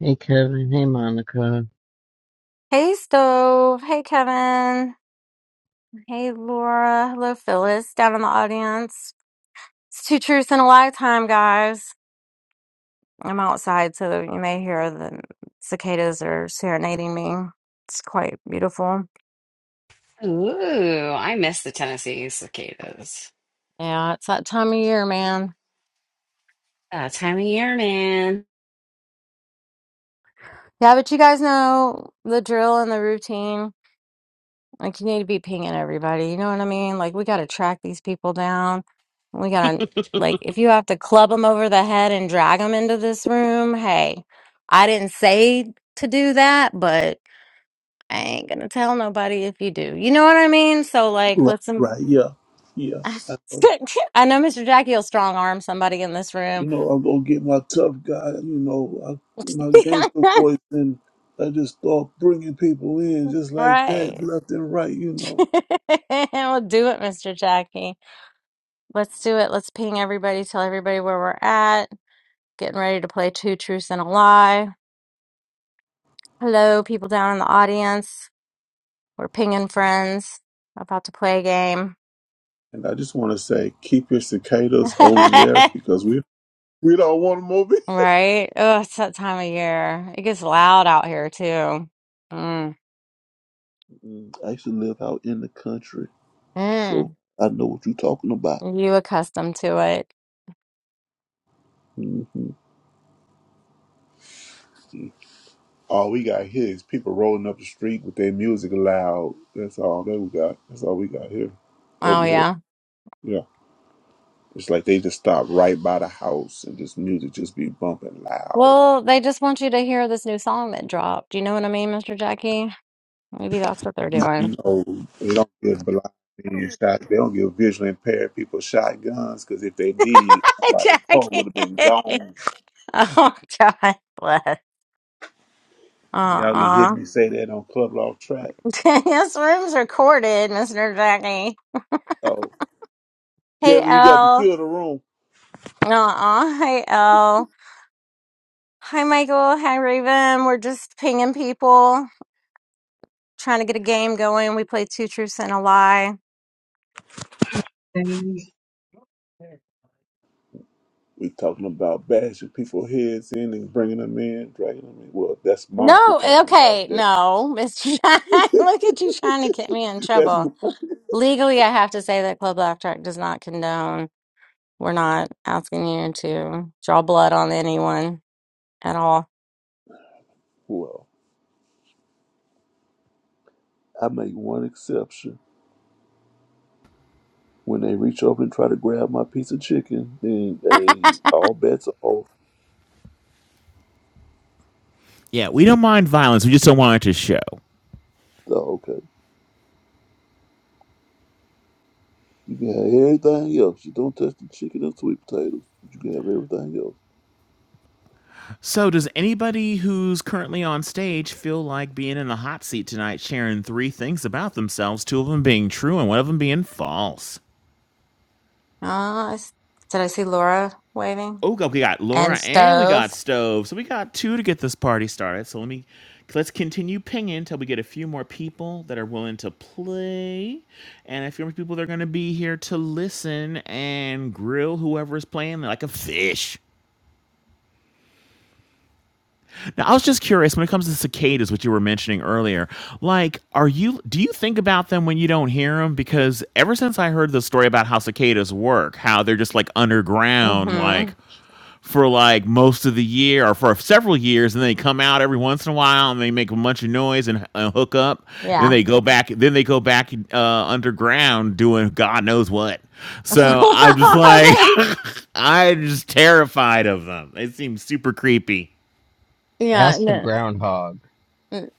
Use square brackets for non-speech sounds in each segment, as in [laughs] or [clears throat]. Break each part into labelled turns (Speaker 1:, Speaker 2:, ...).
Speaker 1: Hey Kevin, hey Monica.
Speaker 2: Hey, Stove. Hey, Kevin. Hey, Laura. Hello, Phyllis, down in the audience. It's two truths and a lie time, guys. I'm outside, so you may hear the cicadas are serenading me. It's quite beautiful.
Speaker 3: Ooh, I miss the Tennessee cicadas.
Speaker 2: Yeah, it's that time of year, man.
Speaker 3: That time of year, man.
Speaker 2: Yeah, but you guys know the drill and the routine. Like you need to be pinging everybody. You know what I mean? Like we got to track these people down. We got to like if you have to club them over the head and drag them into this room, hey, I didn't say to do that, but I ain't gonna tell nobody if you do. You know what I mean? So like,
Speaker 4: Right,
Speaker 2: let's. em-
Speaker 4: right, yeah, yeah.
Speaker 2: [laughs]
Speaker 4: I know.
Speaker 2: I know Mr. Jackie will strong arm somebody in this room.
Speaker 4: You know, I'm gonna get my tough guy. You know, I, my
Speaker 2: [laughs]
Speaker 4: gangster voice, and I just start bringing people in just like
Speaker 2: right.
Speaker 4: that, left and right. You
Speaker 2: [laughs]
Speaker 4: know,
Speaker 2: we'll do it, Mr. Jackie. Let's do it. Let's ping everybody, tell everybody where we're at. Getting ready to play Two Truths and a Lie. Hello, people down in the audience. We're pinging friends. About to play a game.
Speaker 4: and I just want to say, keep your cicadas over there
Speaker 2: [laughs]
Speaker 4: because we we don't want them over. here.
Speaker 2: Right? Oh, it's that time of year. It gets loud out here too. Mm.
Speaker 4: Mm, I used to live out in the country, so
Speaker 2: Mm.
Speaker 4: I know what you're talking about.
Speaker 2: You accustomed to it.
Speaker 4: hmm All we got here is people rolling up the street with their music loud. That's all that we got. That's all we got here
Speaker 2: Oh,
Speaker 4: over here.
Speaker 2: yeah.
Speaker 4: Yeah. It's like they just stopped right by the house and this music just be bumping loud.
Speaker 2: Well, they just want you to hear this new song that dropped. Do you know what I mean, Mr. Jackie? Maybe that's what they're doing.
Speaker 4: You know, they don't give blind men shots. They don't give visually impaired people shotguns because if they did,
Speaker 2: [laughs]
Speaker 4: somebody's car
Speaker 2: Jackie.
Speaker 4: would have been
Speaker 2: [laughs]
Speaker 4: gone.
Speaker 2: Oh, God bless.
Speaker 4: Y'all didn't hear
Speaker 2: Uh-uh.
Speaker 4: me say that on Club Law Track.
Speaker 2: [laughs] this room's recorded, Mr. Jackie.
Speaker 4: Oh,
Speaker 2: Hey,
Speaker 4: Kevin, you got to
Speaker 2: L.
Speaker 4: kill the room.
Speaker 2: Uh-uh. Hey, L. Hi, Michael. Hi, Raven. We're just pinging people, trying to get a game going. We play Two Truths and a Lie.
Speaker 5: And
Speaker 4: We talking about bashing people heads in and bringing them in, dragging them in. Well, that's Monica
Speaker 2: No,
Speaker 4: talking about
Speaker 2: okay,
Speaker 4: that.
Speaker 2: no, Mr. Jack. [laughs] Look at you trying to get me in
Speaker 4: [laughs] That's
Speaker 2: trouble.
Speaker 4: Monica.
Speaker 2: Legally, I have to say that Club Laugh Track does not condone. We're not asking you to draw blood on anyone at all.
Speaker 4: Well, I make one exception. When they reach up and try to grab my piece of chicken, then they all bets are off.
Speaker 6: Yeah, we don't mind violence. We just don't want it to show.
Speaker 4: So, okay, you can have everything else. You don't touch the chicken and sweet potatoes. You can have everything else.
Speaker 6: So, does anybody who's currently on stage feel like being in the hot seat tonight, sharing three things about themselves, two of them being true and one of them being false?
Speaker 2: Uh, I s- did I see Laura waving?
Speaker 6: Oh, go- we got Laura
Speaker 2: And
Speaker 6: and we
Speaker 2: stove.
Speaker 6: got Stove. So, we got two to get this party started. So, let me let's continue pinging until we get a few more people that are willing to play and a few more people that are going to be here to listen and grill whoever is playing like a fish. Now, I was just curious when it comes to cicadas, which you were mentioning earlier. Like, are you do you think about them when you don't hear them? Because ever since I heard the story about how cicadas work, how they're just like underground,
Speaker 2: hmm
Speaker 6: like for like most of the year or for several years, and they come out every once in a while and they make a bunch of noise and uh, hook up. Then
Speaker 2: Yeah.
Speaker 6: they go back. Then they go back uh, underground doing God knows what.
Speaker 2: [laughs] That's what
Speaker 6: So I'm just
Speaker 2: I
Speaker 6: like,
Speaker 2: think.
Speaker 6: [laughs] I'm just terrified of them. They seem super creepy.
Speaker 2: Yeah.
Speaker 1: Ask the
Speaker 2: No.
Speaker 1: groundhog.
Speaker 2: Mm.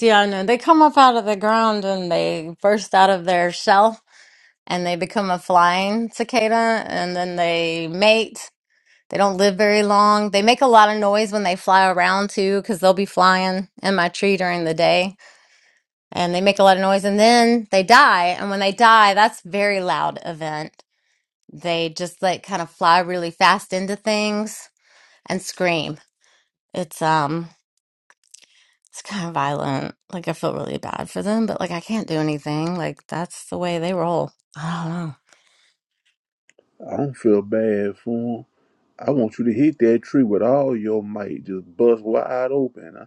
Speaker 2: Yeah, no. They come up out of the ground and they burst out of their shell and they become a flying cicada and then they mate. They don't live very long. They make a lot of noise when they fly around too, because they'll be flying in my tree during the day and they make a lot of noise and then they die. And when they die, that's a very loud event. They just like kind of fly really fast into things and scream. It's um It's kind of violent. Like I feel really bad for them, but like I can't do anything. Like that's the way they roll. I don't know.
Speaker 4: I don't feel bad for him. I want you to hit that tree with all your might. Just bust wide open. I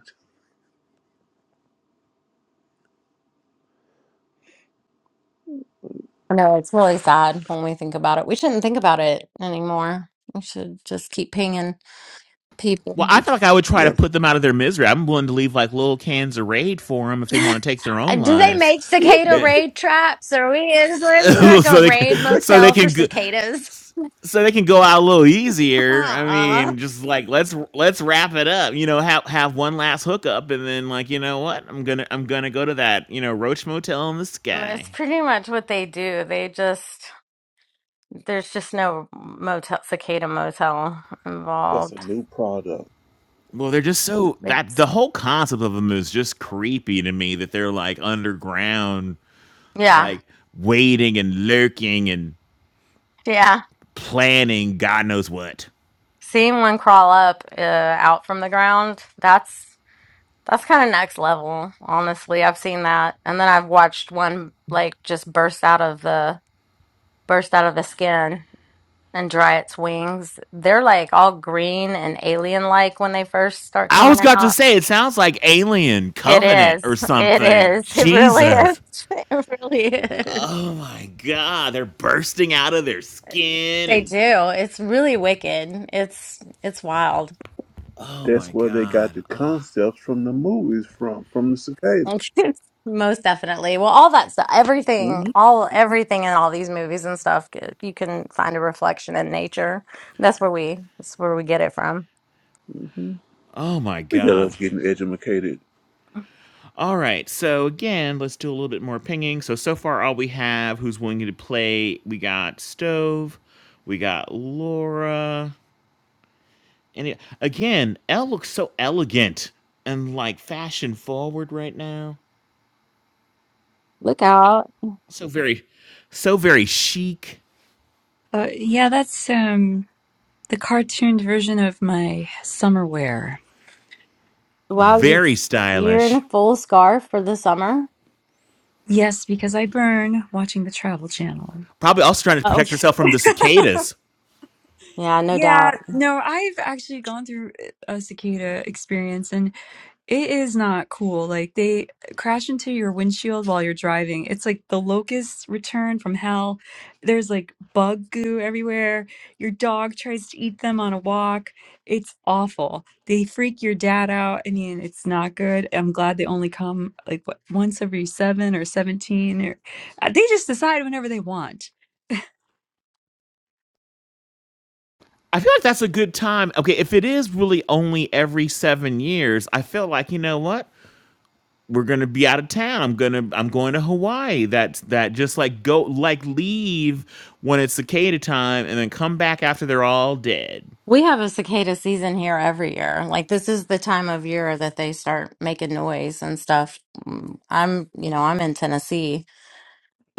Speaker 2: I it's really sad when we think about it. We shouldn't think about it anymore. We should just keep pinging
Speaker 6: Well,
Speaker 2: people.
Speaker 6: I feel like I would try
Speaker 4: yeah.
Speaker 6: to put them out of their misery. I'm willing to leave like little cans of raid for them if they
Speaker 2: [laughs]
Speaker 6: want to take their
Speaker 2: Uh,
Speaker 6: own
Speaker 2: Do they
Speaker 6: lives.
Speaker 2: make cicada
Speaker 6: Yeah.
Speaker 2: raid traps? Are we is
Speaker 6: [laughs]
Speaker 2: there, is there
Speaker 6: so
Speaker 2: like a
Speaker 6: they
Speaker 2: raid
Speaker 6: can, so they
Speaker 2: motel for
Speaker 6: can go,
Speaker 2: cicadas?
Speaker 6: so they can go out a little
Speaker 2: [laughs]
Speaker 6: easier. I
Speaker 2: Aw.
Speaker 6: mean, just like let's let's wrap it up. You know, have have one last hookup, and then like you know what, I'm gonna I'm gonna go to that you know Roach Motel in the
Speaker 2: it's
Speaker 6: sky.
Speaker 2: pretty much what they do. They just there's just no motel cicada motel
Speaker 4: That's a
Speaker 2: involved.
Speaker 4: new product.
Speaker 6: Well, they're just so that
Speaker 2: It's,
Speaker 6: the whole concept of them is just creepy to me. That they're like underground,
Speaker 2: yeah,
Speaker 6: like waiting and lurking and
Speaker 2: yeah.
Speaker 6: planning God knows what.
Speaker 2: Seeing one crawl up uh, out from the ground, that's that's kind of next level, honestly. I've seen that. And then I've watched one like just burst out of the burst out of the skin and dry its wings. They're like all green and alien like when they first start
Speaker 6: I was
Speaker 2: coming
Speaker 6: got to
Speaker 2: out.
Speaker 6: say it sounds like Alien
Speaker 2: It
Speaker 6: Covenant or
Speaker 2: is. It
Speaker 6: something.
Speaker 2: is. [laughs] It really is.
Speaker 6: Jesus.
Speaker 2: [laughs] It really is.
Speaker 6: Oh my god, they're bursting out of their skin
Speaker 2: They
Speaker 6: and
Speaker 2: do. It's really wicked. It's it's wild.
Speaker 6: oh my
Speaker 4: That's where they got
Speaker 6: god.
Speaker 4: the
Speaker 6: Oh,
Speaker 4: concepts from the movies from, from the cicada.
Speaker 2: [laughs] Most definitely. Well, all that stuff, everything,
Speaker 4: Mm-hmm.
Speaker 2: all everything in all these movies and stuff, c- you can find a reflection in nature. That's where we, that's where we get it from.
Speaker 4: Mm-hmm.
Speaker 6: oh my
Speaker 4: Look at
Speaker 6: god.
Speaker 4: us getting educated
Speaker 6: All right, so again, let's do a little bit more pinging. So so far all we have who's willing to play, we got Stove, we got Laura. And it- again, Elle looks so elegant and like fashion forward right now.
Speaker 2: Look out!
Speaker 6: So very, so very chic,
Speaker 7: Uh, yeah, that's um, the cartooned version of my summer wear.
Speaker 2: Wow, you-
Speaker 6: very
Speaker 2: you're in
Speaker 6: stylish.
Speaker 2: a full scarf for the summer.
Speaker 7: Yes, because I burn watching the Travel Channel.
Speaker 6: Probably also trying to
Speaker 2: Oh,
Speaker 6: protect herself from the cicadas.
Speaker 2: [laughs] yeah, no doubt.
Speaker 7: Yeah, no, I've actually gone through a cicada experience, and. It is not cool. Like they crash into your windshield while you're driving. It's like the locusts return from hell. There's like bug goo everywhere. Your dog tries to eat them on a walk. It's awful. They freak your dad out. I mean, it's not good. I'm glad they only come like what once every seven or 17 or uh, they just decide whenever they want.
Speaker 6: I feel like that's a good time. Okay, if it is really only every seven years, I feel like you know what we're gonna be out of town. I'm gonna I'm going to Hawaii. That's that just like go like leave when it's cicada time and then come back after they're all dead.
Speaker 2: We have a cicada season here every year. Like this is the time of year that they start making noise and stuff. Mm, I'm, you know, I'm in Tennessee.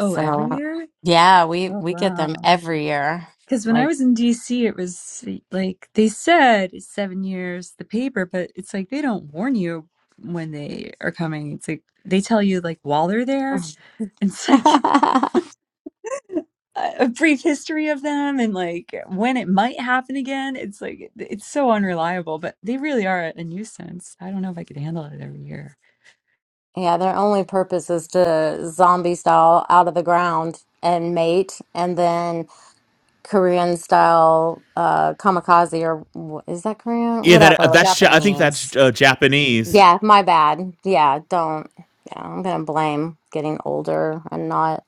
Speaker 7: Oh, every year?
Speaker 2: yeah, we
Speaker 7: Oh,
Speaker 2: we get them
Speaker 7: wow.
Speaker 2: every year.
Speaker 7: Because when I
Speaker 2: Like
Speaker 7: was in DC, it was like they said it's seven years, the paper, but it's like they don't warn you when they are coming. It's like they tell you like while they're there. [laughs] And it's
Speaker 2: [laughs]
Speaker 7: like a brief history of them and like when it might happen again. It's like it's so unreliable, but they really are a nuisance. I don't know if I could handle it every year.
Speaker 2: Yeah, their only purpose is to zombie style out of the ground and mate and then Korean style uh kamikaze or wh- is that Korean?
Speaker 6: Yeah, that
Speaker 2: Whatever.
Speaker 6: that's Ja- I think
Speaker 3: Japanese.
Speaker 6: that's uh, Japanese.
Speaker 2: Yeah, my bad. Yeah, don't. Yeah, I'm gonna blame getting older and not.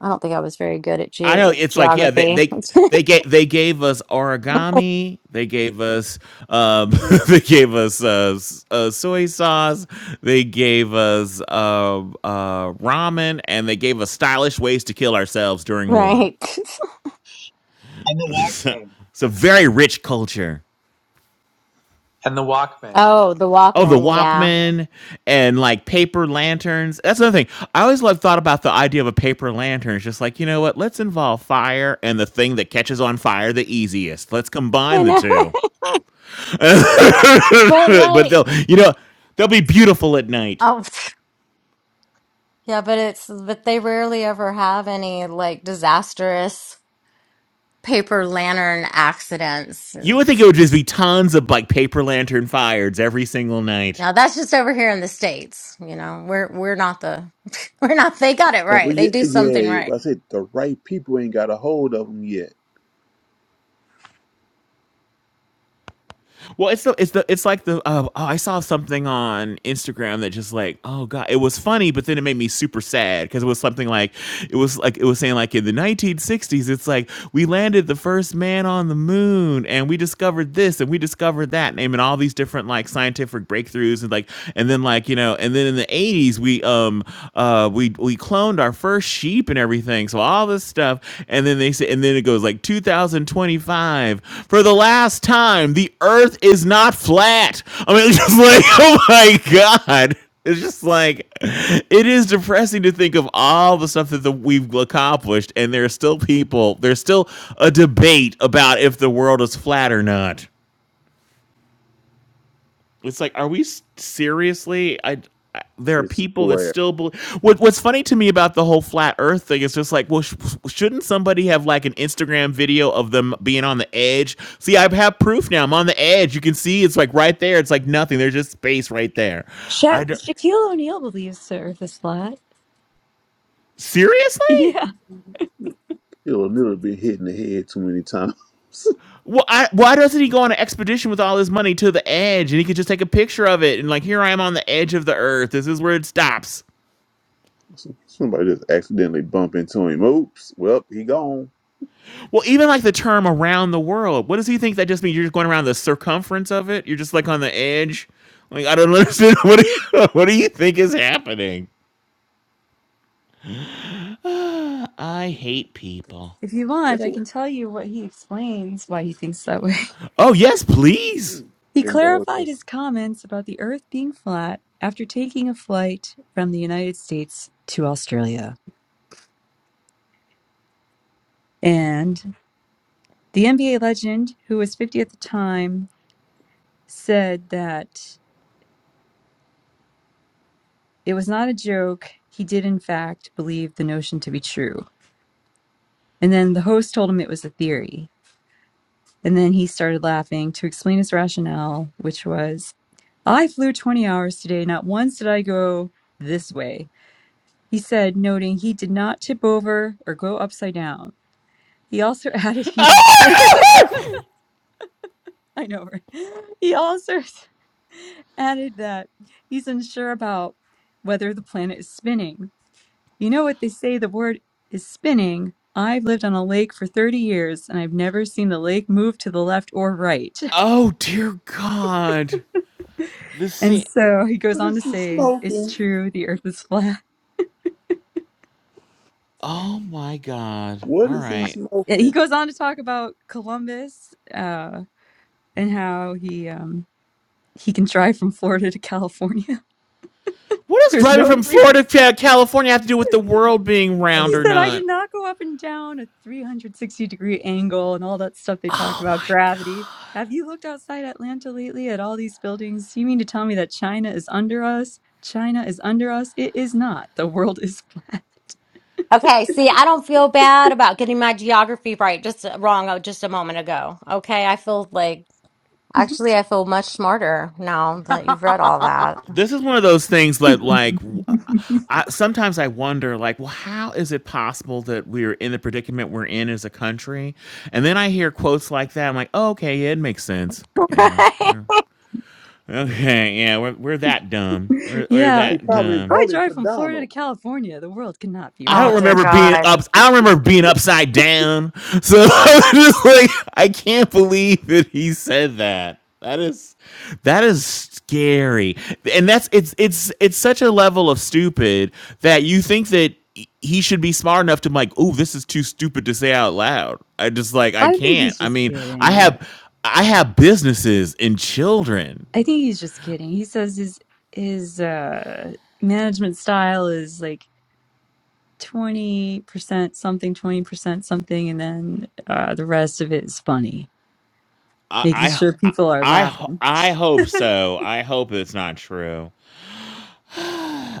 Speaker 2: I don't think I was very good at
Speaker 6: I
Speaker 2: ge
Speaker 6: know it's like yeah they
Speaker 2: geography.
Speaker 6: they
Speaker 2: [laughs]
Speaker 6: they gave they gave us origami they gave us um [laughs] they gave us uh, s- uh soy sauce they gave us um uh ramen and they gave us stylish ways to kill ourselves during war.
Speaker 2: Right. [laughs]
Speaker 5: the
Speaker 6: [laughs]
Speaker 5: Walkman.
Speaker 6: It's a very rich culture.
Speaker 5: And the Walkman.
Speaker 2: Oh, the
Speaker 6: Oh, the
Speaker 2: Walkman. Yeah,
Speaker 6: Walkman and like paper lanterns. That's another thing. I always like thought about the idea of a paper lantern. It's just like, you know what? Let's involve fire and the thing that catches on fire the easiest. Let's
Speaker 2: I
Speaker 6: combine the
Speaker 2: know. [laughs]
Speaker 6: two. [laughs]
Speaker 2: But
Speaker 6: but
Speaker 2: like,
Speaker 6: they'll you know they'll be beautiful at night.
Speaker 2: oh, [sighs] [sniffs] yeah, but it's but they rarely ever have any like disastrous paper lantern accidents.
Speaker 6: You
Speaker 2: And
Speaker 6: would think it would just be tons of like paper lantern fires every single night.
Speaker 2: now that's just over here in the States. You know, we're we're not the [laughs] we're not. They got it
Speaker 4: Uh,
Speaker 2: right. They
Speaker 4: yeah,
Speaker 2: do something
Speaker 4: yeah,
Speaker 2: right.
Speaker 4: I said the right people ain't got a hold of them yet.
Speaker 6: Well, it's the it's the it's like the uh, oh, I saw something on Instagram that just like oh god it was funny but then it made me super sad because it was something like it was like it was saying like in the 1960s it's like we landed the first man on the moon and we discovered this and we discovered that naming all these different like scientific breakthroughs and like and then like you know and then in the 80s we um uh we we cloned owned our first sheep and everything. So all this stuff, and then they say, and then it goes like 2025 for the last time. The Earth is not flat. I mean, [laughs] it's just like [laughs] oh my god. It's just like it is depressing to think of all the stuff that the, we've accomplished, and there are still people. There's still a debate about if the world is flat or not. It's like, are we seriously? I, I there are
Speaker 4: It's
Speaker 6: people that
Speaker 4: where
Speaker 6: still believe. What, what's funny to me about the whole flat Earth thing is just like, well, sh- shouldn't somebody have like an Instagram video of them being on the edge? See, I have proof now. I'm on the edge. You can see it's like right there. It's like nothing. There's just space right there.
Speaker 7: Sha-
Speaker 6: I don't,
Speaker 7: Shaquille O'Neal believes the Earth is flat. [laughs]
Speaker 6: seriously.
Speaker 7: Yeah.
Speaker 4: he'll never been hit in the head too many times. [laughs]
Speaker 6: Well, I, why doesn't he go on an expedition with all his money to the edge and he could just take a picture of it and like here I am on the edge of the earth. This is where it stops.
Speaker 4: Somebody just accidentally bump into him. Oops. Well, he gone.
Speaker 6: Well, even like the term around the world, what does he think that just means? You're just going around the circumference of it? You're just like on the edge? Like, I don't understand. [laughs] What do you, [laughs] what do you think is happening? [sighs] I hate people.
Speaker 7: If you want,
Speaker 4: That's
Speaker 7: I
Speaker 4: what.
Speaker 7: can tell you what he explains why he thinks that way.
Speaker 6: Oh, yes, please.
Speaker 7: He clarified
Speaker 4: Indulgence.
Speaker 7: his comments about the Earth being flat after taking a flight from the United States to Australia. And the NBA legend, who was 50 at the time, said that it was not a joke. He did, in fact, believe the notion to be true. And then the host told him it was a theory. And then he started laughing to explain his rationale, which was I flew 20 hours today. Not once did I go this way. He said, noting he did not tip over or go upside down. He also [laughs] added he's plan-
Speaker 6: [laughs]
Speaker 7: [laughs] I know right? He also [laughs] added that he's unsure about whether the planet is spinning. You know what they say the word is spinning. I've lived on a lake for 30 years and I've never seen the lake move to the left or right. [laughs]
Speaker 6: Oh, dear God. This
Speaker 7: And
Speaker 6: scene.
Speaker 7: so he goes
Speaker 4: What
Speaker 7: on
Speaker 4: is
Speaker 7: to
Speaker 4: he
Speaker 7: say it's
Speaker 4: smoking?
Speaker 7: true the earth is flat.
Speaker 6: Oh, my God.
Speaker 4: What
Speaker 6: All
Speaker 4: is he
Speaker 6: right.
Speaker 7: Yeah, He
Speaker 4: smoking?
Speaker 7: goes on to talk about Columbus uh, and how he um, he can drive from Florida to California.
Speaker 6: What
Speaker 7: [laughs]
Speaker 6: does
Speaker 7: There's no
Speaker 6: driving from Florida
Speaker 7: 360
Speaker 6: to
Speaker 7: degrees.
Speaker 6: California have to do with the world being round
Speaker 7: He
Speaker 6: or
Speaker 7: said, I did
Speaker 6: not?
Speaker 7: not go up and down a 360 degree angle and all that stuff they talk
Speaker 6: Oh,
Speaker 7: about,
Speaker 6: my God.
Speaker 7: gravity. Have you looked outside Atlanta lately at all these buildings? You mean to tell me that China is under us? China is under us? It is not. The world is flat.
Speaker 2: Okay, see, I don't feel bad about getting my geography right. Just uh, wrong oh, just a moment ago. Okay, I feel like
Speaker 7: [laughs]
Speaker 2: actually I feel much smarter now that you've read all that.
Speaker 3: [laughs]
Speaker 2: [laughs]
Speaker 6: this is one of those things that like w- I, sometimes i wonder like well how is it possible that we're in the predicament we're in as a country and then i hear quotes like that i'm like oh, okay yeah, it makes sense yeah,
Speaker 2: Right?
Speaker 6: yeah. okay yeah we're, we're that dumb we're, we're
Speaker 7: yeah,
Speaker 4: He
Speaker 6: that
Speaker 4: probably
Speaker 6: dumb
Speaker 7: I
Speaker 4: voted
Speaker 7: drive
Speaker 4: for
Speaker 7: from Florida
Speaker 4: Donald.
Speaker 7: to California. The world cannot be
Speaker 6: I
Speaker 2: Oh
Speaker 6: don't
Speaker 2: dear
Speaker 6: remember
Speaker 7: round.
Speaker 6: being
Speaker 2: God.
Speaker 6: up. I don't remember being upside down. [laughs] So I was just like, I can't believe that he said that. That is, that is scary, and that's it's it's it's such a level of stupid that you think that he should be smart enough to be like, oh, this is too stupid to say out loud. I just like
Speaker 7: [laughs]
Speaker 6: I
Speaker 7: I think
Speaker 6: can't.
Speaker 7: he's
Speaker 6: I
Speaker 7: just
Speaker 6: mean, I
Speaker 7: kidding.
Speaker 6: have I have businesses and children.
Speaker 7: I think he's just kidding. He says his his uh, management style is like 20% something, 20% something, and then uh, the rest of it is funny,
Speaker 6: I
Speaker 7: making
Speaker 6: I
Speaker 7: sure
Speaker 6: I,
Speaker 7: people are
Speaker 6: I,
Speaker 7: laughing.
Speaker 6: I hope
Speaker 7: [laughs]
Speaker 6: so. I hope it's not true.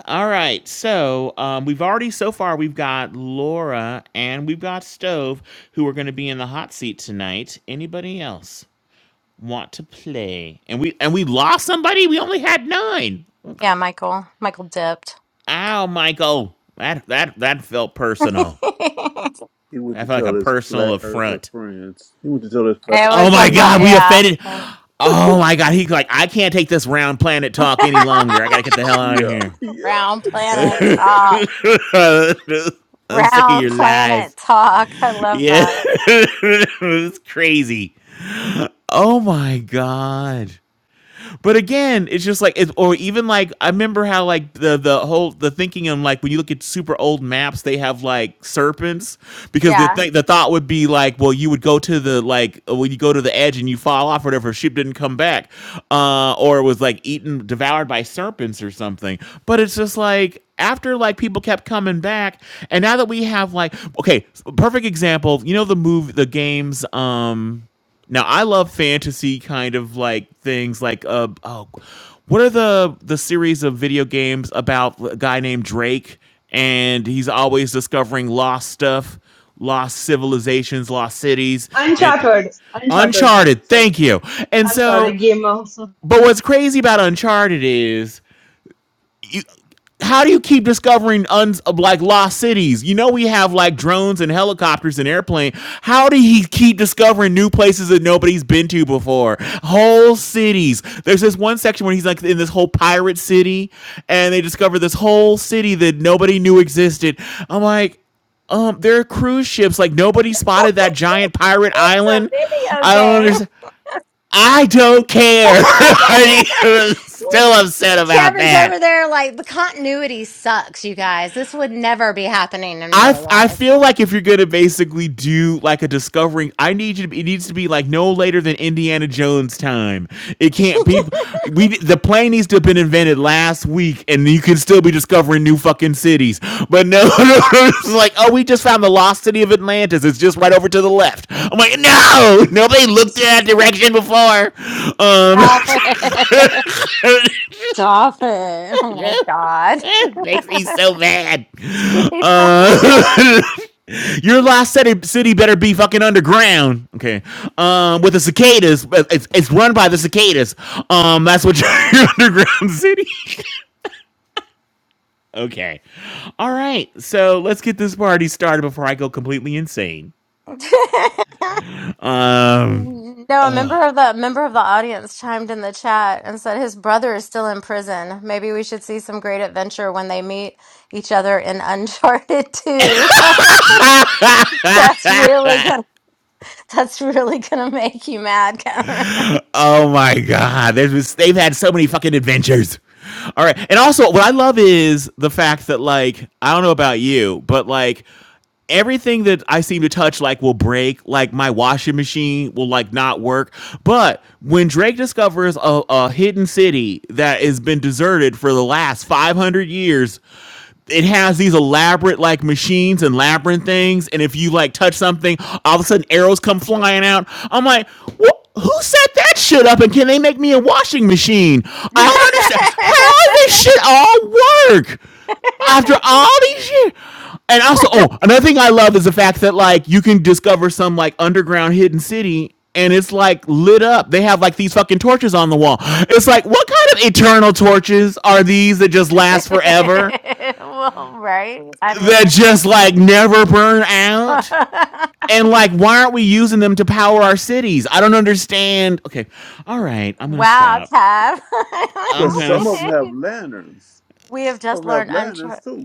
Speaker 6: All right. So um, we've already, so far, we've got Laura and we've got Stove who are going to be in the hot seat tonight. Anybody else want to play? And we and we lost somebody. We only had nine.
Speaker 2: Yeah, Michael. Michael dipped.
Speaker 6: Ow, Michael. That that that felt
Speaker 2: [laughs]
Speaker 6: personal.
Speaker 4: He went
Speaker 6: That
Speaker 4: to
Speaker 6: felt
Speaker 4: tell
Speaker 6: like a
Speaker 4: his
Speaker 6: personal
Speaker 4: flat earther
Speaker 6: affront.
Speaker 4: friends. He went to tell his flat
Speaker 2: It
Speaker 4: earther
Speaker 6: Oh
Speaker 2: was a
Speaker 6: my
Speaker 2: fl-
Speaker 4: friends.
Speaker 6: God, we
Speaker 2: yeah.
Speaker 6: offended. Oh my God, he's like, I can't take this round planet talk any longer. I gotta
Speaker 2: [laughs]
Speaker 6: get the hell out of
Speaker 4: Yeah,
Speaker 6: here.
Speaker 4: yeah.
Speaker 2: Round planet talk.
Speaker 6: [laughs] I'm sick of
Speaker 2: Round
Speaker 6: your lies.
Speaker 2: planet talk. I love
Speaker 6: Yeah, [laughs]
Speaker 2: that.
Speaker 6: it's crazy. Oh my god. But again, it's just like, it, or even like I remember how like the the whole the thinking on like when you look at super old maps, they have like serpents because the
Speaker 2: Yeah.
Speaker 6: th- the thought would be like, well, you would go to the like when you go to the edge and you fall off, or whatever, ship didn't come back, uh, or it was like eaten devoured by serpents or something. But it's just like after like people kept coming back and now that we have like okay perfect example you know the move the games um now I love fantasy kind of like things like uh oh what are the the series of video games about a guy named Drake and he's always discovering lost stuff, lost civilizations, lost cities and
Speaker 8: Uncharted. Uncharted.
Speaker 6: Uncharted.
Speaker 8: Sorry.
Speaker 6: Thank you. And
Speaker 8: I'm sorry.
Speaker 6: so
Speaker 8: Game also.
Speaker 6: but what's crazy about Uncharted is you how do you keep discovering uns like lost cities? You know we have like drones and helicopters and airplane. How do he keep discovering new places that nobody's been to before? Whole cities. There's this one section where he's like in this whole pirate city, and they discover this whole city that nobody knew existed. I'm like, um, there are cruise ships. Like nobody
Speaker 2: [laughs]
Speaker 6: spotted that giant pirate
Speaker 2: It's a
Speaker 6: island.
Speaker 2: video
Speaker 6: I don't
Speaker 2: game.
Speaker 6: understand. I don't care. [laughs] I'm still upset about
Speaker 2: Kevin's
Speaker 6: that.
Speaker 2: over there like the continuity sucks, you guys. This would never be happening in
Speaker 6: I,
Speaker 2: real
Speaker 6: I
Speaker 2: life.
Speaker 6: feel like if you're gonna basically do like a discovering, I need you to. Be, it needs to be like no later than Indiana Jones time. It
Speaker 2: [laughs]
Speaker 6: can't be. We the plane needs to have been invented last week, and you can still be discovering new fucking cities. But no, [laughs] it's like oh, we just found the lost city of Atlantis. It's just right over to the left. I'm like no, nobody looked in that direction before. Um,
Speaker 2: Stop it. Stop it.
Speaker 6: [laughs]
Speaker 2: Oh
Speaker 6: yeah.
Speaker 2: my God.
Speaker 6: It makes me so mad.
Speaker 2: [laughs]
Speaker 6: [laughs] Your lost city, city better be fucking underground. Okay. Um, with the cicadas. It's, it's run by the cicadas. Um, that's what [laughs] your, your underground city. [laughs] okay. All right. So let's get this party started before I go completely insane. Um,
Speaker 2: no, a member of the member of the audience chimed in the chat and said his brother is still in prison. Maybe we should see some great adventure when they meet each other in Uncharted 2. [laughs] That's really good. [laughs] That's really gonna make you mad, Cameron.
Speaker 6: Oh my god, there's they've had so many fucking adventures. All right, and also what I love is the fact that like I don't know about you, but like everything that I seem to touch like will break. Like my washing machine will like not work. But when Drake discovers a, a hidden city that has been deserted for the last 500 years, it has these elaborate like machines and labyrinth things, and if you like touch something, all of a sudden arrows come flying out. I'm like, what? Who set that shit up? And can they make me a washing machine?
Speaker 2: [laughs]
Speaker 6: I don't understand how this shit all work after all these years. And also, oh, another thing I love is the fact that like you can discover some like underground hidden city and it's like lit up. They have like these fucking torches on the wall. It's like what kind of eternal torches are these that just last forever?
Speaker 2: well, right? I
Speaker 6: that
Speaker 2: mean,
Speaker 6: just like never burn out?
Speaker 2: [laughs]
Speaker 6: And like, why aren't we using them to power our cities? I don't understand. Okay, all right, I'm gonna
Speaker 2: wow,
Speaker 6: stop.
Speaker 2: Cav.
Speaker 4: Well,
Speaker 6: I'm gonna.
Speaker 4: some of them
Speaker 6: St-
Speaker 4: have lanterns.
Speaker 2: [laughs] we have
Speaker 4: Some
Speaker 2: just
Speaker 4: of them
Speaker 2: learned
Speaker 4: have lanterns
Speaker 2: unchar-
Speaker 4: too.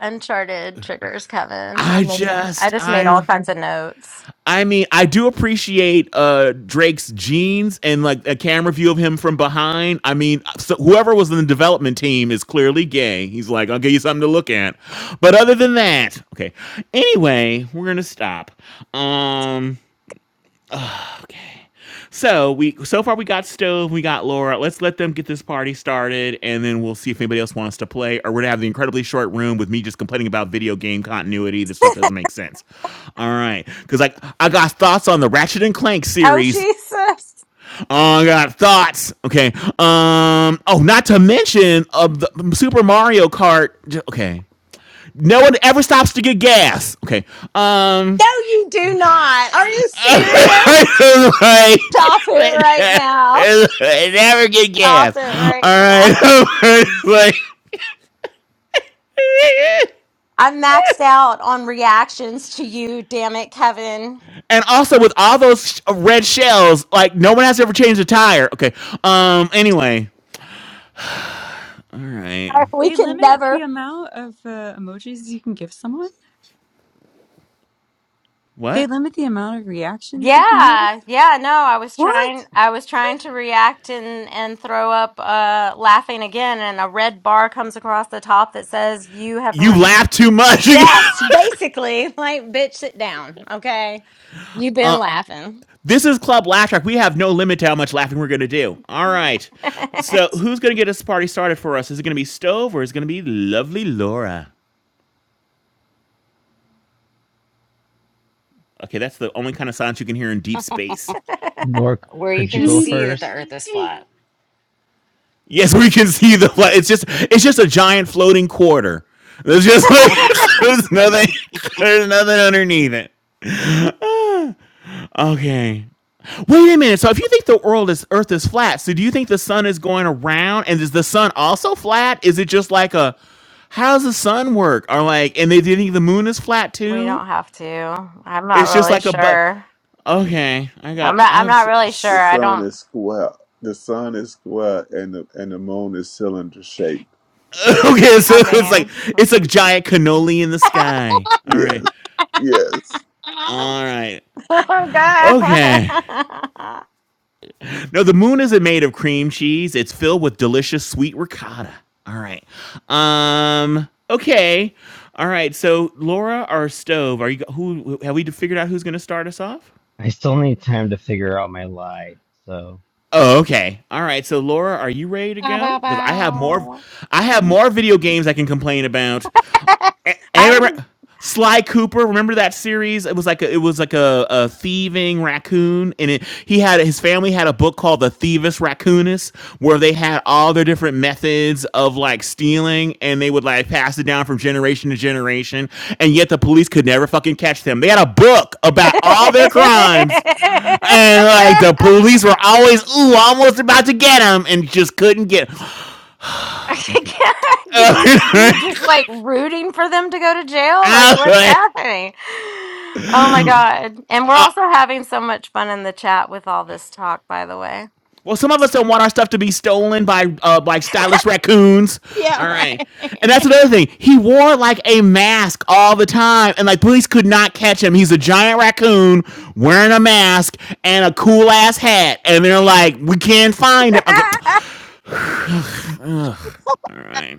Speaker 2: uncharted triggers, Kevin.
Speaker 6: I
Speaker 2: I'm making. I
Speaker 6: just
Speaker 2: just made all
Speaker 6: I.
Speaker 2: kinds of notes.
Speaker 6: I mean, I do appreciate uh, Drake's jeans and like a camera view of him from behind. I mean, so whoever was in the development team is clearly gay. He's like, I'll give you something to look at. But other than that, okay. Anyway, we're gonna stop. Um, So we so far we got Stove, we got Laura. Let's let them get this party started, and then we'll see if anybody else wants to play. Or we're gonna have the incredibly short room with me just complaining about video game continuity. This stuff doesn't make sense. All right, because like I got thoughts on the Ratchet and Clank
Speaker 2: Oh
Speaker 6: series.
Speaker 2: Jesus!
Speaker 6: Oh, I got thoughts. Okay. Um. Oh, not to mention of uh, the Super Mario Kart. Okay. No one ever stops to get gas. Okay. Um.
Speaker 2: No, you do
Speaker 6: Okay.
Speaker 2: not. Are you
Speaker 6: [laughs]
Speaker 2: serious?
Speaker 6: I was like,
Speaker 2: Stop it right now.
Speaker 6: right there, never get
Speaker 2: Stop
Speaker 6: gas.
Speaker 2: it
Speaker 6: All right, [laughs]
Speaker 2: right
Speaker 6: like, [laughs]
Speaker 2: I'm maxed out on reactions to you, damn it, Kevin.
Speaker 6: and also with all those red shells, like no one has to ever changed a tire. Okay. Um. Anyway. All right.
Speaker 2: [laughs] We
Speaker 7: They
Speaker 2: can
Speaker 7: limit the
Speaker 2: never.
Speaker 7: amount of uh, emojis you can give someone. They
Speaker 6: What?
Speaker 7: limit the amount of reactions you can give?
Speaker 2: Yeah, yeah, no, I was trying
Speaker 7: What?
Speaker 2: I was trying to react and and throw up uh laughing again and a red bar comes across the top that says you have re-
Speaker 6: You laugh too much.
Speaker 2: [laughs] Yes, basically, like bitch sit down, okay? You've been laughing.
Speaker 6: [laughs] this is Club Laugh Track. We have no limit to how much laughing we're gonna do. All right.
Speaker 2: [laughs]
Speaker 6: So who's gonna get this party started for us? Is it gonna be Stove or is it gonna be Lovely Laura? Okay, that's the only kind of silence you can hear in deep space.
Speaker 1: Laura,
Speaker 3: Where
Speaker 8: [laughs]
Speaker 3: you
Speaker 1: could you
Speaker 3: can
Speaker 1: go
Speaker 3: see that the
Speaker 1: first?
Speaker 3: earth is flat.
Speaker 6: Yes, we can see the. flag. It's just it's just a giant floating quarter. There's just
Speaker 3: [laughs]
Speaker 6: like
Speaker 3: bow,
Speaker 6: [laughs] there's nothing there's nothing underneath it. Okay. Wait a minute. So if you think the world is Earth is flat, so do you think the sun is going around? And is the sun also flat? Is it just like a how does the sun work? Or like, and they do you think the moon is flat
Speaker 2: We
Speaker 6: too?
Speaker 2: don't have to. I'm not
Speaker 6: It's just
Speaker 2: really
Speaker 6: like a but.
Speaker 2: sure.
Speaker 6: Okay, I
Speaker 2: I'm
Speaker 6: got
Speaker 2: not
Speaker 6: I
Speaker 2: I'm
Speaker 6: have.
Speaker 2: not
Speaker 6: s
Speaker 2: really sure.
Speaker 4: The
Speaker 6: s-
Speaker 2: I
Speaker 4: sun
Speaker 2: don't
Speaker 4: is square. The sun is square, and the and the moon is cylinder shaped.
Speaker 6: [laughs] okay, so
Speaker 2: I
Speaker 6: it's like
Speaker 2: mean
Speaker 6: it's a giant cannoli in the sky. All
Speaker 4: Yes,
Speaker 6: right,
Speaker 2: [laughs]
Speaker 4: yes.
Speaker 2: Oh,
Speaker 6: all right.
Speaker 2: [laughs] Oh
Speaker 6: Okay.
Speaker 2: God.
Speaker 6: No, the moon isn't made of cream cheese. It's filled with delicious sweet ricotta. All right. Um. Okay. All right. So Laura or Stove? Are you who? Have we figured out who's going to start us off?
Speaker 1: I still need time to figure out my lie. So,
Speaker 6: Oh, okay. All right. So Laura, are you ready to
Speaker 3: bow,
Speaker 6: go? Because I have more.
Speaker 3: bow.
Speaker 6: I have more video games I can complain about.
Speaker 2: [laughs]
Speaker 6: and
Speaker 2: I'm
Speaker 6: remember-
Speaker 2: [laughs]
Speaker 6: Sly Cooper, remember that series? It was like a, it was like a, a thieving raccoon, and it, he had his family had a book called The Thievis Raccoonus, where they had all their different methods of like stealing, and they would like pass it down from generation to generation, and yet the police could never fucking catch them. They had a book about all their crimes, and like the
Speaker 2: [laughs]
Speaker 6: police were always ooh almost about to get them, and just couldn't get. them.
Speaker 2: Did you you're just like rooting for them to go to jail? Like what's
Speaker 6: Okay. [laughs]
Speaker 2: happening? Oh my God. And we're also having so much fun in the chat with all this talk, by the way.
Speaker 6: Well, some of us don't want our stuff to be stolen by uh, like stylish raccoons.
Speaker 2: yeah,
Speaker 6: All right, and that's
Speaker 2: right.
Speaker 6: another thing. He wore like a mask all the time, and like police could not catch him. He's a giant raccoon wearing a mask and a cool ass hat, and they're like, "We can't find him." Okay, all right.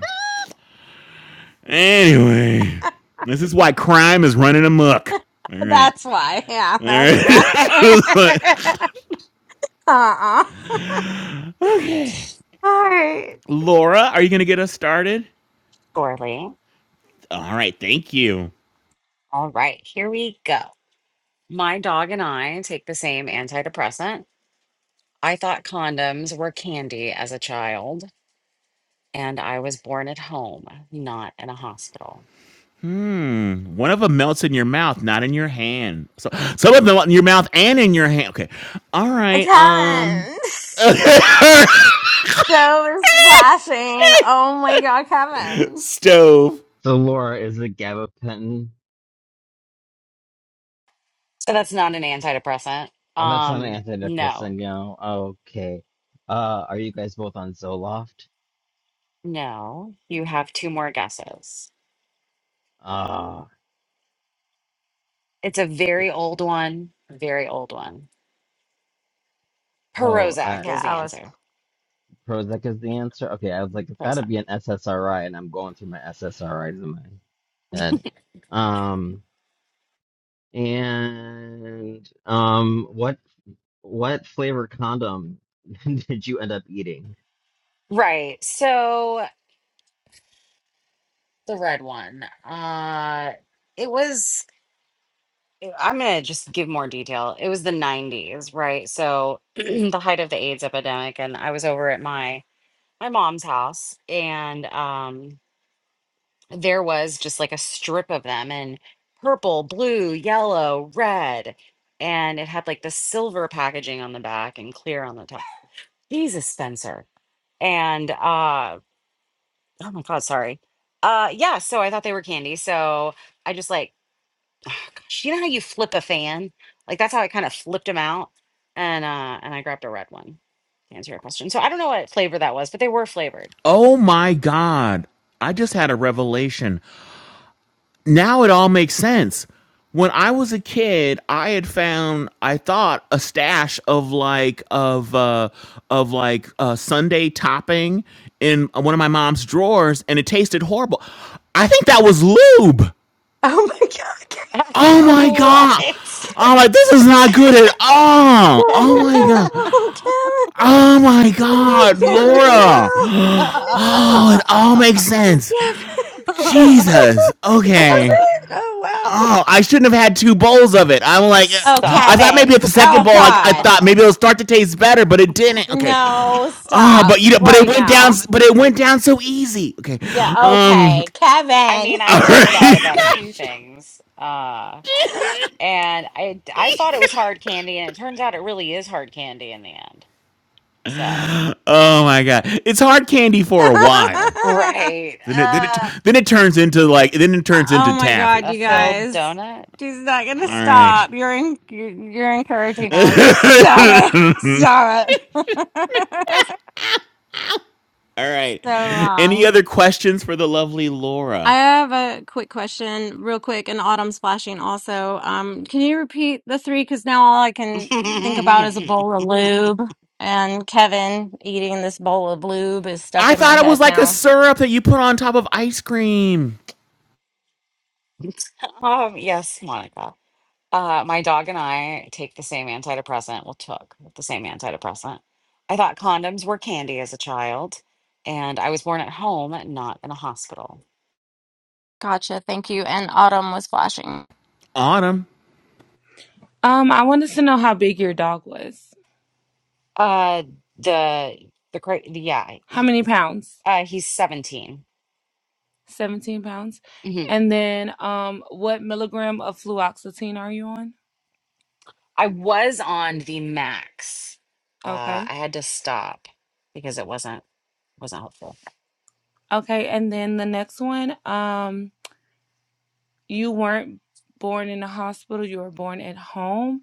Speaker 6: Anyway, this is why crime is running amok. All
Speaker 2: [laughs]
Speaker 6: right,
Speaker 2: that's why. Yeah,
Speaker 6: all
Speaker 2: that's why.
Speaker 6: right.
Speaker 2: [laughs] Uh-uh.
Speaker 6: [laughs] okay,
Speaker 2: All right.
Speaker 6: Laura, are you gonna get us started?
Speaker 3: Surely.
Speaker 6: All right, thank you.
Speaker 3: All right, here we go. My dog and I take the same antidepressant. I thought condoms were candy as a child, and I was born at home, not in a hospital.
Speaker 6: Hmm. One of them melts in your mouth, not in your hand. So some of them in your mouth and in your hand. Okay. All right. Um.
Speaker 2: Kevin. [laughs]
Speaker 6: [laughs]
Speaker 2: So was flashing. Oh my god, Kevin.
Speaker 6: Stove.
Speaker 1: so Laura, is it gabapentin?
Speaker 3: So that's not an antidepressant.
Speaker 1: Oh, that's not
Speaker 3: Um,
Speaker 1: an
Speaker 3: no,
Speaker 1: antidepressant, you know. Okay. Uh, are you guys both on Zoloft?
Speaker 3: No, you have two more guesses.
Speaker 1: Ah,
Speaker 3: It's a very
Speaker 1: it-
Speaker 3: old one, very old one.
Speaker 1: oh, I,
Speaker 3: Prozac
Speaker 2: Yeah,
Speaker 3: is the
Speaker 2: I was. [laughs]
Speaker 3: answer.
Speaker 1: Prozac is the answer. Okay, I was like, it's got to
Speaker 3: Prozac.
Speaker 1: be an SSRI, and I'm going through my SSRIs in my head. Um. And um, what what flavor condom [laughs] did you end up eating?
Speaker 3: Right. So the red one. Uh it was eh, I'm going to just give more detail. It was the 90s, right? So [clears throat] the height of the AIDS epidemic and I was over at my my mom's house and um there was just like a strip of them in purple, blue, yellow, red. And it had like the silver packaging on the back and clear on the top. Jesus, Spencer. And uh oh my god, sorry. Uh yeah, so I thought they were candy. So I just like [sighs] gosh, you know how you flip a fan? Like that's how I kind of flipped them out. And uh and I grabbed a red one to answer your question. So I don't know what flavor that was, but they were flavored.
Speaker 6: Oh my God. I just had a revelation. Now it all makes sense. When I was a kid, I had found, I thought, a stash of like of uh of like uh Sunday topping in one of my mom's drawers and it tasted horrible. I think that was lube.
Speaker 2: Oh my god, Kevin.
Speaker 3: [laughs]
Speaker 6: Oh my
Speaker 3: what?
Speaker 6: god. I'm like, this is not good at
Speaker 2: No,
Speaker 6: all. Oh my god.
Speaker 2: no, Kevin.
Speaker 6: Oh my
Speaker 2: No,
Speaker 6: god,
Speaker 2: Kevin,
Speaker 3: [laughs]
Speaker 6: Laura.
Speaker 3: [laughs]
Speaker 2: no.
Speaker 6: Oh, it all makes
Speaker 2: No.
Speaker 6: sense.
Speaker 2: Kevin. [laughs] That's
Speaker 6: Jesus.
Speaker 2: it. That's
Speaker 6: Okay.
Speaker 2: it. Oh, wow.
Speaker 6: Oh, I shouldn't have had two bowls of it. I'm like,
Speaker 2: Oh,
Speaker 6: I thought
Speaker 3: Stop.
Speaker 6: maybe
Speaker 2: Kevin.
Speaker 6: at the
Speaker 3: [laughs]
Speaker 6: second
Speaker 2: Oh,
Speaker 6: bowl, I, I
Speaker 2: God.
Speaker 6: thought maybe it'll start to taste better, but it didn't. Okay.
Speaker 2: No,
Speaker 6: Oh,
Speaker 2: stop
Speaker 6: but you know, but it
Speaker 2: right
Speaker 6: went down,
Speaker 2: now.
Speaker 6: but it went down so easy. Okay.
Speaker 2: Yeah,
Speaker 6: Um.
Speaker 2: okay.
Speaker 3: I
Speaker 2: Kevin.
Speaker 3: mean,
Speaker 6: All
Speaker 3: I've
Speaker 2: [laughs]
Speaker 3: heard that
Speaker 6: right.
Speaker 2: Jesus
Speaker 3: about a
Speaker 6: [laughs]
Speaker 3: few things. Uh, and I I thought it was hard candy and it turns out it really is hard candy in the end. So,
Speaker 6: oh my god, it's hard candy for a while.
Speaker 2: Christ. [laughs]
Speaker 3: right.
Speaker 6: Then it then it
Speaker 3: Uh,
Speaker 6: then it turns into like then it turns into
Speaker 2: Oh my God,
Speaker 6: taffy.
Speaker 3: a
Speaker 2: you
Speaker 6: All right.
Speaker 3: filled
Speaker 2: guys.
Speaker 3: donut.
Speaker 2: She's not gonna
Speaker 6: All
Speaker 3: Yeah.
Speaker 6: right.
Speaker 2: stop. You're in, you're you're encouraging them. [laughs] Stop it. Stop it. [laughs]
Speaker 6: All right.
Speaker 2: so
Speaker 6: Any
Speaker 2: wrong.
Speaker 6: other questions for the lovely
Speaker 2: I
Speaker 6: Laura?
Speaker 2: have a quick question, real quick, and autumn splashing also. Um, can you repeat the three? Because now all I can think about is a
Speaker 3: [laughs]
Speaker 2: bowl of lube, and Kevin eating this bowl of lube is stuck
Speaker 6: I
Speaker 2: in my
Speaker 6: thought it
Speaker 2: head
Speaker 6: was like a
Speaker 2: now.
Speaker 6: syrup that you put on top of ice cream.
Speaker 3: um, yes, Monica. Uh, my dog and I take the same antidepressant. Well, took the same antidepressant. I thought condoms were candy as a child, and I was born at home, not in a hospital.
Speaker 2: Gotcha. Thank you. And autumn was flashing.
Speaker 6: Autumn.
Speaker 9: Um, I wanted to know how big your dog was.
Speaker 3: Uh, the the cra- yeah,
Speaker 9: How
Speaker 3: he,
Speaker 9: many pounds?
Speaker 3: uh, he's 17
Speaker 9: 17 pounds.
Speaker 3: Mhm.
Speaker 9: And then um what milligram of fluoxetine are you on?
Speaker 3: I was on the max. Uh,
Speaker 9: Okay.
Speaker 3: I had to stop because it wasn't wasn't helpful.
Speaker 9: Okay, and then the next one, um you weren't born in a hospital, you were born at home.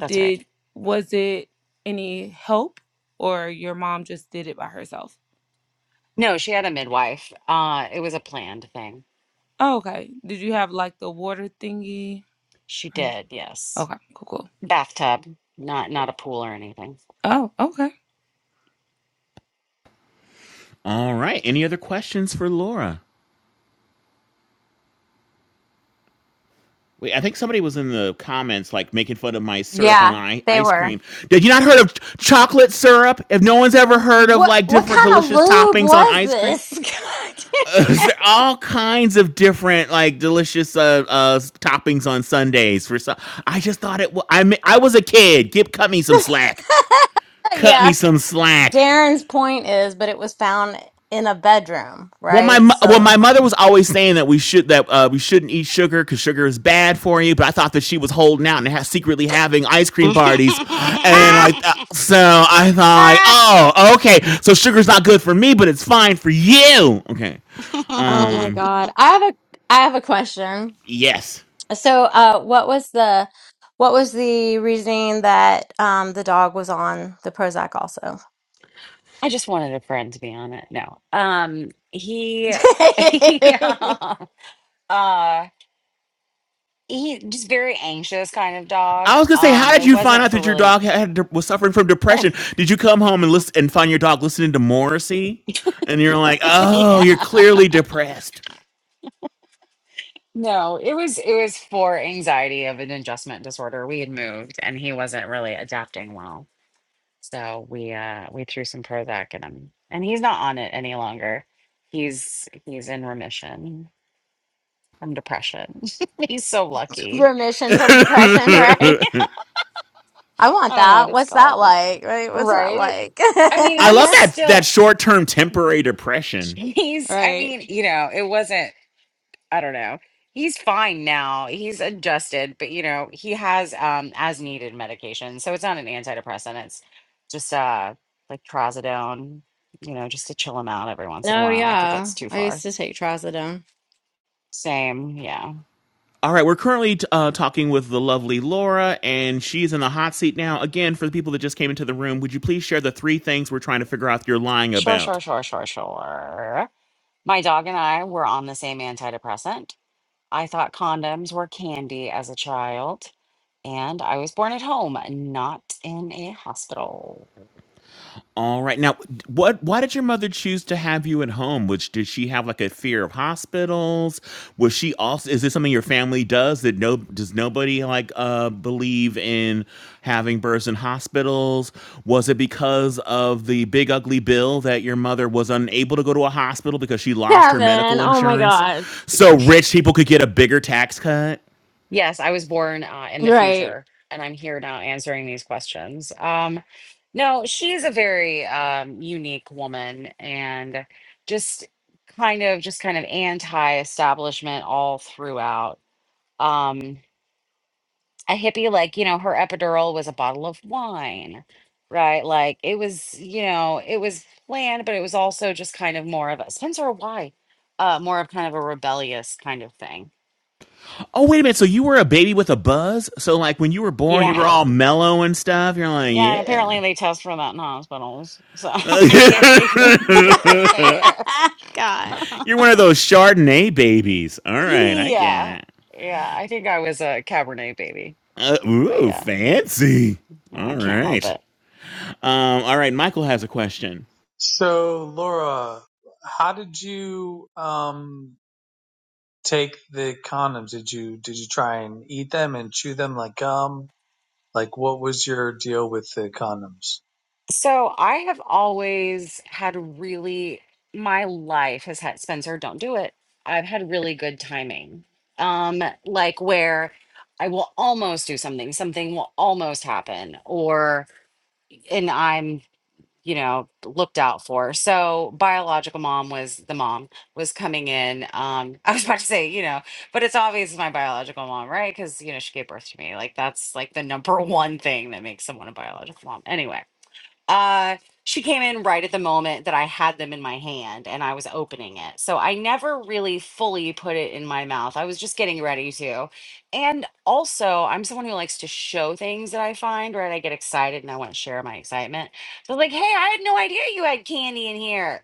Speaker 3: That's right.
Speaker 9: Did was it any help or your mom just did it by herself?
Speaker 3: No, she had a midwife. Uh, it was a planned thing.
Speaker 9: Oh, okay. Did you have like the water thingy?
Speaker 3: She
Speaker 9: Or- no?
Speaker 3: did, yes.
Speaker 9: Okay, cool, cool.
Speaker 3: Bathtub, not not a pool or anything.
Speaker 9: Oh, okay.
Speaker 6: All right. Any other questions for Laura? Wait, I think somebody was in the comments like making fun of my syrup and
Speaker 2: Yeah,
Speaker 6: I-
Speaker 2: they
Speaker 6: ice
Speaker 2: were.
Speaker 6: cream. Did you not heard of ch- chocolate syrup? If no one's ever heard of
Speaker 2: What
Speaker 6: like
Speaker 2: what
Speaker 6: different
Speaker 2: kind of
Speaker 6: delicious
Speaker 2: lube
Speaker 6: toppings on
Speaker 2: was
Speaker 6: ice cream,
Speaker 2: this? [laughs]
Speaker 6: There's
Speaker 2: God
Speaker 6: all kinds of different like delicious uh, uh toppings on Sundays for some. I just thought it. wa- I mean, I was a kid. Give cut me some slack.
Speaker 2: damn. [laughs]
Speaker 6: Cut
Speaker 2: yeah.
Speaker 6: me some slack.
Speaker 2: Darren's point is, but it was found in a bedroom,
Speaker 6: Well, my
Speaker 2: right?
Speaker 6: mo- well,
Speaker 2: So
Speaker 6: my mother was always saying that we should that uh, we shouldn't eat sugar because sugar is bad for you. But I thought that she was holding out and ha- secretly having ice
Speaker 3: [laughs]
Speaker 6: cream parties,
Speaker 2: [laughs]
Speaker 6: and
Speaker 2: ah,
Speaker 6: I
Speaker 3: I
Speaker 6: th- so I thought,
Speaker 2: ah.
Speaker 6: oh, okay, so sugar's not good for me, but it's fine for you. Okay,
Speaker 2: Oh my
Speaker 6: um,
Speaker 2: God. I have a I have a question.
Speaker 6: yes.
Speaker 2: So uh what was the what was the reasoning that um the dog was on the Prozac also?
Speaker 3: just wanted a friend to be on it. No. Um he [laughs]
Speaker 2: [laughs]
Speaker 3: yeah. Uh he just very anxious kind of dog.
Speaker 6: I was gonna say,
Speaker 3: Um
Speaker 6: how did
Speaker 3: it
Speaker 6: you find
Speaker 3: wasn't
Speaker 6: out
Speaker 3: for
Speaker 6: that your
Speaker 3: really
Speaker 6: dog had was suffering from
Speaker 3: [laughs]
Speaker 6: depression? Did you come home and listen and find your dog listening to Morrissey, and you're like, oh, you're
Speaker 3: yeah.
Speaker 6: clearly depressed.
Speaker 3: No, it was it was for anxiety of an adjustment disorder. We had moved and he wasn't really adapting well. So we uh we threw some Prozac at him. And he's not on it any longer. He's he's in remission. from depression. [laughs] he's so lucky.
Speaker 6: [laughs]
Speaker 2: Remission from depression, [laughs] right?
Speaker 6: I
Speaker 2: I want
Speaker 3: I don't know what
Speaker 2: that.
Speaker 3: it's
Speaker 2: What's that
Speaker 3: called.
Speaker 2: like? Right? What's that
Speaker 3: Right?
Speaker 2: like?
Speaker 3: I mean, he's
Speaker 6: love
Speaker 2: [laughs]
Speaker 6: that that
Speaker 3: still
Speaker 6: short term temporary depression.
Speaker 3: he's I
Speaker 2: Right.
Speaker 3: mean, you know, it wasn't I don't know. He's fine now. He's adjusted, but you know, he has um as needed medication. So it's not an antidepressant. It's just uh like trazodone, you know, just to chill him out every once in a
Speaker 2: No,
Speaker 3: while if he
Speaker 2: yeah.
Speaker 3: gets too
Speaker 2: I used
Speaker 3: far.
Speaker 2: to take trazodone.
Speaker 3: Same, yeah.
Speaker 6: All right, we're currently uh, talking with the lovely Laura, and she's in the hot seat now. Again, for the people that just came into the room, would you please share the three things we're trying to figure out you're lying
Speaker 3: Sure,
Speaker 6: about?
Speaker 3: sure, sure, sure, sure. My dog and I were on the same antidepressant I thought condoms were candy as a child, and I was born at home, not in a hospital.
Speaker 6: All right. Now, what? Why did your mother choose to have you at home? Which did she have like a fear of hospitals? Was she also? Is this something your family does? That no? Does nobody like uh believe in having births in hospitals? Was it because of the big ugly bill that your mother was unable to go to a hospital because she lost her
Speaker 2: Kevin,
Speaker 6: medical
Speaker 2: oh my
Speaker 6: insurance,
Speaker 2: God.
Speaker 6: so rich people could get a bigger tax cut?
Speaker 3: Yes, I was born uh, in the
Speaker 2: Right.
Speaker 3: future, and I'm here now answering these questions. Um, no, she's a very um, unique woman and just kind of just kind of anti-establishment all throughout. Um, a hippie like you know her epidural was a bottle of wine right like it was you know it was planned but it was also just kind of more of a spencer why uh more of kind of a rebellious kind of thing
Speaker 6: Oh wait a minute! So you were a baby with a buzz? So like when you were born, you were
Speaker 3: yeah
Speaker 6: all mellow and stuff. You're like,
Speaker 3: yeah and
Speaker 6: yeah.
Speaker 3: apparently they test for that in hospitals so [laughs] i guess she couldn't do it there
Speaker 2: [laughs] God.
Speaker 6: You're one of those Chardonnay babies. All
Speaker 3: [laughs]
Speaker 6: right, I get
Speaker 3: yeah
Speaker 6: it.
Speaker 3: yeah i think i was a cabernet baby
Speaker 6: Uh,
Speaker 3: but
Speaker 6: ooh,
Speaker 3: yeah,
Speaker 6: fancy.
Speaker 3: yeah i
Speaker 6: All
Speaker 3: can't help
Speaker 6: right.
Speaker 3: it
Speaker 6: Um, all right, Michael has a question.
Speaker 5: So, Laura, how did you um take the condoms? Did you did you try and eat them and chew them like gum? Like, what was your deal with the condoms?
Speaker 3: So I have always had really my life has had Spencer, don't do it. I've had really good timing. Um, like where I will almost do something, something will almost happen, or and I'm, you know, looked out for. So biological mom was the mom was coming in. Um, [laughs] I was about to say, you know, but it's obvious it's my biological mom, right? Because you know, she gave birth to me. Like that's like the number [laughs] one thing that makes someone a biological mom. Anyway uh, she came in right at the moment that I had them in my hand and I was opening it. So I never really fully put it in my mouth. I was just getting ready to. And also, I'm someone who likes to show things that I find, right? I get excited and I want to share my excitement. So, like, hey, I had no idea you had candy in here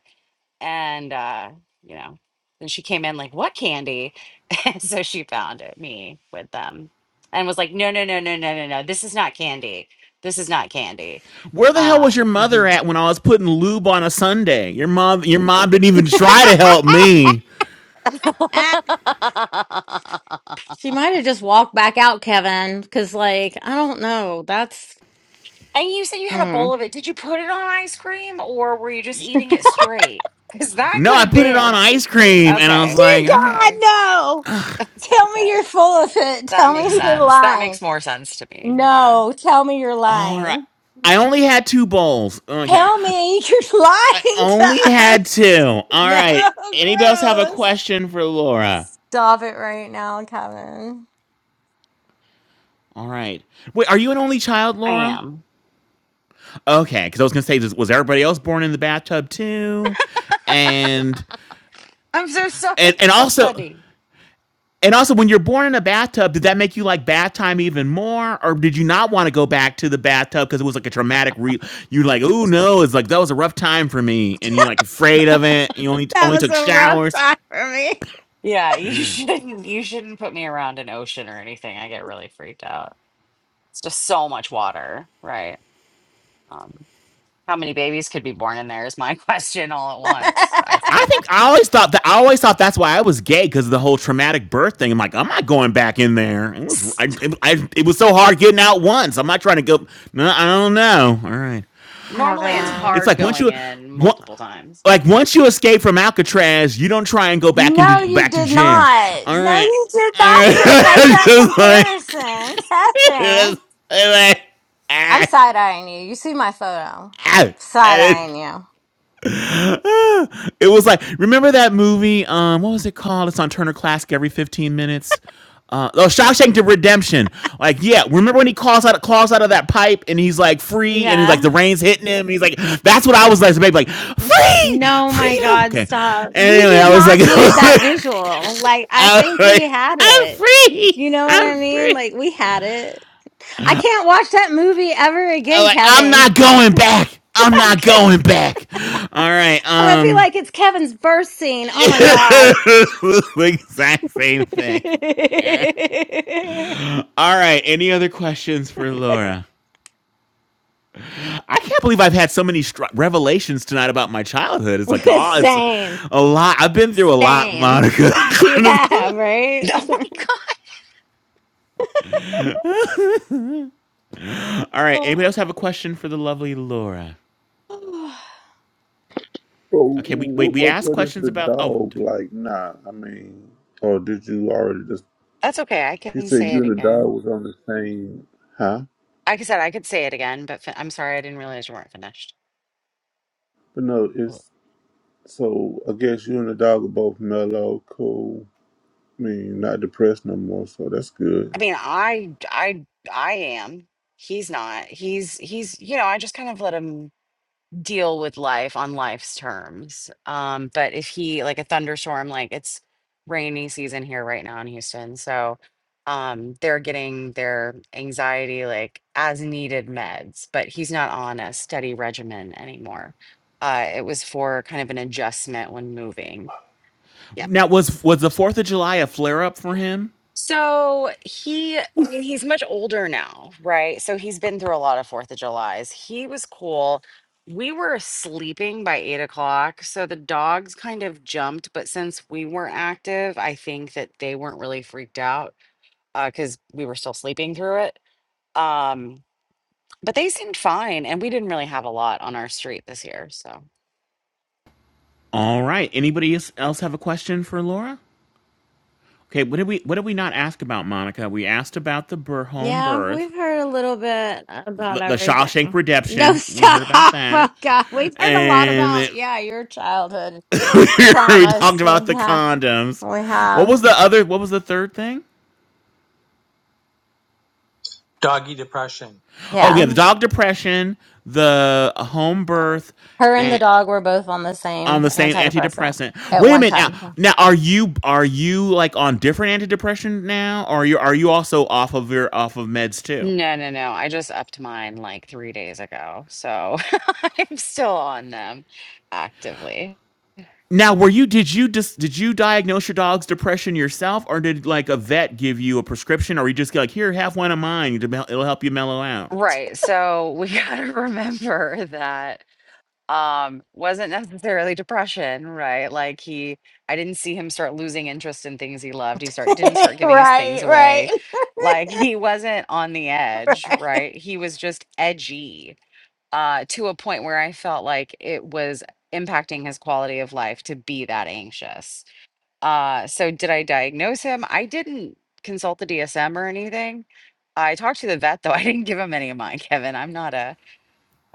Speaker 3: and uh you know then she came in like what candy [laughs] and so she found it, me with them and was like no no no no no no no this is not candy this is not candy
Speaker 6: Where the hell
Speaker 3: uh
Speaker 6: was your mother
Speaker 3: mhm.
Speaker 6: at when I was putting lube on a Sunday? Your mom your mom didn't even
Speaker 2: [laughs]
Speaker 6: try to help me.
Speaker 3: [laughs]
Speaker 2: She might have just walked back out, Kevin, because, like, I don't know. That's.
Speaker 3: and you said you had a bowl
Speaker 2: Mm.
Speaker 3: of it did you put it on ice cream or were you just eating it straight because that
Speaker 6: No,
Speaker 3: could
Speaker 6: I
Speaker 3: have
Speaker 6: put it on
Speaker 3: been
Speaker 6: ice cream and I was
Speaker 3: okay
Speaker 2: Dear
Speaker 6: like, "Ah,
Speaker 2: God,
Speaker 3: okay
Speaker 2: no! Tell me
Speaker 3: okay
Speaker 2: you're full of it.
Speaker 3: that
Speaker 2: Tell
Speaker 3: makes
Speaker 2: me you're
Speaker 3: sense that
Speaker 2: lying.
Speaker 3: makes more sense to me yeah
Speaker 2: No, tell me you're
Speaker 6: all right.
Speaker 2: lying.
Speaker 6: I only had two bowls. Okay.
Speaker 2: Tell me [laughs] you're
Speaker 6: I
Speaker 2: lying to
Speaker 6: only had two.
Speaker 2: us.
Speaker 6: All
Speaker 2: No,
Speaker 6: right. Anybody else have a
Speaker 2: gross.
Speaker 6: question for Laura?
Speaker 2: Stop it right now, Kevin.
Speaker 6: All right. Wait, are you an only child,
Speaker 3: i
Speaker 6: Laura?
Speaker 3: am
Speaker 6: Okay, because I was gonna say, was everybody else born in the bathtub too? And
Speaker 3: i'm so sorry [laughs]
Speaker 6: and
Speaker 3: it's
Speaker 6: and
Speaker 3: so
Speaker 6: also
Speaker 3: funny
Speaker 6: and also, when you're born in a bathtub, did that make you like bath time even more, or did you not want to go back to the bathtub because it was like a traumatic? Re- you like, oh no, it's like that was a rough time for me, and you're like afraid of it. You only
Speaker 2: That
Speaker 6: only
Speaker 2: was
Speaker 6: took
Speaker 2: a rough
Speaker 6: showers.
Speaker 2: time for me.
Speaker 3: Yeah, you [laughs] shouldn't you shouldn't put me around an ocean or anything. I get really freaked out. It's just so much water, right? Um, how many babies could be born in there is my [laughs] question all at
Speaker 2: [laughs]
Speaker 3: once, I
Speaker 6: I
Speaker 3: think.
Speaker 6: think I always thought that I always thought that's why I was gay because of the whole traumatic birth thing. I'm like, I'm not going back in there. It was
Speaker 3: [laughs]
Speaker 6: I, it, I, it was so hard getting out once. I'm not trying to go. No, I don't know. All right.
Speaker 3: Normally it's
Speaker 2: Kevin.
Speaker 6: It's
Speaker 3: hard
Speaker 6: like once
Speaker 3: going
Speaker 6: you
Speaker 3: in
Speaker 6: one,
Speaker 3: multiple times,
Speaker 6: like
Speaker 3: but
Speaker 6: once you escape from Alcatraz, you don't try and go back into
Speaker 2: No, you
Speaker 6: back to
Speaker 2: did
Speaker 6: jail.
Speaker 2: not.
Speaker 6: All
Speaker 2: No,
Speaker 6: right.
Speaker 2: you did
Speaker 6: All
Speaker 2: not just make
Speaker 6: right. [laughs]
Speaker 2: that
Speaker 6: just like,
Speaker 2: comparison. Kevin.
Speaker 6: just like,
Speaker 2: I'm
Speaker 6: ah,
Speaker 2: side eyeing you. You see my photo.
Speaker 6: ah,
Speaker 2: Side
Speaker 6: ah.
Speaker 2: eyeing you.
Speaker 6: It was like remember that movie? Um, what was it called? It's on Turner Classic every fifteen minutes. Uh, oh, Shawshank Redemption. Like, yeah, remember when he calls out calls out of that pipe and he's like free and he's like
Speaker 2: Yeah.
Speaker 6: the rain's hitting him and he's like, that's what I was like, baby, like free,
Speaker 2: No, my
Speaker 6: freedom.
Speaker 2: God,
Speaker 6: Okay.
Speaker 2: stop. We
Speaker 6: Anyway,
Speaker 2: did
Speaker 6: I was like,
Speaker 2: not need that
Speaker 6: [laughs]
Speaker 2: visual. Like, I
Speaker 6: I was
Speaker 2: think we
Speaker 6: like,
Speaker 2: had
Speaker 6: I'm
Speaker 2: it.
Speaker 6: free,
Speaker 2: You know what I
Speaker 6: I'm
Speaker 2: mean?
Speaker 6: free.
Speaker 2: Like, we had it. I can't watch that movie ever
Speaker 6: I'm
Speaker 2: again,
Speaker 6: like, I'm
Speaker 2: Kevin.
Speaker 6: not going back. I'm
Speaker 2: [laughs] I'm
Speaker 6: not going back. All right.
Speaker 2: gonna be
Speaker 6: Um,
Speaker 2: like, it's Kevin's birth scene. Oh my God.
Speaker 6: [laughs] the exact same thing.
Speaker 2: [laughs]
Speaker 6: All right. Any other questions for Laura? I can't believe I've had so many str- revelations tonight about my childhood. It's like, oh, it's
Speaker 2: Same.
Speaker 6: a lot. I've been through a lot,
Speaker 2: Same.
Speaker 6: Monica. [laughs]
Speaker 2: You have,
Speaker 6: All
Speaker 3: [laughs]
Speaker 2: right?
Speaker 3: oh my God.
Speaker 6: right. Anybody else have a question for the lovely Laura?
Speaker 2: [laughs] [sighs]
Speaker 4: So
Speaker 6: Okay. We wait.
Speaker 4: what
Speaker 6: We
Speaker 4: what,
Speaker 6: asked
Speaker 4: what is
Speaker 6: questions
Speaker 4: the
Speaker 6: about. Oh,
Speaker 4: dog like? Nah, I mean, or did you already just?
Speaker 3: That's okay. I
Speaker 4: You
Speaker 3: can
Speaker 4: said
Speaker 3: say
Speaker 4: you
Speaker 3: it
Speaker 4: and the dog
Speaker 3: again.
Speaker 4: was on the same, huh?
Speaker 3: Like I said, I could say it again, but fin- I'm sorry, I didn't realize you weren't finished.
Speaker 4: But no,
Speaker 3: Mm.
Speaker 4: it's so. I guess you and the dog are both mellow, cool. I mean, not depressed no more. So that's good.
Speaker 3: I mean, I I I am. He's not. He's he's you know, I just kind of let him deal with life on life's terms. Um, but if he like a thunderstorm, like it's rainy season here right now in Houston, so um, they're getting their anxiety like as needed meds. But he's not on a steady regimen anymore. Uh, it was for kind of an adjustment when moving. Yeah.
Speaker 6: now was was the Fourth of July a flare up for him?
Speaker 3: So he I mean, he's much older now, right? So he's been through a lot of Fourth of July's. He was cool. We were sleeping by eight o'clock, so the dogs kind of jumped. But since we weren't active, I think that they weren't really freaked out because we were still sleeping through it. Um, but they seemed fine, and we didn't really have a lot on our street this year. So
Speaker 6: All right. Anybody else else have a question for Laura? Okay. What did we What did we not ask about, Monica? We asked about the bur- home
Speaker 2: Yeah,
Speaker 6: birth.
Speaker 2: we've heard a little bit about
Speaker 6: the, the
Speaker 2: everything.
Speaker 6: Shawshank
Speaker 2: No, [laughs]
Speaker 6: Redemption. We heard about
Speaker 2: stop. Oh,
Speaker 6: that,
Speaker 2: God. We've heard a lot
Speaker 6: and then
Speaker 2: about, yeah, your childhood
Speaker 6: [laughs] we
Speaker 2: traumas.
Speaker 6: talked about the
Speaker 2: Yeah,
Speaker 6: condoms.
Speaker 2: we
Speaker 6: What
Speaker 2: have.
Speaker 6: was the other? What was the third thing?
Speaker 5: Doggy depression.
Speaker 6: Oh
Speaker 2: Yeah.
Speaker 6: yeah, the dog depression, the home birth,
Speaker 2: Her and the
Speaker 6: and
Speaker 2: dog were both on the
Speaker 6: on
Speaker 2: same
Speaker 6: the same
Speaker 2: antidepressant
Speaker 6: antidepressant.
Speaker 2: at
Speaker 6: Wait a
Speaker 2: one
Speaker 6: minute now.
Speaker 2: time. [laughs]
Speaker 6: Now are you are you like on different antidepressant now, or are you are you also off of your off of meds too?
Speaker 3: no, no, no. I just upped mine like three days ago, so [laughs] I'm still on them actively.
Speaker 6: Now, were you did you dis, did you diagnose your dog's depression yourself, or did like a vet give you a prescription, or you just like here have one of mine, to mel- it'll help you mellow out?
Speaker 3: Right. So we [laughs] got to remember that um wasn't necessarily depression, right? Like he I didn't see him start losing interest in things he loved. He start didn't start giving his things
Speaker 2: Right,
Speaker 3: away.
Speaker 2: right.
Speaker 3: Like he wasn't on the edge, right? He was just edgy uh to a point where I felt like it was impacting his quality of life to be that anxious. Uh, so did I diagnose him? I didn't consult the DSM or anything. I talked to the vet though. [laughs] I didn't give him any of mine, Kevin. I'm not a,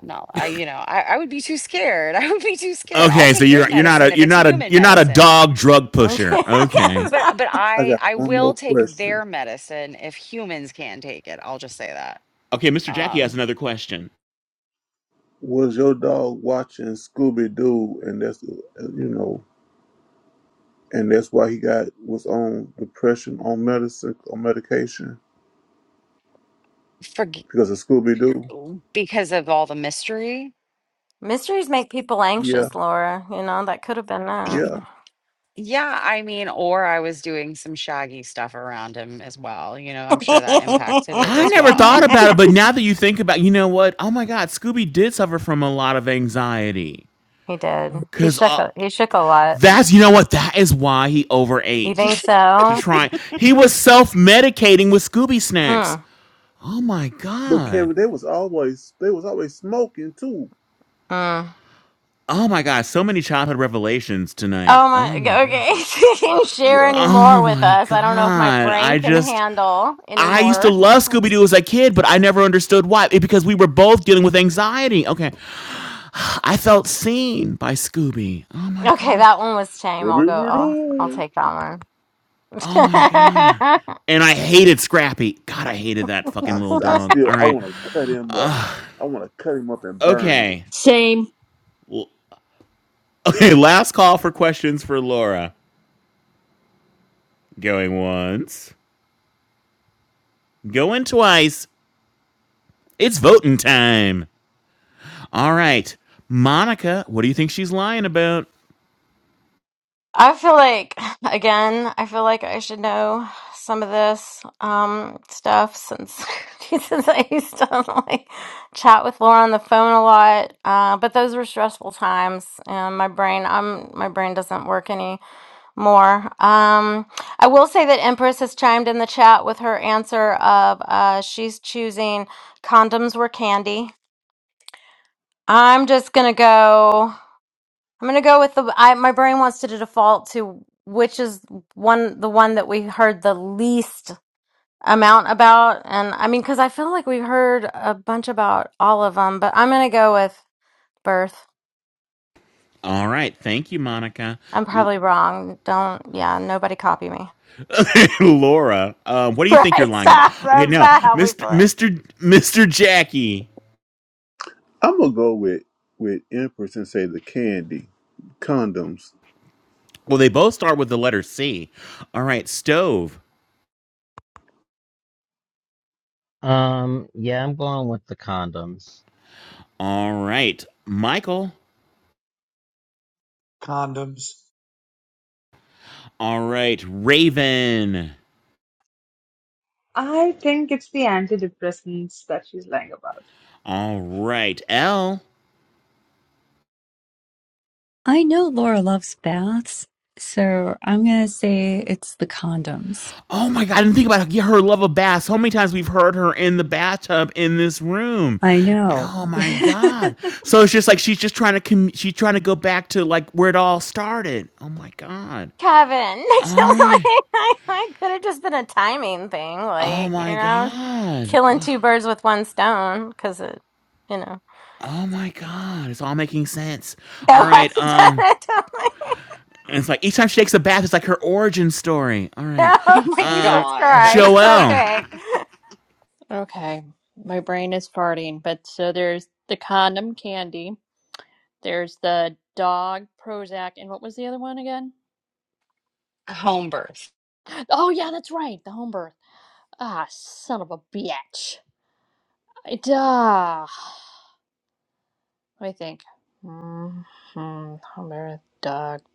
Speaker 3: I'm not, I, you know, I, I would be too scared. [laughs] I would be too scared. I'll
Speaker 6: Okay, so
Speaker 3: take his
Speaker 6: you're you're not
Speaker 3: medicine
Speaker 6: a
Speaker 3: if
Speaker 6: you're
Speaker 3: it's
Speaker 6: not a
Speaker 3: human
Speaker 6: you're not a
Speaker 3: medicine.
Speaker 6: dog drug
Speaker 2: Okay.
Speaker 6: pusher. Okay,
Speaker 3: But,
Speaker 2: [laughs]
Speaker 3: but
Speaker 4: I
Speaker 3: I,
Speaker 4: got
Speaker 3: I
Speaker 4: one
Speaker 3: will
Speaker 4: more
Speaker 3: take
Speaker 4: question.
Speaker 3: their medicine if humans can take it. I'll just say that.
Speaker 6: okay, Mr. Jackie has
Speaker 3: Um,
Speaker 6: another question.
Speaker 4: Was your dog watching Scooby Doo? And that's uh, you know and that's why he got was on depression on medicine on medication
Speaker 3: for,
Speaker 4: because of Scooby Doo.
Speaker 3: because of all the mystery.
Speaker 2: Mysteries make people
Speaker 4: Yeah,
Speaker 2: anxious, Laura. You know, that could have been that.
Speaker 3: Y-
Speaker 4: yeah.
Speaker 3: Yeah, I mean, or I was doing some shaggy stuff around him as well. You know, I'm sure that impacted it
Speaker 6: I
Speaker 3: as
Speaker 6: never thought
Speaker 3: well.
Speaker 6: about it,
Speaker 2: [laughs]
Speaker 6: but now that you think about, you know what? Oh my God, Scooby did suffer from a lot of anxiety
Speaker 2: He did. He
Speaker 6: because
Speaker 2: shook
Speaker 6: uh,
Speaker 2: a, he shook a lot.
Speaker 6: that's you know what that is why he
Speaker 2: You
Speaker 6: overate
Speaker 2: think
Speaker 6: to
Speaker 2: so?
Speaker 6: try. He was self medicating with Scooby
Speaker 2: Hmm.
Speaker 6: snacks. Oh my
Speaker 4: But
Speaker 6: god.
Speaker 4: Kevin, they was always they was always smoking too.
Speaker 2: Hmm.
Speaker 6: Oh my god, so many childhood revelations tonight.
Speaker 2: Oh my,
Speaker 6: Oh my god.
Speaker 2: okay.
Speaker 4: Uh,
Speaker 2: [laughs] You Can share
Speaker 4: yeah,
Speaker 2: any more
Speaker 6: Oh
Speaker 2: with
Speaker 6: my
Speaker 2: us? I don't know if my
Speaker 6: god.
Speaker 2: brain
Speaker 6: I
Speaker 2: can
Speaker 6: just
Speaker 2: handle any
Speaker 6: I used to
Speaker 2: more.
Speaker 6: love Scooby Doo as a kid, but I never understood why. It, because we were both dealing with anxiety. Okay. I felt seen by Scooby. Oh my
Speaker 2: Okay,
Speaker 6: god.
Speaker 2: that one was tame. I'll go.
Speaker 4: Scooby
Speaker 2: I'll I'll
Speaker 4: Doo.
Speaker 2: take that one.
Speaker 6: Oh my god.
Speaker 2: [laughs]
Speaker 6: And I hated Scrappy. God, I hated that fucking
Speaker 4: I,
Speaker 6: little
Speaker 4: I
Speaker 6: dog.
Speaker 4: still
Speaker 6: All
Speaker 4: I
Speaker 6: right.
Speaker 4: want to cut him up. I want to cut him up and burn him.
Speaker 6: Okay. [laughs]
Speaker 10: Same.
Speaker 6: Okay, last call for questions for Laura. Going once, going twice. It's voting time. All right. Monica, what do you think she's lying about?
Speaker 2: I feel like again, I feel like I should know some of this um stuff since [laughs] since I used to [laughs] like chat with Laura on the phone a lot. Uh, but those were stressful times, and my brain, I'm my brain doesn't work more. Um, I will say that Empress has chimed in the chat with her answer of uh, she's choosing condoms were candy. I'm just gonna go. I'm gonna go with the. I, my brain wants to default to which is one the one that we heard the least amount about, and I mean because I feel like we heard a bunch about all of them, but I'm gonna go with birth.
Speaker 6: All right. Thank you, Monica.
Speaker 2: I'm
Speaker 6: L-
Speaker 2: probably wrong. Don't. Yeah, nobody copy me. [laughs]
Speaker 6: [laughs] Laura, uh, what do you think you're
Speaker 2: Right.
Speaker 6: lying about?
Speaker 2: Stop.
Speaker 6: Okay,
Speaker 2: That's
Speaker 6: no.
Speaker 2: not how we
Speaker 6: Mr.
Speaker 2: play.
Speaker 6: Mr. Mr. Jackie.
Speaker 4: I'm gonna go with with Empress and say the candy condoms.
Speaker 6: Well, they both start with the letter C. All right. Stove.
Speaker 1: Um, yeah, I'm going with the condoms.
Speaker 6: All right. Michael.
Speaker 5: Condoms.
Speaker 6: All right. Raven.
Speaker 8: I think it's the antidepressants that she's lying about.
Speaker 6: All right. L.
Speaker 7: I know Laura loves baths, so I'm gonna say it's the condoms.
Speaker 6: Oh my god! And think about how- her love of baths. How many times we've heard her in the bathtub in this room?
Speaker 7: I know.
Speaker 6: Oh
Speaker 7: [laughs]
Speaker 6: my god! So it's just like she's just trying to com- she's trying to go back to like where it all started. Oh my god!
Speaker 2: Kevin. [laughs]
Speaker 6: All right.
Speaker 2: Like, I I could have just been a timing thing,
Speaker 6: Oh
Speaker 2: like, you
Speaker 6: my
Speaker 2: know,
Speaker 6: god.
Speaker 2: killing two birds with one stone, because it, you know.
Speaker 6: Oh my god. It's all making sense. All
Speaker 2: No, I
Speaker 6: right. Um.
Speaker 2: [laughs] done it.
Speaker 6: and It's like each time she takes a bath, it's like her origin story. All right.
Speaker 2: no,
Speaker 3: Oh my
Speaker 6: Um.
Speaker 2: Jesus
Speaker 3: God.
Speaker 2: Christ.
Speaker 6: Joelle.
Speaker 2: Okay.
Speaker 10: Okay, my brain is farting, but so there's the condom candy, there's the dog Prozac, and what was the other one again?
Speaker 3: [laughs] Home birth.
Speaker 10: Oh yeah, that's right, the home birth. Ah, son of a bitch. I duh. I think. hmm Home birth dog. [sighs]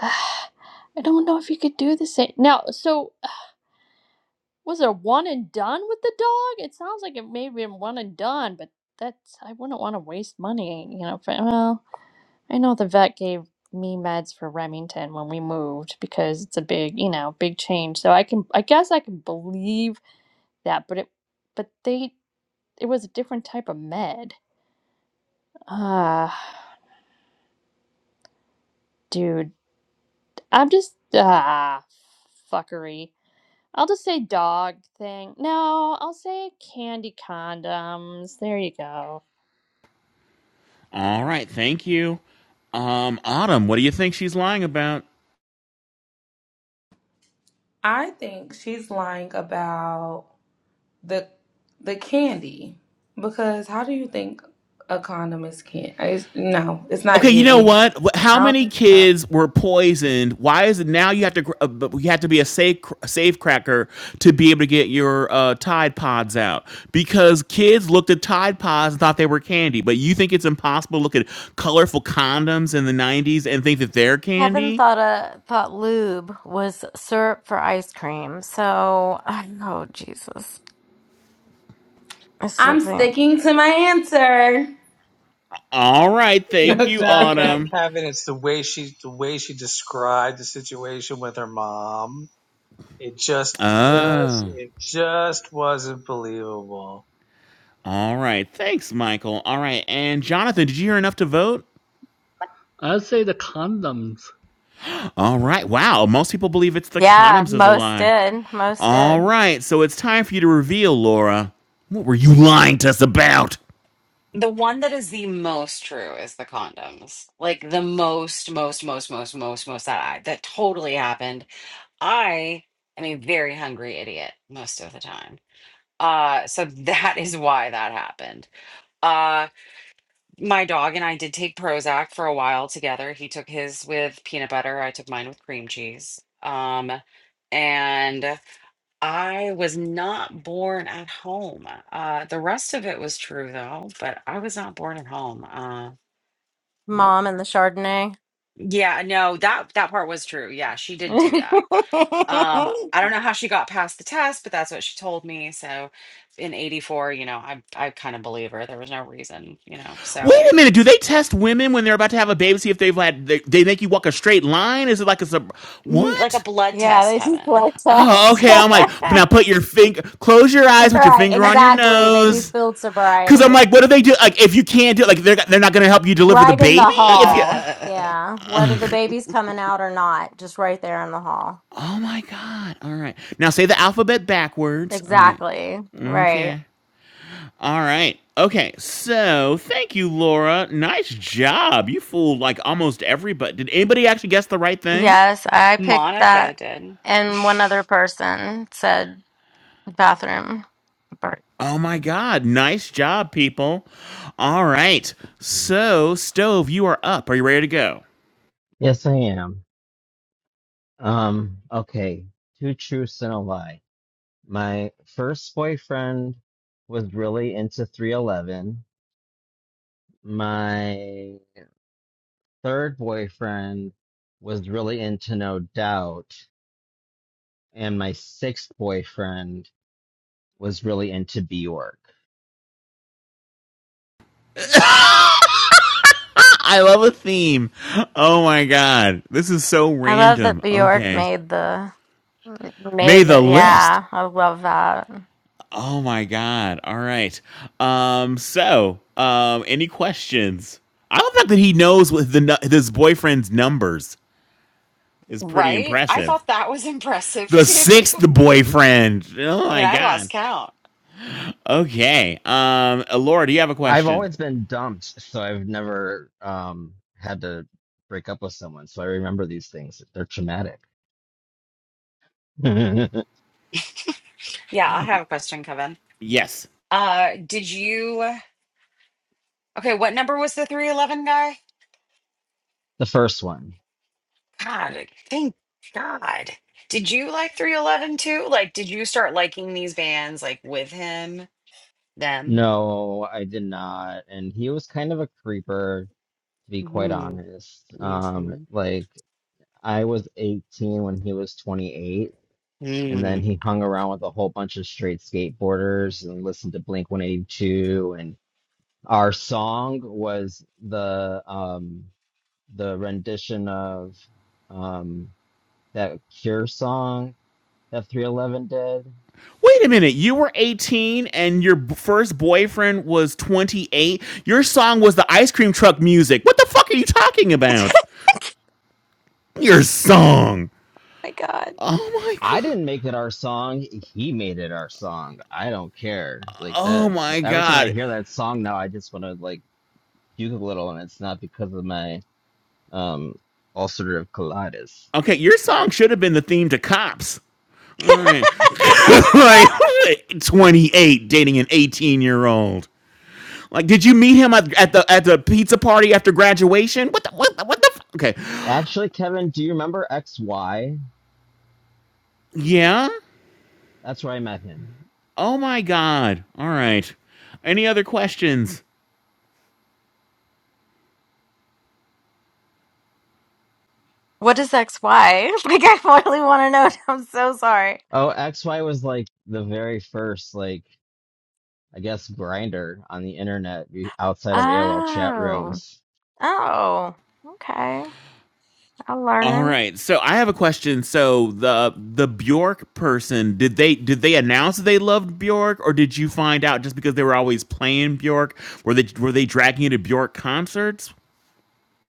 Speaker 10: Ah, I don't know if you could do the same now. So was there one and done with the dog? It sounds like it may have been one and done, but that's I wouldn't want to waste money, you know. For, well. I know the vet gave me meds for Remington when we moved because it's a big, you know, big change. So I can I guess I can believe that, but it but they it was a different type of med. Ah, dude, I'm just ah fuckery. I'll just say dog thing. No, I'll say candy condoms. There you go.
Speaker 6: All right. Thank you. Um. Autumn. What do you think she's lying about?
Speaker 9: I think she's lying about. the the candy because how do you think a condom is can? It's, no, it's not
Speaker 6: Okay, you know
Speaker 9: giving.
Speaker 6: what? Wh- How
Speaker 9: I don't
Speaker 6: many
Speaker 9: think so.
Speaker 6: kids were poisoned? Why is it now you have to gr- uh, but you have to be a safe cr- safe cracker to be able to get your uh, Tide Pods out? Because kids looked at Tide Pods and thought they were candy, but you think it's impossible to look at colorful condoms in the '90s and think that they're
Speaker 2: Kevin
Speaker 6: candy?
Speaker 2: thought uh, thought lube was syrup for ice cream. So, I oh, Jesus. I still
Speaker 9: I'm
Speaker 2: think.
Speaker 9: sticking to my answer. [laughs]
Speaker 6: All right, thank
Speaker 5: It's
Speaker 6: you,
Speaker 5: not
Speaker 9: Okay.
Speaker 5: that,
Speaker 6: Autumn.
Speaker 5: Kevin. It's the way she the way she described the situation with her mom. It just just
Speaker 6: Oh,
Speaker 5: it just wasn't believable.
Speaker 6: all right. Thanks, Michael. All right, and Jonathan, did you hear enough to vote?
Speaker 11: I'd say the condoms,
Speaker 6: All right. Wow. Most people believe it's the
Speaker 2: Yeah,
Speaker 6: condoms is a
Speaker 2: most
Speaker 6: lie.
Speaker 2: did. Most
Speaker 6: All
Speaker 2: did.
Speaker 6: right, so it's time for you to reveal, Laura. What were you lying to us about?
Speaker 3: The one that is the most true is the condoms. Like the most, most, most, most, most, most that I that totally happened. I am a very hungry idiot most of the time. Uh so that is why that happened. Uh my dog and I did take Prozac for a while together. He took his with peanut butter. I took mine with cream cheese. Um and I was not born at home. Uh, the rest of it was true though, but I was not born at home. Uh, nope.
Speaker 2: Mom and the Chardonnay.
Speaker 3: Yeah, no, that that part was true. Yeah, she did do that. Um,
Speaker 2: [laughs]
Speaker 3: I don't know how she got past the test, but that's what she told me. So in 84, you know, I I kind of believe her. There was no reason, you know. So
Speaker 6: Wait a minute. Do they test women when they're about to have a baby? See if they've had. They, they make you walk a straight line. Is it like a sub?
Speaker 3: mm, like a
Speaker 6: What?
Speaker 3: blood
Speaker 2: Yeah,
Speaker 3: test,
Speaker 2: they do
Speaker 3: Kevin.
Speaker 2: blood
Speaker 6: Oh,
Speaker 2: test. [laughs]
Speaker 6: okay. I'm like, now put your finger. Close your eyes. Put your
Speaker 2: Right,
Speaker 6: finger on your
Speaker 2: exactly. They do
Speaker 6: nose.
Speaker 2: field
Speaker 6: Cause I'm
Speaker 2: sobriety.
Speaker 6: like, what do they do? Like, if you can't do, it, like, they're they're not gonna help you deliver the
Speaker 2: Right in the
Speaker 6: baby. If you.
Speaker 2: hall.
Speaker 3: [laughs]
Speaker 2: Yeah. Whether the baby's coming out or not, just right there in the hall.
Speaker 6: Oh my god. All right. Now say the alphabet backwards. All right.
Speaker 2: Exactly. Right.
Speaker 6: Okay. All right. Okay. So thank you, Laura. Nice job. You fooled like almost everybody. Did anybody actually guess the right thing?
Speaker 2: Yes, I picked
Speaker 3: Monica
Speaker 2: that.
Speaker 3: did. [laughs]
Speaker 2: And one other person said bathroom. But
Speaker 6: Oh my God. Nice job, people. All right. So, Stove, you are up. Are you ready to go?
Speaker 1: Yes, I am. Um, okay, two truths and a lie. My first boyfriend was really into 311. My third boyfriend was really into No Doubt, and my sixth boyfriend was really into Bjork.
Speaker 6: [laughs] I love a theme. Oh my God. This is so
Speaker 2: I love that
Speaker 6: random.
Speaker 2: Bjork
Speaker 6: Okay.
Speaker 2: made the
Speaker 6: May
Speaker 2: made the
Speaker 6: the list.
Speaker 2: yeah, I love that.
Speaker 6: Oh my god. All right. Um so, um any questions? I don't think that he knows what the nu- his boyfriend's numbers is pretty
Speaker 3: Right? I
Speaker 6: impressive.
Speaker 3: thought that was impressive
Speaker 6: The
Speaker 3: too. [laughs]
Speaker 6: sixth boyfriend. Oh
Speaker 3: I mean,
Speaker 6: my
Speaker 3: I lost
Speaker 6: god.
Speaker 3: count.
Speaker 6: Okay. Um Laura, do you have a
Speaker 1: I've
Speaker 6: question?
Speaker 1: always been dumped, so I've never um had to break up with someone. So I remember these things. They're traumatic. [laughs] the
Speaker 3: Yeah, I have a question, Kevin.
Speaker 6: Yes.
Speaker 3: Uh, did you? Okay, what number was the 311 guy?
Speaker 1: first one.
Speaker 3: God, thank God. Did you like 311 too? Like, did you start liking these bands like with him, them?
Speaker 1: No, I did not. And he was kind of a creeper, to be quite
Speaker 3: hmm
Speaker 1: honest. Um,
Speaker 3: hmm
Speaker 1: like I was 18 when he was 28, and then
Speaker 3: Mm.
Speaker 1: he hung around with a whole bunch of straight skateboarders and listened to Blink 182 and our song was the um the rendition of um that Cure song that 311 did.
Speaker 6: Wait a minute. You were 18 and your b- first boyfriend was 28. Your song was the ice cream truck music. What the fuck are you talking
Speaker 2: [laughs]
Speaker 6: about? Your song.
Speaker 2: oh my God.
Speaker 6: Oh my
Speaker 1: I
Speaker 6: god.
Speaker 1: didn't make it our song. He made it our song. I don't care. Like
Speaker 6: Oh
Speaker 1: that
Speaker 6: my
Speaker 1: every time I
Speaker 6: god.
Speaker 1: hear that song now I just want to like puke a little and it's not because of my um ulcerative colitis.
Speaker 6: Okay, your song should have been the theme to Cops. All right. [laughs]
Speaker 2: [laughs]
Speaker 6: like 28 dating an 18 year old. Like, did you meet him at, at the at the pizza party after graduation? What the what the, what the f- Okay.
Speaker 1: Actually, Kevin, do you remember XY?
Speaker 6: Yeah?
Speaker 1: That's where I met him.
Speaker 6: Oh my god. All right. Any other questions?
Speaker 2: What is XY? [laughs] Like, I really want to know. [laughs] I'm so sorry.
Speaker 1: Oh, XY was like the very first like I guess grinder on the internet be- outside of AOL chat
Speaker 2: Oh,
Speaker 1: rooms
Speaker 2: oh, okay. I'm
Speaker 6: All
Speaker 2: learning.
Speaker 6: right. So I have a question. So the the Bjork person, did they did they announce that they loved Bjork or did you find out just because they were always playing Bjork? Were they were they dragging you to Bjork concerts?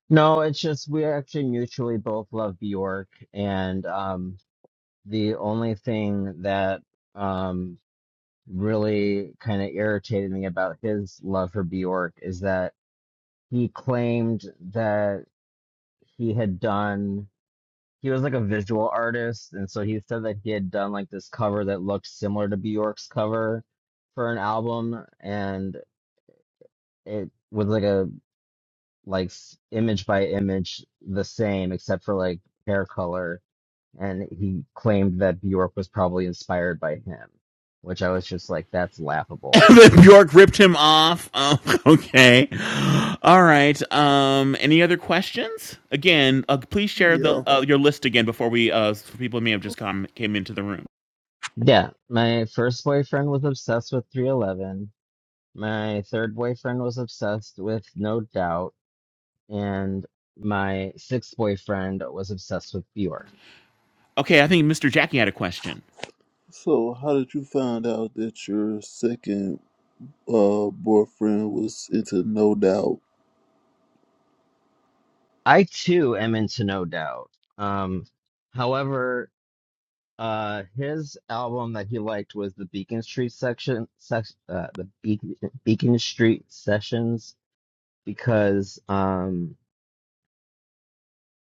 Speaker 1: No, it's just we actually mutually both love Bjork, and um, the only thing that um, really kind of irritated me about his love for Bjork is that he claimed that he had done. He was like a visual artist, and so he said that he had done like this cover that looked similar to Bjork's cover for an album, and it was like a like s- image by image the same, except for like hair color and he claimed that Bjork was probably inspired by him, which I was just like, that's
Speaker 6: [laughs]
Speaker 1: laughable.
Speaker 6: then Bjork ripped him off. Oh, [laughs] okay. All right. Um, any other questions? Again, uh, please share the
Speaker 4: Yeah.
Speaker 6: uh, your list again before we uh, so people may have just come came into the room.
Speaker 1: Yeah, my first boyfriend was obsessed with 311. My third boyfriend was obsessed with No Doubt, and my sixth boyfriend was obsessed with Bjork.
Speaker 6: Okay, I think Mr. Jackie had a question.
Speaker 4: So how did you find out that your second uh boyfriend was into No Doubt?
Speaker 1: I too am into No Doubt. Um, however, uh, his album that he liked was the Beacon Street section, sec- uh, the Beacon, Beacon Street Sessions because um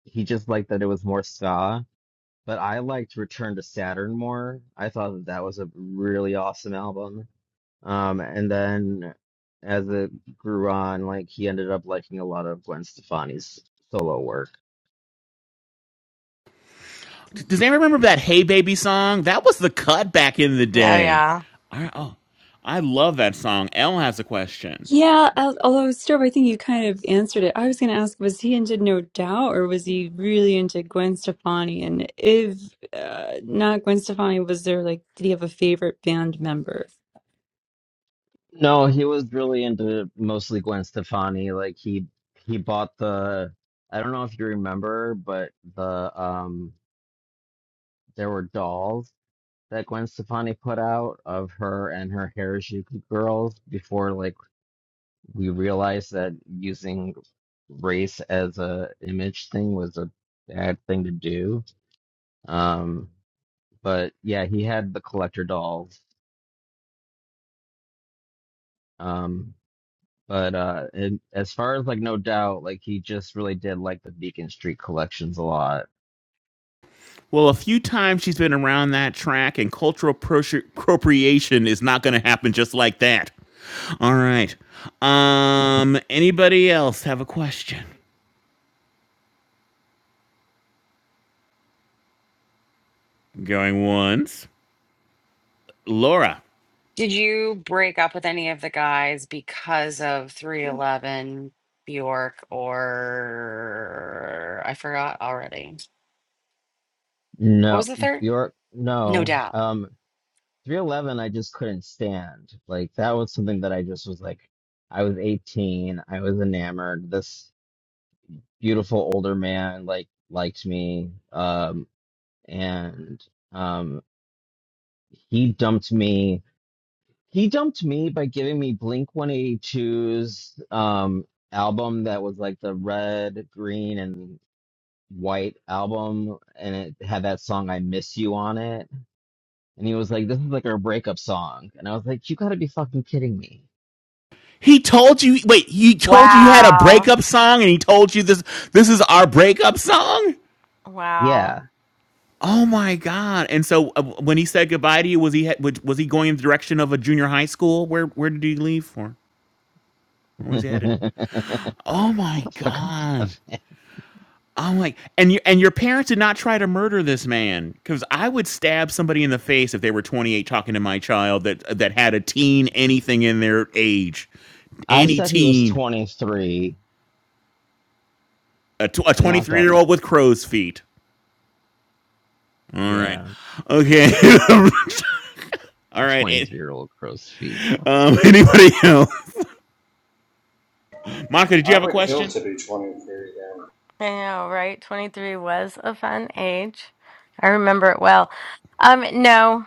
Speaker 1: he just liked that it was more ska. But I liked Return to Saturn more. I thought that that was a really awesome album. Um, and then as it grew on, like he ended up liking a lot of Gwen Stefani's solo work.
Speaker 6: Does anyone remember that "Hey Baby" song? That was the cut back in the
Speaker 2: Oh,
Speaker 6: day.
Speaker 2: yeah.
Speaker 6: I, oh, I love that song. Elle has a question.
Speaker 7: yeah, Al- Although, Storb, I think you kind of answered it. I was going to ask, was he into No Doubt or was he really into Gwen Stefani? And if uh, not Gwen Stefani, was there like, did he have a favorite band member?
Speaker 1: No, he was really into mostly Gwen Stefani. Like he he bought the I don't know if you remember, but the um there were dolls that Gwen Stefani put out of her and her Harajuku girls before like we realized that using race as a image thing was a bad thing to do. Um, but yeah, he had the collector dolls. Um, but uh, and as far as like no doubt, like he just really did like the Beacon Street collections a lot.
Speaker 6: Well, a few times she's been around that track, and cultural appro- appropriation is not going to happen just like that. All right. Um, anybody else have a question? Going once. Laura.
Speaker 3: Did you break up with any of the guys because of 311, Bjork, or I forgot already. What
Speaker 1: No,
Speaker 3: was the third?
Speaker 1: Bjork,
Speaker 3: No
Speaker 1: no.
Speaker 3: doubt.
Speaker 1: Um, 311, I just couldn't stand. Like, that was something that I just was like, I was 18, I was enamored. This beautiful older man, like, liked me. Um, and, um, he dumped me. He dumped me by giving me Blink 182's, um, album that was like the red, green, and white album. And it had that song, I Miss You, on it. And he was like, This is like our breakup song. And I was like, You gotta be fucking kidding me.
Speaker 6: He told you wait, he told you you had a
Speaker 2: Wow.
Speaker 6: breakup song and he told you this this is our breakup song?
Speaker 2: Wow.
Speaker 1: Yeah.
Speaker 6: Oh my god. And so uh, when he said goodbye to you was he he- was was he going in the direction of a junior high school? Where where did he leave for?
Speaker 1: [laughs]
Speaker 6: Where was he
Speaker 1: Fucking
Speaker 6: headed? Oh my god.
Speaker 1: Kevin.
Speaker 6: I'm like, and you and your parents did not try to murder this man because I would stab somebody in the face if they were 28 talking to my child that that had a teen anything in their age,
Speaker 1: I
Speaker 6: any
Speaker 1: said he was
Speaker 6: teen,
Speaker 1: 23.
Speaker 6: a
Speaker 1: and knocked
Speaker 6: 23
Speaker 1: up,
Speaker 6: year old with crow's feet. All right,
Speaker 1: yeah,
Speaker 6: okay, [laughs] all
Speaker 1: a
Speaker 6: right. It,
Speaker 1: 23 year old crow's feet.
Speaker 6: um, [laughs] anybody else? Monica, did you
Speaker 12: I
Speaker 6: have a
Speaker 12: would kill
Speaker 6: question?
Speaker 12: to be 23 again.
Speaker 2: I know, right? 23 was a fun age. I remember it well. Um, no,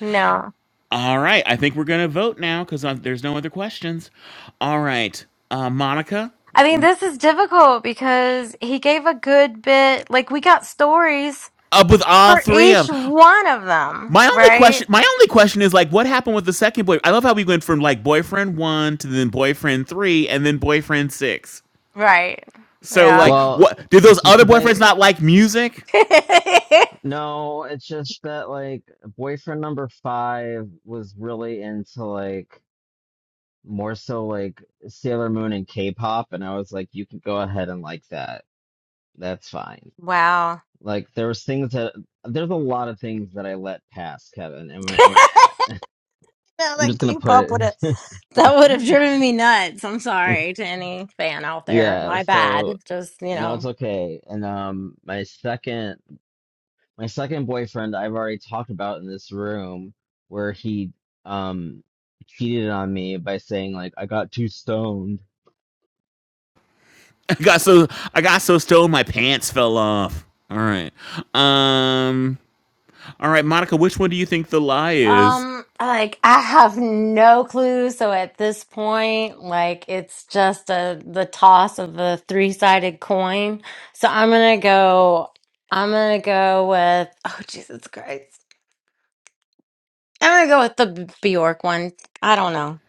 Speaker 2: no.
Speaker 6: All right, I think we're gonna vote now because there's no other questions. All right, uh, Monica,
Speaker 2: I mean, this is difficult because he gave a good bit, like, we got stories
Speaker 6: up with all
Speaker 2: for
Speaker 6: three
Speaker 2: each
Speaker 6: of them.
Speaker 2: one of them,
Speaker 6: My only question,
Speaker 2: right?
Speaker 6: my only question is like, what happened with the second boy? I love how we went from like boyfriend one to then boyfriend three and then boyfriend six.
Speaker 2: Right.
Speaker 6: So like,
Speaker 2: Yeah.
Speaker 1: Well,
Speaker 6: what did those
Speaker 1: it's
Speaker 6: other
Speaker 1: because I,
Speaker 6: boyfriends not like music?
Speaker 2: [laughs]
Speaker 1: no, it's just that, like, boyfriend number five was really into, like, more so, like, Sailor Moon and K pop. And I was like, you can go ahead and like that. That's fine.
Speaker 2: Wow.
Speaker 1: Like, there was things that, there's a lot of things that I let pass, Kevin. And, we-
Speaker 2: [laughs]
Speaker 1: and I-
Speaker 2: I
Speaker 1: I'm
Speaker 2: like
Speaker 1: just going to
Speaker 2: keep
Speaker 1: put
Speaker 2: up with it.
Speaker 1: it.
Speaker 2: That would have driven me nuts. I'm
Speaker 1: [laughs]
Speaker 2: sorry to any fan out there.
Speaker 1: Yeah,
Speaker 2: My
Speaker 1: so
Speaker 2: bad. Just, you
Speaker 1: no, it's
Speaker 2: know.
Speaker 1: okay. And um my second my second boyfriend I've already talked about in this room where he um cheated on me by saying like I got too stoned.
Speaker 6: [laughs] I got so I got so stoned my pants fell off. All right, um, all right, Monica, which one do you think the lie is?
Speaker 2: Um, like I have no clue. So at this point, like it's just a the toss of a three-sided coin. So I'm gonna go I'm gonna go with oh Jesus Christ. I'm gonna go with the B- Bjork one. I don't know.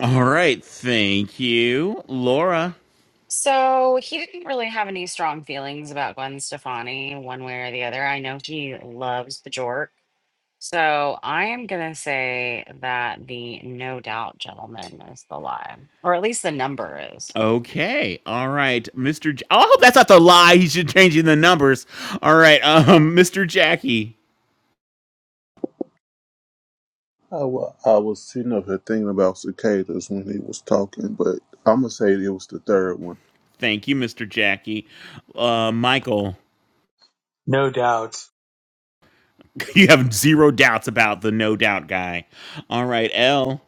Speaker 6: All right, thank you, Laura.
Speaker 3: So he didn't really have any strong feelings about Gwen Stefani, one way or the other. I know he loves the jork. So I am gonna say that the no doubt gentleman is the lie, or at least the number is.
Speaker 6: Okay, all right, Mr. I hope that's not the lie. He should change in the numbers. All right, um, Mr. Jackie.
Speaker 4: I wa- I was sitting up here thinking about cicadas when he was talking, but I'm gonna say it was the third one.
Speaker 6: Thank you, Mr. Jackie. Uh, Michael,
Speaker 5: No doubt.
Speaker 6: [laughs] you have zero doubts about the no doubt guy. All right, L.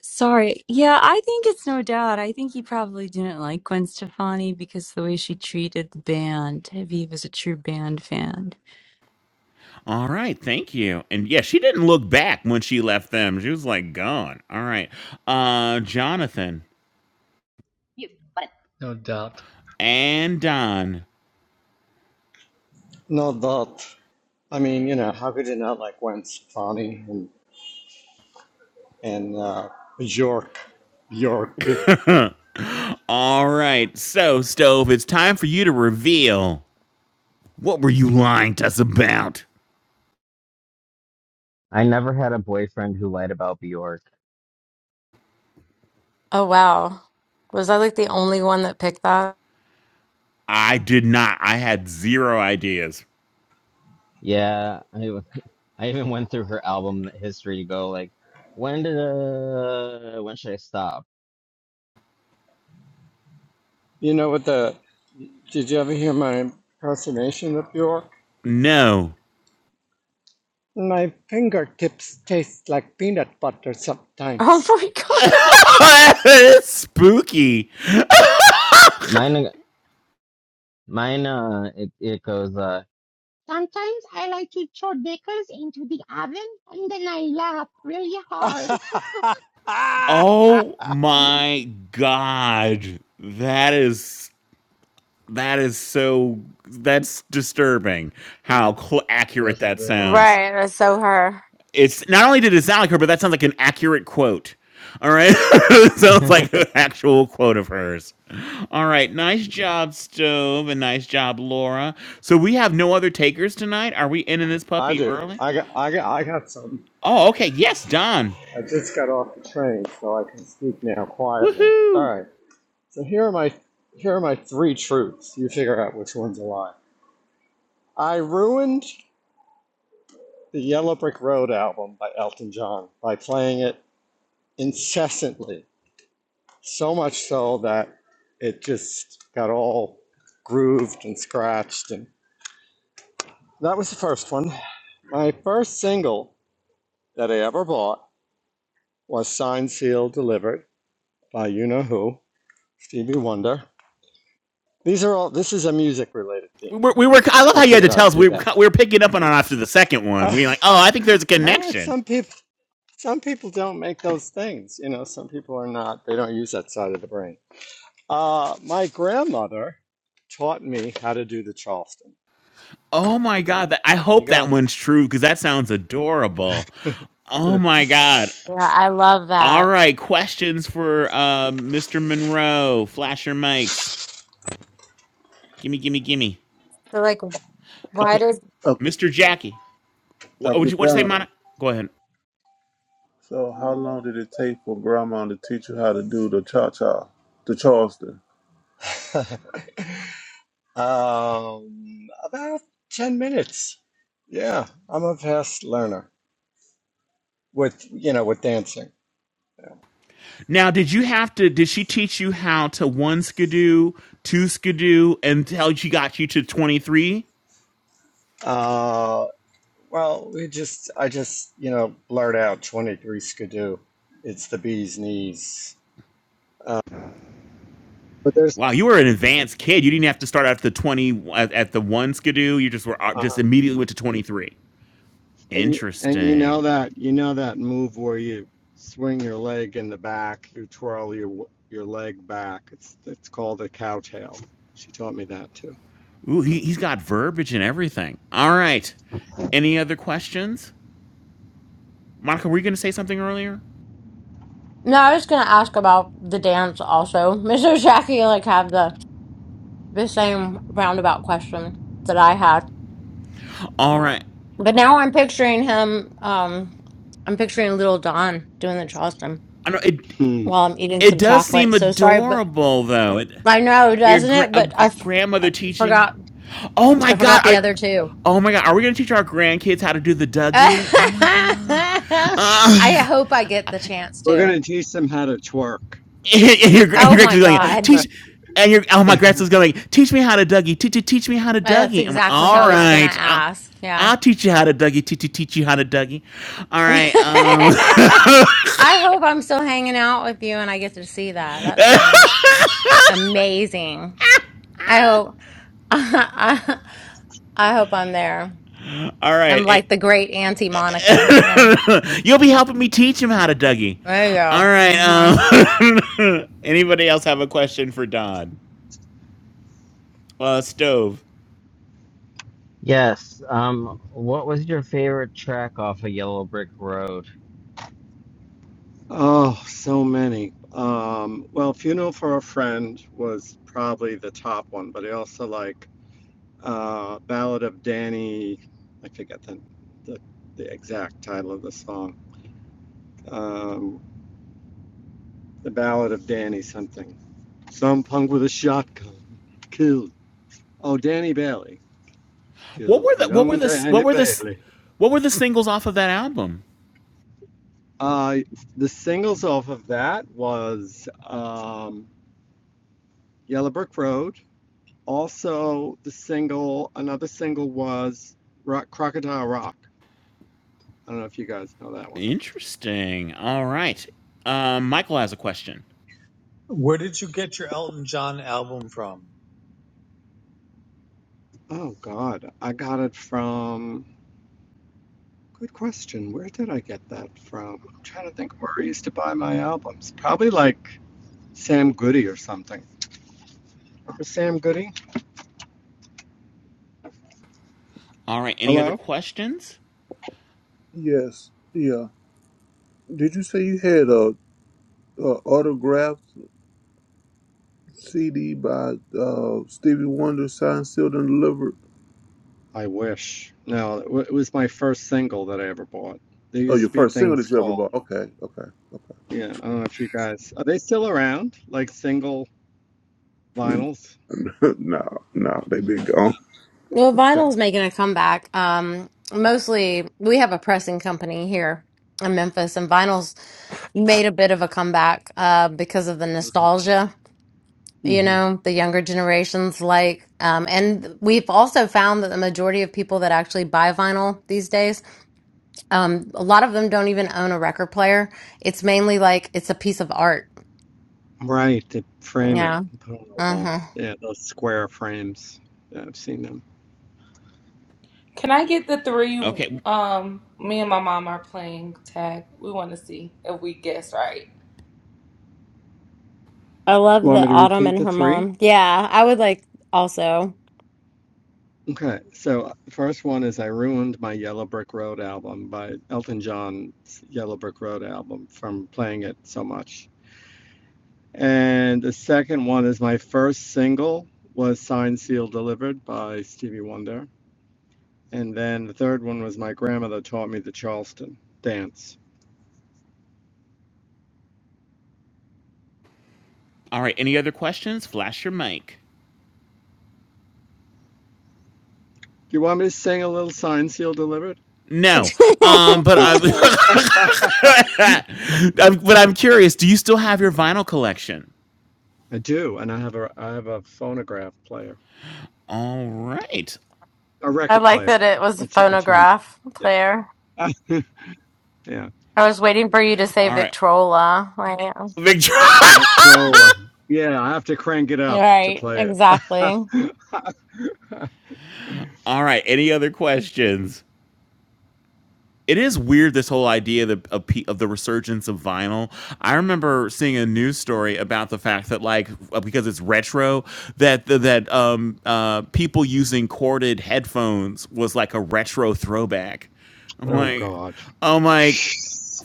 Speaker 7: Sorry. Yeah, I think it's no doubt. I think he probably didn't like Gwen Stefani because the way she treated the band, if he was a true band fan.
Speaker 6: All right, thank you. And yeah, she didn't look back when she left them. She was like gone. All right. Uh Jonathan
Speaker 11: Mute button. no doubt.
Speaker 6: and Don.
Speaker 12: No doubt. I mean, you know, how could you not like Gwen Stefani and and uh, York, York?
Speaker 6: [laughs] All right. So, Stove, it's time for you to reveal what were you lying to us about?
Speaker 1: I never had a boyfriend who lied about Bjork.
Speaker 2: Oh wow. Was I like the only one that picked that? [laughs]
Speaker 6: I did not. I had zero ideas.
Speaker 1: Yeah, I w- [laughs] I even went through her album history to go like when did uh when should I stop?
Speaker 12: You know what the? Did you ever hear my impersonation of York?
Speaker 6: No.
Speaker 12: My fingertips taste like peanut butter
Speaker 2: Oh
Speaker 12: sometimes.
Speaker 2: my god.
Speaker 6: [laughs] Spooky.
Speaker 1: Mine mine uh it it goes uh, Sometimes I like to throw decals into the oven and then I laugh really
Speaker 12: [laughs]
Speaker 1: hard.
Speaker 12: I
Speaker 6: Oh my god. That is that is so that's disturbing how
Speaker 11: Mute.
Speaker 6: cl- accurate
Speaker 11: Yes, it
Speaker 6: that
Speaker 11: is.
Speaker 6: sounds.
Speaker 2: Right, that's so her.
Speaker 6: It's not only did it sound like her, but that sounds like an accurate quote. All right. [laughs] It sounds
Speaker 1: [laughs]
Speaker 6: like an actual quote of hers. All right. Nice job, Stove, and nice job, Laura. So we have no other takers tonight. Are we ending this puppy
Speaker 12: do.
Speaker 6: early?
Speaker 12: I got. I got. I got some.
Speaker 6: Oh, okay. Yes, Don.
Speaker 12: I just got off the train, so I can speak now quietly. All
Speaker 6: Woohoo.
Speaker 12: right. So here are my here are my three truths. You figure out which one's a lie. I ruined the Yellow Brick Road album by Elton John by playing it incessantly, so much so that it just got all grooved and scratched. And that was the first one. My first single that I ever bought was "Signed, Sealed, Delivered" by you know who, Stevie Wonder. These are all. This is a music related
Speaker 6: we
Speaker 12: theme.
Speaker 6: were, we were. I love
Speaker 12: I
Speaker 6: how you had
Speaker 12: figured
Speaker 6: to tell
Speaker 12: I'd
Speaker 6: us.
Speaker 12: do
Speaker 6: We were,
Speaker 12: that.
Speaker 6: we were picking up on it after the second one.
Speaker 12: Uh,
Speaker 6: We were like, oh,
Speaker 12: [laughs]
Speaker 6: I think there's a
Speaker 12: all right,
Speaker 6: connection.
Speaker 12: some people some people don't make those things. You know, some people are not. They don't use that side of the brain. Uh, my grandmother taught me how to do the Charleston.
Speaker 6: Oh my god! That, I
Speaker 12: There you
Speaker 6: hope
Speaker 12: go.
Speaker 6: that one's true because that sounds adorable. Oh my god!
Speaker 2: Yeah, I love
Speaker 6: All
Speaker 2: that.
Speaker 6: right, questions for uh, Mr. Monroe. Flash your mics. Gimme, gimme, gimme.
Speaker 2: So, like, wh- why
Speaker 6: Okay,
Speaker 2: does?
Speaker 4: Up,
Speaker 6: Mr. Jackie. What
Speaker 4: up
Speaker 6: would
Speaker 4: to
Speaker 6: you? What you say,
Speaker 4: Don.
Speaker 6: Mona? Go ahead.
Speaker 4: So, how long did it take for Grandma to teach you how to do the cha cha, the Charleston?
Speaker 12: [laughs] um, about ten minutes. Yeah, I'm a fast learner with you know with dancing.
Speaker 6: Now, did you have to? Did she teach you how to one skidoo, two skidoo, until she got you to twenty three?
Speaker 12: Uh, well, we just I just you know blurt out twenty three skidoo. It's the bee's knees. Uh, but there's
Speaker 6: Wow, you were an advanced kid. You didn't have to start at the twenty at, at the one skidoo. You just were uh,
Speaker 12: uh,
Speaker 6: just immediately went to twenty three.
Speaker 12: And you, and you
Speaker 6: Interesting.
Speaker 12: know that you know that move where you swing your leg in the back, you twirl your your leg back. It's it's called a cowtail. She taught me that too.
Speaker 6: Ooh, he, he's got verbiage and everything. All right. Any other questions, Monica? Were you going to say something earlier?
Speaker 2: No, I was gonna ask about the dance also. [laughs] Mr. Jackie like have the the same roundabout question that I had,
Speaker 6: All right.
Speaker 2: but now I'm picturing him. Um, I'm picturing Little Don doing the Charleston
Speaker 6: I know it.
Speaker 12: Hmm.
Speaker 2: while I'm eating
Speaker 6: It
Speaker 2: some
Speaker 6: does seem
Speaker 2: chocolate. So sorry, but
Speaker 6: adorable, though. It,
Speaker 2: I know,
Speaker 6: your
Speaker 2: doesn't
Speaker 6: gra-
Speaker 2: it?
Speaker 6: a
Speaker 2: But I
Speaker 6: gr-
Speaker 2: f- I
Speaker 6: grandmother teaching.
Speaker 2: forgot.
Speaker 6: Oh my
Speaker 2: I
Speaker 6: god!
Speaker 2: forgot the
Speaker 6: I,
Speaker 2: other two.
Speaker 6: oh my god! Are we going to teach our grandkids how to do the
Speaker 2: [laughs] I
Speaker 6: Dougie? Oh my god! Uh,
Speaker 2: hope I get the chance
Speaker 12: We're
Speaker 2: to.
Speaker 12: gonna teach them how to twerk.
Speaker 6: and your and
Speaker 2: Oh
Speaker 6: your
Speaker 2: my
Speaker 6: grandkids going
Speaker 12: [laughs]
Speaker 2: God.
Speaker 6: teach. And your oh my grandson's going teach me how to Dougie teach teach me how to
Speaker 2: Uh, That's
Speaker 6: Dougie. I'm like
Speaker 2: exactly
Speaker 6: all
Speaker 2: how he's gonna
Speaker 6: right, I'll,
Speaker 2: ask. Yeah.
Speaker 6: I'll teach you how to Dougie teach teach you how to Dougie. All
Speaker 2: [laughs] I
Speaker 6: right, um,
Speaker 2: hope I'm still hanging out with you and I get to see that. That sounds amazing. I hope [laughs] I, hope I'm there.
Speaker 6: [laughs] all
Speaker 2: I'm
Speaker 6: right. It,
Speaker 2: like the great Auntie Monica. Yeah.
Speaker 6: [laughs] You'll be helping me teach him how to Dougie.
Speaker 2: There you
Speaker 6: All
Speaker 2: go.
Speaker 6: right.
Speaker 2: hmm
Speaker 6: Um, [laughs] anybody else have a question for Don? Uh, Stove.
Speaker 1: Yes. Um, what was your favorite track off of Yellow Brick Road?
Speaker 12: Oh, so many. Um, well, Funeral for a Friend was probably the top one, but I also like uh, Ballad of Danny. I forget the, the the exact title of the song. Um, The Ballad of Danny something. Some punk with a shotgun killed. Oh, Danny Bailey
Speaker 6: What
Speaker 12: killed
Speaker 6: were the what were
Speaker 12: young
Speaker 6: the what
Speaker 12: Danny
Speaker 6: were the
Speaker 12: Bailey.
Speaker 6: what were the singles off of that album?
Speaker 12: Uh, the singles off of that was um, Yellow Brick Road. Also, the single, another single was Rock, Crocodile Rock. I don't know if you guys know that one.
Speaker 6: Interesting. All right. Um, Michael has a question.
Speaker 5: Where did you get your Elton John album from?
Speaker 12: Oh God, I got it from. Good question. Where did I get that from? I'm trying to think where I used to buy my albums. Probably like Sam Goody or something. For Sam Goody?
Speaker 6: All right. Any other
Speaker 12: Hello?
Speaker 6: questions?
Speaker 4: Yes, yeah. Did you say you had a, a autographed CD by uh, Stevie Wonder, signed, sealed, and delivered?
Speaker 12: I wish. No, it was my first single that I ever bought. There
Speaker 4: Oh,
Speaker 12: used
Speaker 4: your
Speaker 12: to be
Speaker 4: first single
Speaker 12: things
Speaker 4: that you ever
Speaker 12: called,
Speaker 4: bought? Okay, okay, okay.
Speaker 12: yeah, I don't know if you guys, are they still around? Like single vinyls?
Speaker 4: [laughs] no, no, they have
Speaker 1: Uh,
Speaker 4: been gone.
Speaker 2: Well,
Speaker 12: Okay.
Speaker 2: vinyl's making a comeback. Um, mostly we have a pressing company here in Memphis and vinyl's made a bit of a comeback uh because of the nostalgia you
Speaker 12: hmm
Speaker 2: know the younger generations like um, and we've also found that the majority of people that actually buy vinyl these days um, a lot of them don't even own a record player it's mainly like it's a piece of art
Speaker 12: Right, to frame it
Speaker 2: yeah
Speaker 12: and put it on the wall.
Speaker 2: uh-huh
Speaker 12: Yeah, those square frames. Yeah, I've seen them.
Speaker 9: Can I get the three?
Speaker 6: Okay.
Speaker 9: Um, me and my mom are playing tag. We want to see if we guess right.
Speaker 2: i love
Speaker 12: Want
Speaker 2: the
Speaker 12: me to
Speaker 2: autumn
Speaker 12: repeat
Speaker 2: and
Speaker 12: the
Speaker 2: her
Speaker 12: three?
Speaker 2: mom yeah i would like also
Speaker 12: Okay, so the first one is I Ruined My Yellow Brick Road album by Elton John's Yellow Brick Road album from playing it so much. And the second one is my first single was Signed, Sealed, Delivered by Stevie Wonder. And then the third one was my grandmother taught me the Charleston dance.
Speaker 6: All right. Any other questions? Flash your mic.
Speaker 12: Do you want me to sing a little Signed, Sealed, Delivered?
Speaker 6: No.
Speaker 2: [laughs]
Speaker 6: Um, but I'm,
Speaker 12: Okay. [laughs] I
Speaker 6: [laughs] I'm but I'm curious. Do you still have your vinyl collection?
Speaker 12: do, and I have a I have a phonograph player,
Speaker 6: All right.
Speaker 12: a
Speaker 2: i
Speaker 12: record
Speaker 2: like
Speaker 12: player,
Speaker 2: that it was a
Speaker 12: a, t- a turntable.
Speaker 2: phonograph
Speaker 12: Yeah,
Speaker 2: player
Speaker 12: [laughs] yeah.
Speaker 2: i was waiting for you to say
Speaker 6: All right.
Speaker 2: victrola i am
Speaker 6: Victor.
Speaker 12: control.
Speaker 6: [laughs]
Speaker 12: Yeah, I have to crank it up to
Speaker 2: right
Speaker 12: play it.
Speaker 2: exactly
Speaker 12: [laughs]
Speaker 6: All right. Any other questions? it is weird this whole idea of, of, of the resurgence of vinyl. I remember seeing a news story about the fact that like uh, because it's retro that that um uh people using corded headphones was like a retro throwback. I'm
Speaker 12: oh
Speaker 6: like
Speaker 12: God.
Speaker 6: I'm like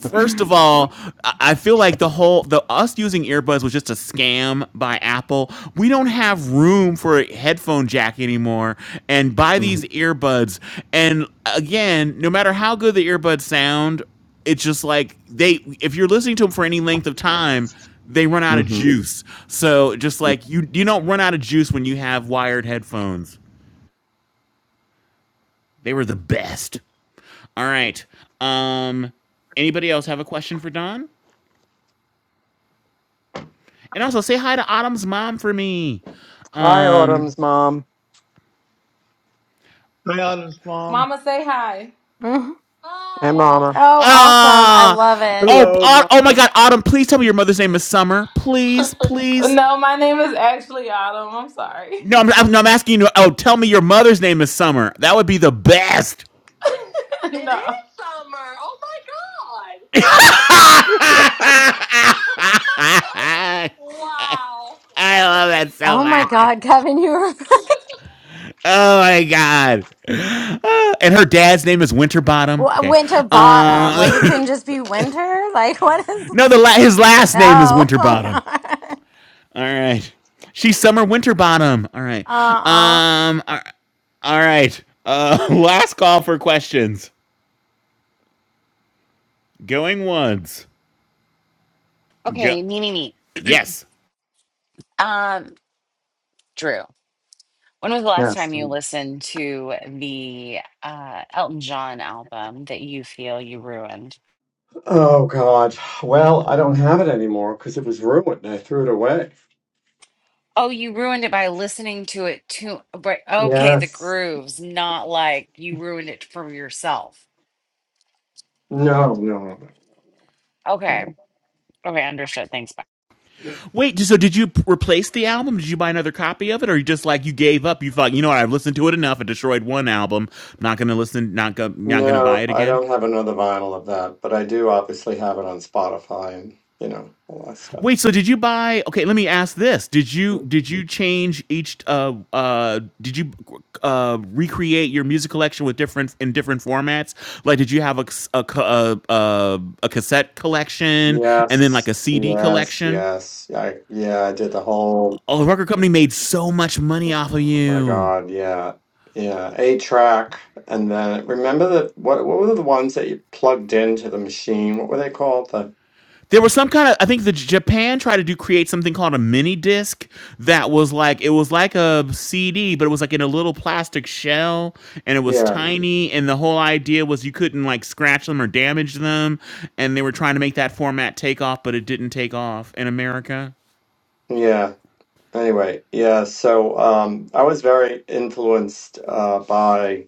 Speaker 6: first of all, I feel like the whole the us using earbuds was just a scam by Apple. We don't have room for a headphone jack anymore, and buy these earbuds. And again, no matter how good the earbuds sound, it's just like they if you're listening to them for any length of time. They run out of
Speaker 12: Mm hmm
Speaker 6: juice, so just like you, you don't run out of juice when you have wired headphones. They were the best. All right. Um, anybody else have a question for Don? And also say hi to Autumn's mom for me.
Speaker 12: Hi,
Speaker 6: Um
Speaker 12: Autumn's mom
Speaker 5: My aunt's mom.
Speaker 9: Mama, say hi.
Speaker 2: Mhm.
Speaker 12: and mama.
Speaker 2: oh awesome i
Speaker 6: Ah
Speaker 2: love it
Speaker 6: oh,
Speaker 4: Hello,
Speaker 6: oh
Speaker 4: Mom.
Speaker 6: oh my god, Autumn, please tell me your mother's name is Summer. Please, please.
Speaker 9: No, my name is actually Autumn. I'm sorry. [laughs]
Speaker 6: No, I'm, I'm, no, I'm asking you. Oh, tell me your mother's name is Summer. That would be the best.
Speaker 9: It no. is summer. Oh my god. [laughs] wow.
Speaker 6: I
Speaker 9: That's
Speaker 6: love that so
Speaker 9: amazing.
Speaker 2: Oh my
Speaker 6: much.
Speaker 2: God, [laughs] Kevin, you were
Speaker 6: Oh my god. Ah, and her dad's name is
Speaker 2: [laughs]
Speaker 6: Winterbottom.
Speaker 2: Wha-
Speaker 6: Okay.
Speaker 2: winter bottom. Like
Speaker 6: Uh,
Speaker 2: it couldn't just be winter. Like [laughs] what is?
Speaker 6: [laughs] no, the la- his last name is
Speaker 2: Oh, [laughs] oh
Speaker 6: Winterbottom.
Speaker 2: God.
Speaker 6: All right. She's Summer Winterbottom. All right.
Speaker 2: Uh uh
Speaker 6: Um. All all right. Uh. [laughs] Last call for questions. Going once. Go.
Speaker 3: Okay, me, me, me.
Speaker 6: Yes.
Speaker 3: Um, Drew, when was the last time
Speaker 12: Yes.
Speaker 3: you listened to the uh, Elton John album that you feel you ruined?
Speaker 12: Oh God. Well, I don't have it anymore because it was ruined. I threw it away.
Speaker 3: Oh, you ruined it by listening to it too. But okay, the
Speaker 12: Yes.
Speaker 3: grooves, not like you ruined it for yourself.
Speaker 12: No, no, no,
Speaker 3: Okay. Okay, understood. Thanks. Bye.
Speaker 12: no.
Speaker 6: Wait. So did you replace the album? Did you buy another copy of it, or you just like you gave up? You thought you know what? I've listened to it enough. I destroyed one album. I'm Not gonna listen. Not go, Not gonna buy
Speaker 12: No,
Speaker 6: it
Speaker 12: I
Speaker 6: again.
Speaker 12: don't have another vinyl of that, but I do obviously have it on Spotify and you know all that stuff.
Speaker 6: Wait, so did you buy? Okay, let me ask this: Did you did you change each? Uh, uh, did you uh, recreate your music collection with different in different formats? Like, did you have a c- a c- a, a, a cassette collection and then like
Speaker 12: Yes.
Speaker 6: a CD
Speaker 12: Yes,
Speaker 6: collection?
Speaker 12: yes. I yeah, I did the whole.
Speaker 6: Oh, the record company made so much money off of
Speaker 12: Oh my
Speaker 6: you.
Speaker 12: God, yeah. Yeah, eight track. And then remember the what what were the ones that you plugged into the machine? What were they called? The
Speaker 6: There was some kind of I think the Japan tried to do create something called a mini disc that was like it was like a CD but it was like in a little plastic shell and it was
Speaker 12: yeah,
Speaker 6: tiny and the whole idea was you couldn't like scratch them or damage them and they were trying to make that format take off but it didn't take off in America.
Speaker 12: yeah. Anyway, yeah, so um I was very influenced uh by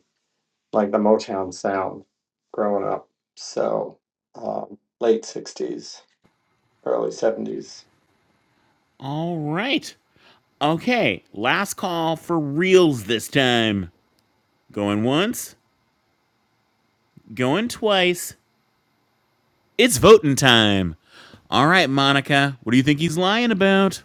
Speaker 12: like the Motown sound growing up. So um late sixties, early seventies.
Speaker 6: All right. Okay, last call for reels this time. Going once, going twice. It's voting time. All right, Monica, what do you think he's lying about?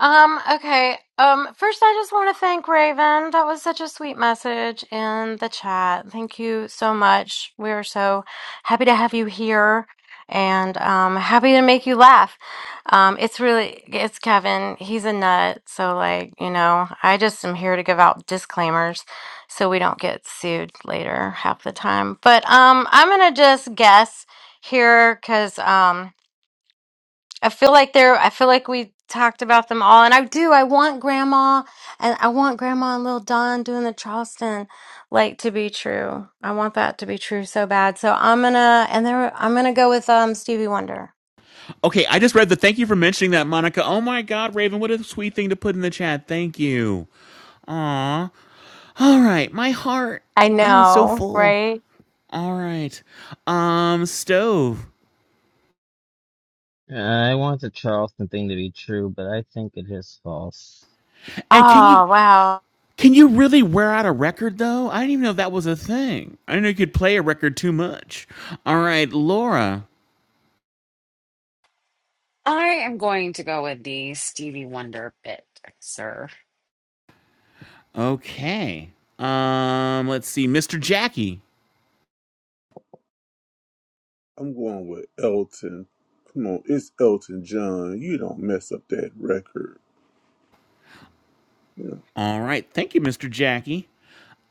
Speaker 2: Um, okay. Um, first I just want to thank Raven. That was such a sweet message in the chat. Thank you so much. We're so happy to have you here and um happy to make you laugh. Um, it's really it's Kevin. He's a nut, so like, you know, I just am here to give out disclaimers so we don't get sued later half the time. But um I'm going to just guess here cuz um I feel like they're, I feel like we talked about them all. And I do, I want grandma and I want grandma and little Don doing the Charleston like to be true. I want that to be true so bad. So I'm gonna, and there, I'm gonna go with um Stevie Wonder.
Speaker 6: Okay, I just read the thank you for mentioning that, Monica. Oh my God, Raven, what a sweet thing to put in the chat. Thank you. Aw. All right, my heart.
Speaker 2: I
Speaker 6: Oh, it's so
Speaker 2: know,
Speaker 6: full.
Speaker 2: right?
Speaker 6: All right. Um, stove.
Speaker 1: I want the Charleston thing to be true, but I think it is false.
Speaker 6: And can you
Speaker 2: Oh, wow.
Speaker 6: can you really wear out a record though? I didn't even know that was a thing. I didn't know you could play a record too much. All right, Laura.
Speaker 3: I am going to go with the Stevie Wonder bit, sir.
Speaker 6: Okay. Um, let's see, Mr. Jackie.
Speaker 4: I'm going with Elton. Come on, it's Elton John. You don't mess up that record.
Speaker 6: All right, thank you, Mr. Jackie.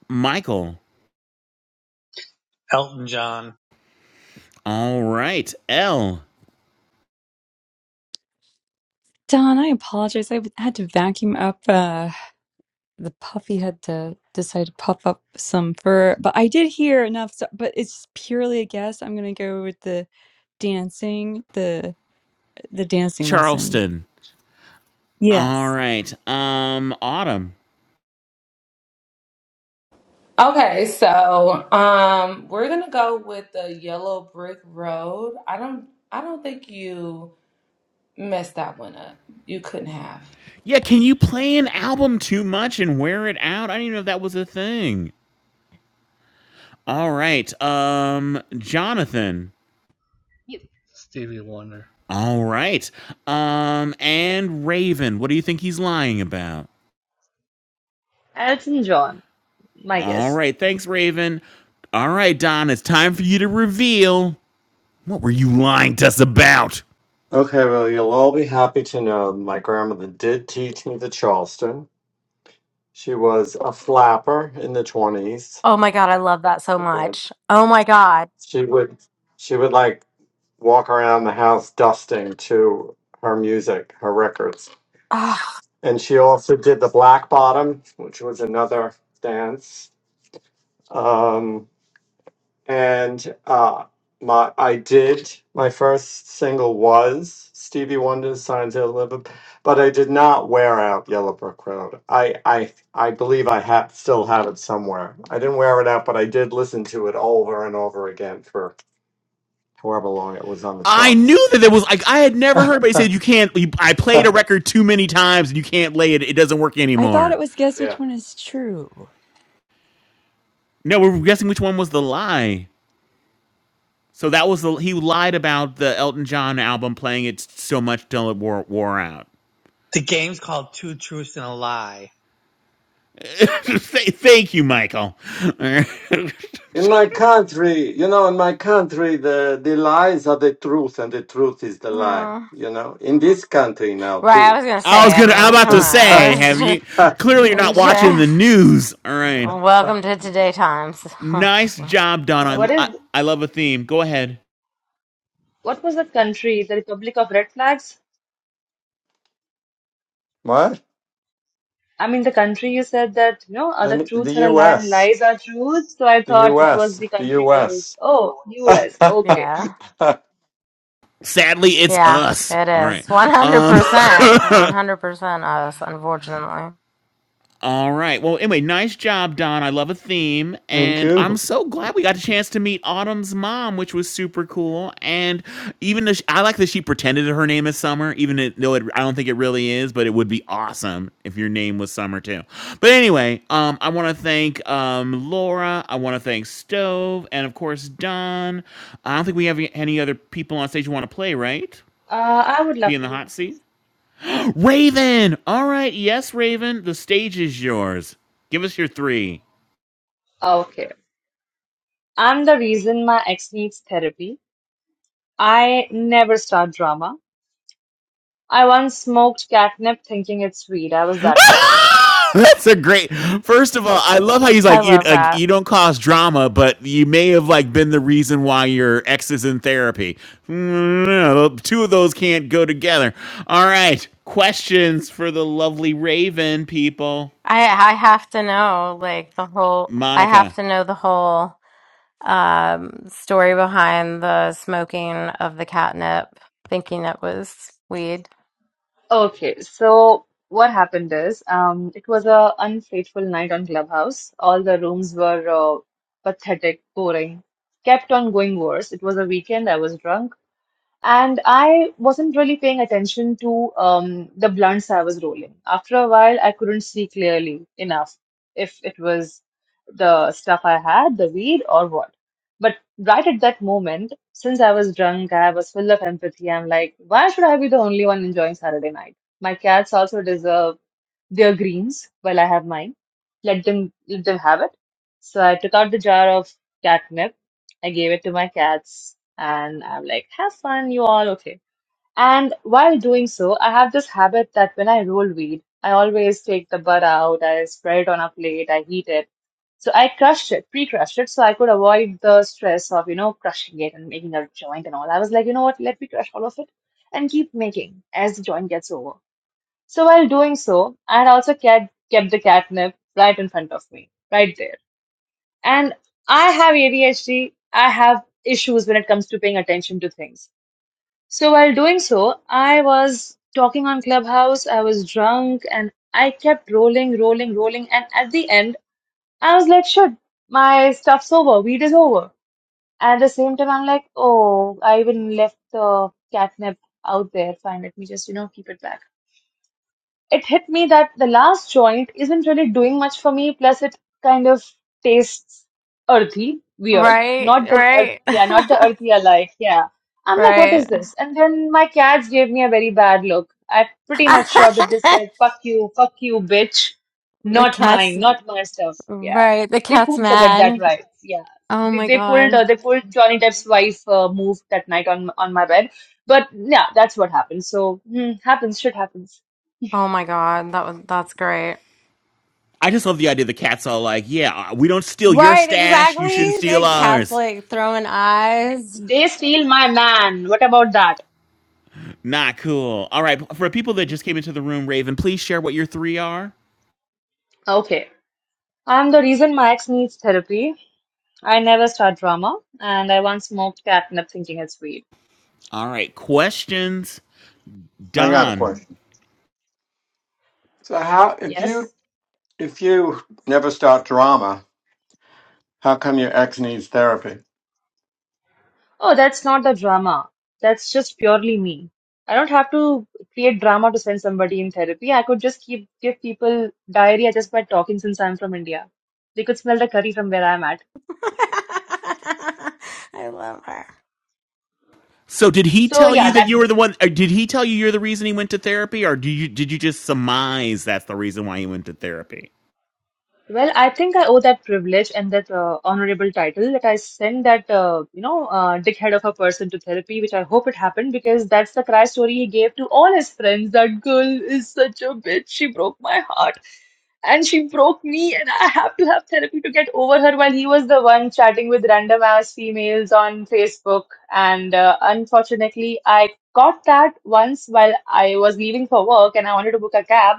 Speaker 6: Michael.
Speaker 5: Elton John.
Speaker 6: All right, L.
Speaker 7: Don, I apologize. I had to vacuum up uh the puffy had to decide to puff up some fur, but I did hear enough stuff, but it's purely a guess. I'm gonna go with the dancing, the the dancing lesson.
Speaker 6: Charleston. All
Speaker 7: Yes.
Speaker 6: right. Um, Autumn.
Speaker 9: Okay, so um we're gonna go with the yellow brick road. I don't I don't think you messed that one up. You couldn't have.
Speaker 6: Yeah, can you play an album too much and wear it out? I didn't even know that was a thing. All right. Um, Jonathan.
Speaker 11: Mute. Stevie Wonder.
Speaker 6: All right. Um, and Raven. What do you think he's lying about?
Speaker 8: Elton John, my
Speaker 6: All
Speaker 8: guess.
Speaker 6: right. Thanks, Raven. All right, Don. It's time for you to reveal. What were you lying to us about?
Speaker 12: Okay, well you'll all be happy to know my grandmother did teach me the Charleston. She was a flapper in the 20s
Speaker 2: Oh my God, I love that so
Speaker 12: And
Speaker 2: much. Oh my God.
Speaker 12: She would she would like walk around the house dusting to her music, her records.
Speaker 2: Oh,
Speaker 12: And she also did the black bottom, which was another dance. Um, and uh, my I did my first single was Stevie Wonder's "Signs of Living," but I did not wear out Yellow Brick Road. I I I believe I have still have it somewhere. I didn't wear it out, but I did listen to it over and over again for however long it was on the
Speaker 6: I knew
Speaker 12: charts.
Speaker 6: that there was like I had never heard anybody
Speaker 12: [laughs]
Speaker 6: say
Speaker 12: yeah.
Speaker 6: you can't. You, I played a record too many times and you can't lay it. It doesn't work
Speaker 7: I thought
Speaker 6: anymore.
Speaker 7: it was guess which one is true.
Speaker 6: No, we're guessing which one was the lie. So that was the he lied about the Elton John album playing it so much till it wore, wore out.
Speaker 5: The game's called Two Truths and a Lie.
Speaker 6: [laughs] Th- Thank you, Michael. [laughs]
Speaker 12: In my country, you know, in my country, the, the lies are the truth and the truth is the lie,
Speaker 2: wow. [sighs]
Speaker 12: you know, in this country now
Speaker 2: Right, I
Speaker 12: too.
Speaker 2: was gonna
Speaker 6: I was
Speaker 2: say, I
Speaker 6: gonna. I'm
Speaker 2: mean, come
Speaker 6: about to
Speaker 12: [laughs]
Speaker 6: say, have
Speaker 2: on.
Speaker 6: you?
Speaker 2: [laughs]
Speaker 6: Clearly, you're
Speaker 2: and
Speaker 6: not watching the news. All right.
Speaker 2: uh, Welcome to Today Times.
Speaker 6: Nice job, Don.
Speaker 8: What
Speaker 6: I
Speaker 8: is
Speaker 6: I, I love a theme. Go ahead.
Speaker 8: what was the country, the Republic of Red Flags?
Speaker 12: What?
Speaker 8: I mean, the country you said that you know other
Speaker 12: The, the
Speaker 8: truths are a lie and
Speaker 12: U.S.
Speaker 8: lies are truths. So I
Speaker 12: The
Speaker 8: thought it was
Speaker 12: U.S.
Speaker 8: the
Speaker 12: The
Speaker 8: country called
Speaker 12: U.S.
Speaker 8: oh
Speaker 12: [laughs]
Speaker 8: U.S.
Speaker 2: [laughs]
Speaker 8: Okay,
Speaker 2: yeah.
Speaker 6: Sadly, it's
Speaker 2: Yeah,
Speaker 6: us.
Speaker 2: it
Speaker 6: All right.
Speaker 2: is.
Speaker 6: Um.
Speaker 2: 100%.
Speaker 6: [laughs]
Speaker 2: 100% us, unfortunately.
Speaker 6: All right. Well, anyway, nice job, Don. I love a theme.
Speaker 12: Thank
Speaker 6: And I'm
Speaker 12: you.
Speaker 6: so glad we got a chance to meet Autumn's mom, which was super cool. And even though she, I like that she pretended that her name is Summer, even it- though it, I don't think it really is, but it would be awesome if your name was Summer too. But anyway, um, I want to thank um, Laura. I want to thank Stove. And of course, Don. I don't think we have any other people on stage who want to play, right?
Speaker 8: uh, I would
Speaker 6: Be
Speaker 8: love
Speaker 6: in the
Speaker 8: to.
Speaker 6: hot seat? Raven! All right, yes, Raven, the stage is yours. Give us your three.
Speaker 8: Okay, I'm the reason my ex needs therapy. I never start drama. I once smoked catnip thinking it's weed. I was
Speaker 6: [laughs]
Speaker 8: that high.
Speaker 6: Ah! That's a great. First of all, I love how he's
Speaker 2: I
Speaker 6: like you.
Speaker 2: love
Speaker 6: Like,
Speaker 2: that.
Speaker 6: you don't cause drama, but you may have like been the reason why your ex is in therapy. Mm, no, two of those can't go together. All right, questions for the lovely Raven people,
Speaker 2: I I have to know like the whole I have
Speaker 6: Monica.
Speaker 2: to know the whole um story behind the smoking of the catnip, thinking it was weed.
Speaker 8: Okay, so what happened is, um, it was a unfateful night on Clubhouse. All the rooms were uh, pathetic, boring, kept on going worse. It was a weekend. I was drunk. And I wasn't really paying attention to um, the blunts I was rolling. After a while, I couldn't see clearly enough if it was the stuff I had, the weed, or what. But right at that moment, since I was drunk, I was full of empathy. I'm like, why should I be the only one enjoying Saturday night? My cats also deserve their greens while I have mine. Let them let them have it. So I took out the jar of catnip. I gave it to my cats, and I'm like, "Have fun, you all, okay?" And while doing so, I have this habit that when I roll weed, I always take the bud out, I spread it on a plate, I heat it. So I crushed it, pre-crushed it, so I could avoid the stress of, you know, crushing it and making a joint and all. I was like, you know what? Let me crush all of it and keep making as the joint gets over. So while doing so, I had also kept, kept the catnip right in front of me, right there. And I have ADHD, I have issues when it comes to paying attention to things. So while doing so, I was talking on Clubhouse, I was drunk, and I kept rolling, rolling, rolling. And at the end, I was like, shit, my stuff's over, weed is over. At the same time, I'm like, oh, I even left the catnip out there. Fine, let me just, you know, keep it back. it hit me that the last joint isn't really doing much for me. Plus, it kind of tastes earthy, weird. Not
Speaker 2: Right,
Speaker 8: the earth,
Speaker 2: right.
Speaker 8: yeah, not the
Speaker 2: [laughs]
Speaker 8: earthy I like. Yeah, I'm like, what is
Speaker 2: Right.
Speaker 8: this? And then my cats gave me a very bad look. I'm pretty much sure that they
Speaker 2: [laughs]
Speaker 8: said, "Fuck you, fuck you, bitch."
Speaker 2: The
Speaker 8: Not
Speaker 2: cat's
Speaker 8: mine, not my stuff. Yeah,
Speaker 2: right, the
Speaker 8: they
Speaker 2: cat's
Speaker 8: pooped the bed that
Speaker 2: mad.
Speaker 8: night. Yeah,
Speaker 2: Oh
Speaker 8: they,
Speaker 2: my
Speaker 8: they pulled uh,
Speaker 2: God.
Speaker 8: they pulled Johnny Depp's wife uh, move that night on on my bed. But yeah, that's what happened. So hmm, happens, shit happens.
Speaker 2: Oh my God. That was that's great.
Speaker 6: I just love the idea. The cat's all like, "Yeah, we don't steal your
Speaker 2: Right,
Speaker 6: stash. You shouldn't
Speaker 2: exactly.
Speaker 6: steal
Speaker 2: The cat's
Speaker 6: ours."
Speaker 2: like throwing eyes.
Speaker 8: They steal my man. What about that?
Speaker 6: Not cool. All right. For people that just came into the room, Raven, please share what your three are.
Speaker 8: Okay. I'm the reason my ex needs therapy. I never start drama, and I once smoked catnip thinking it's weed.
Speaker 6: All right. Questions.
Speaker 12: I got a
Speaker 6: Don.
Speaker 12: question. So how, if
Speaker 8: Yes.
Speaker 12: you, if you never start drama, how come your ex needs therapy?
Speaker 8: Oh, that's not the drama. That's just purely me. I don't have to create drama to send somebody in therapy. I could just keep give people diarrhea just by talking since I'm from India. They could smell the curry from where I'm at.
Speaker 2: [laughs] I love her.
Speaker 6: So did he
Speaker 8: So
Speaker 6: tell
Speaker 8: yeah,
Speaker 6: you that
Speaker 8: that.
Speaker 6: you were the one or did he tell you you're the reason he went to therapy or do you did you just surmise that's the reason why he went to therapy?
Speaker 8: Well, I think I owe that privilege and that uh, honorable title that I sent that uh, you know uh, dickhead of a person to therapy, which I hope it happened because that's the cry story he gave to all his friends. That girl is such a bitch. She broke my heart, and she broke me, and I have to have therapy to get over her. While he was the one chatting with random ass females on Facebook, and uh, unfortunately, I got that once while I was leaving for work, and I wanted to book a cab.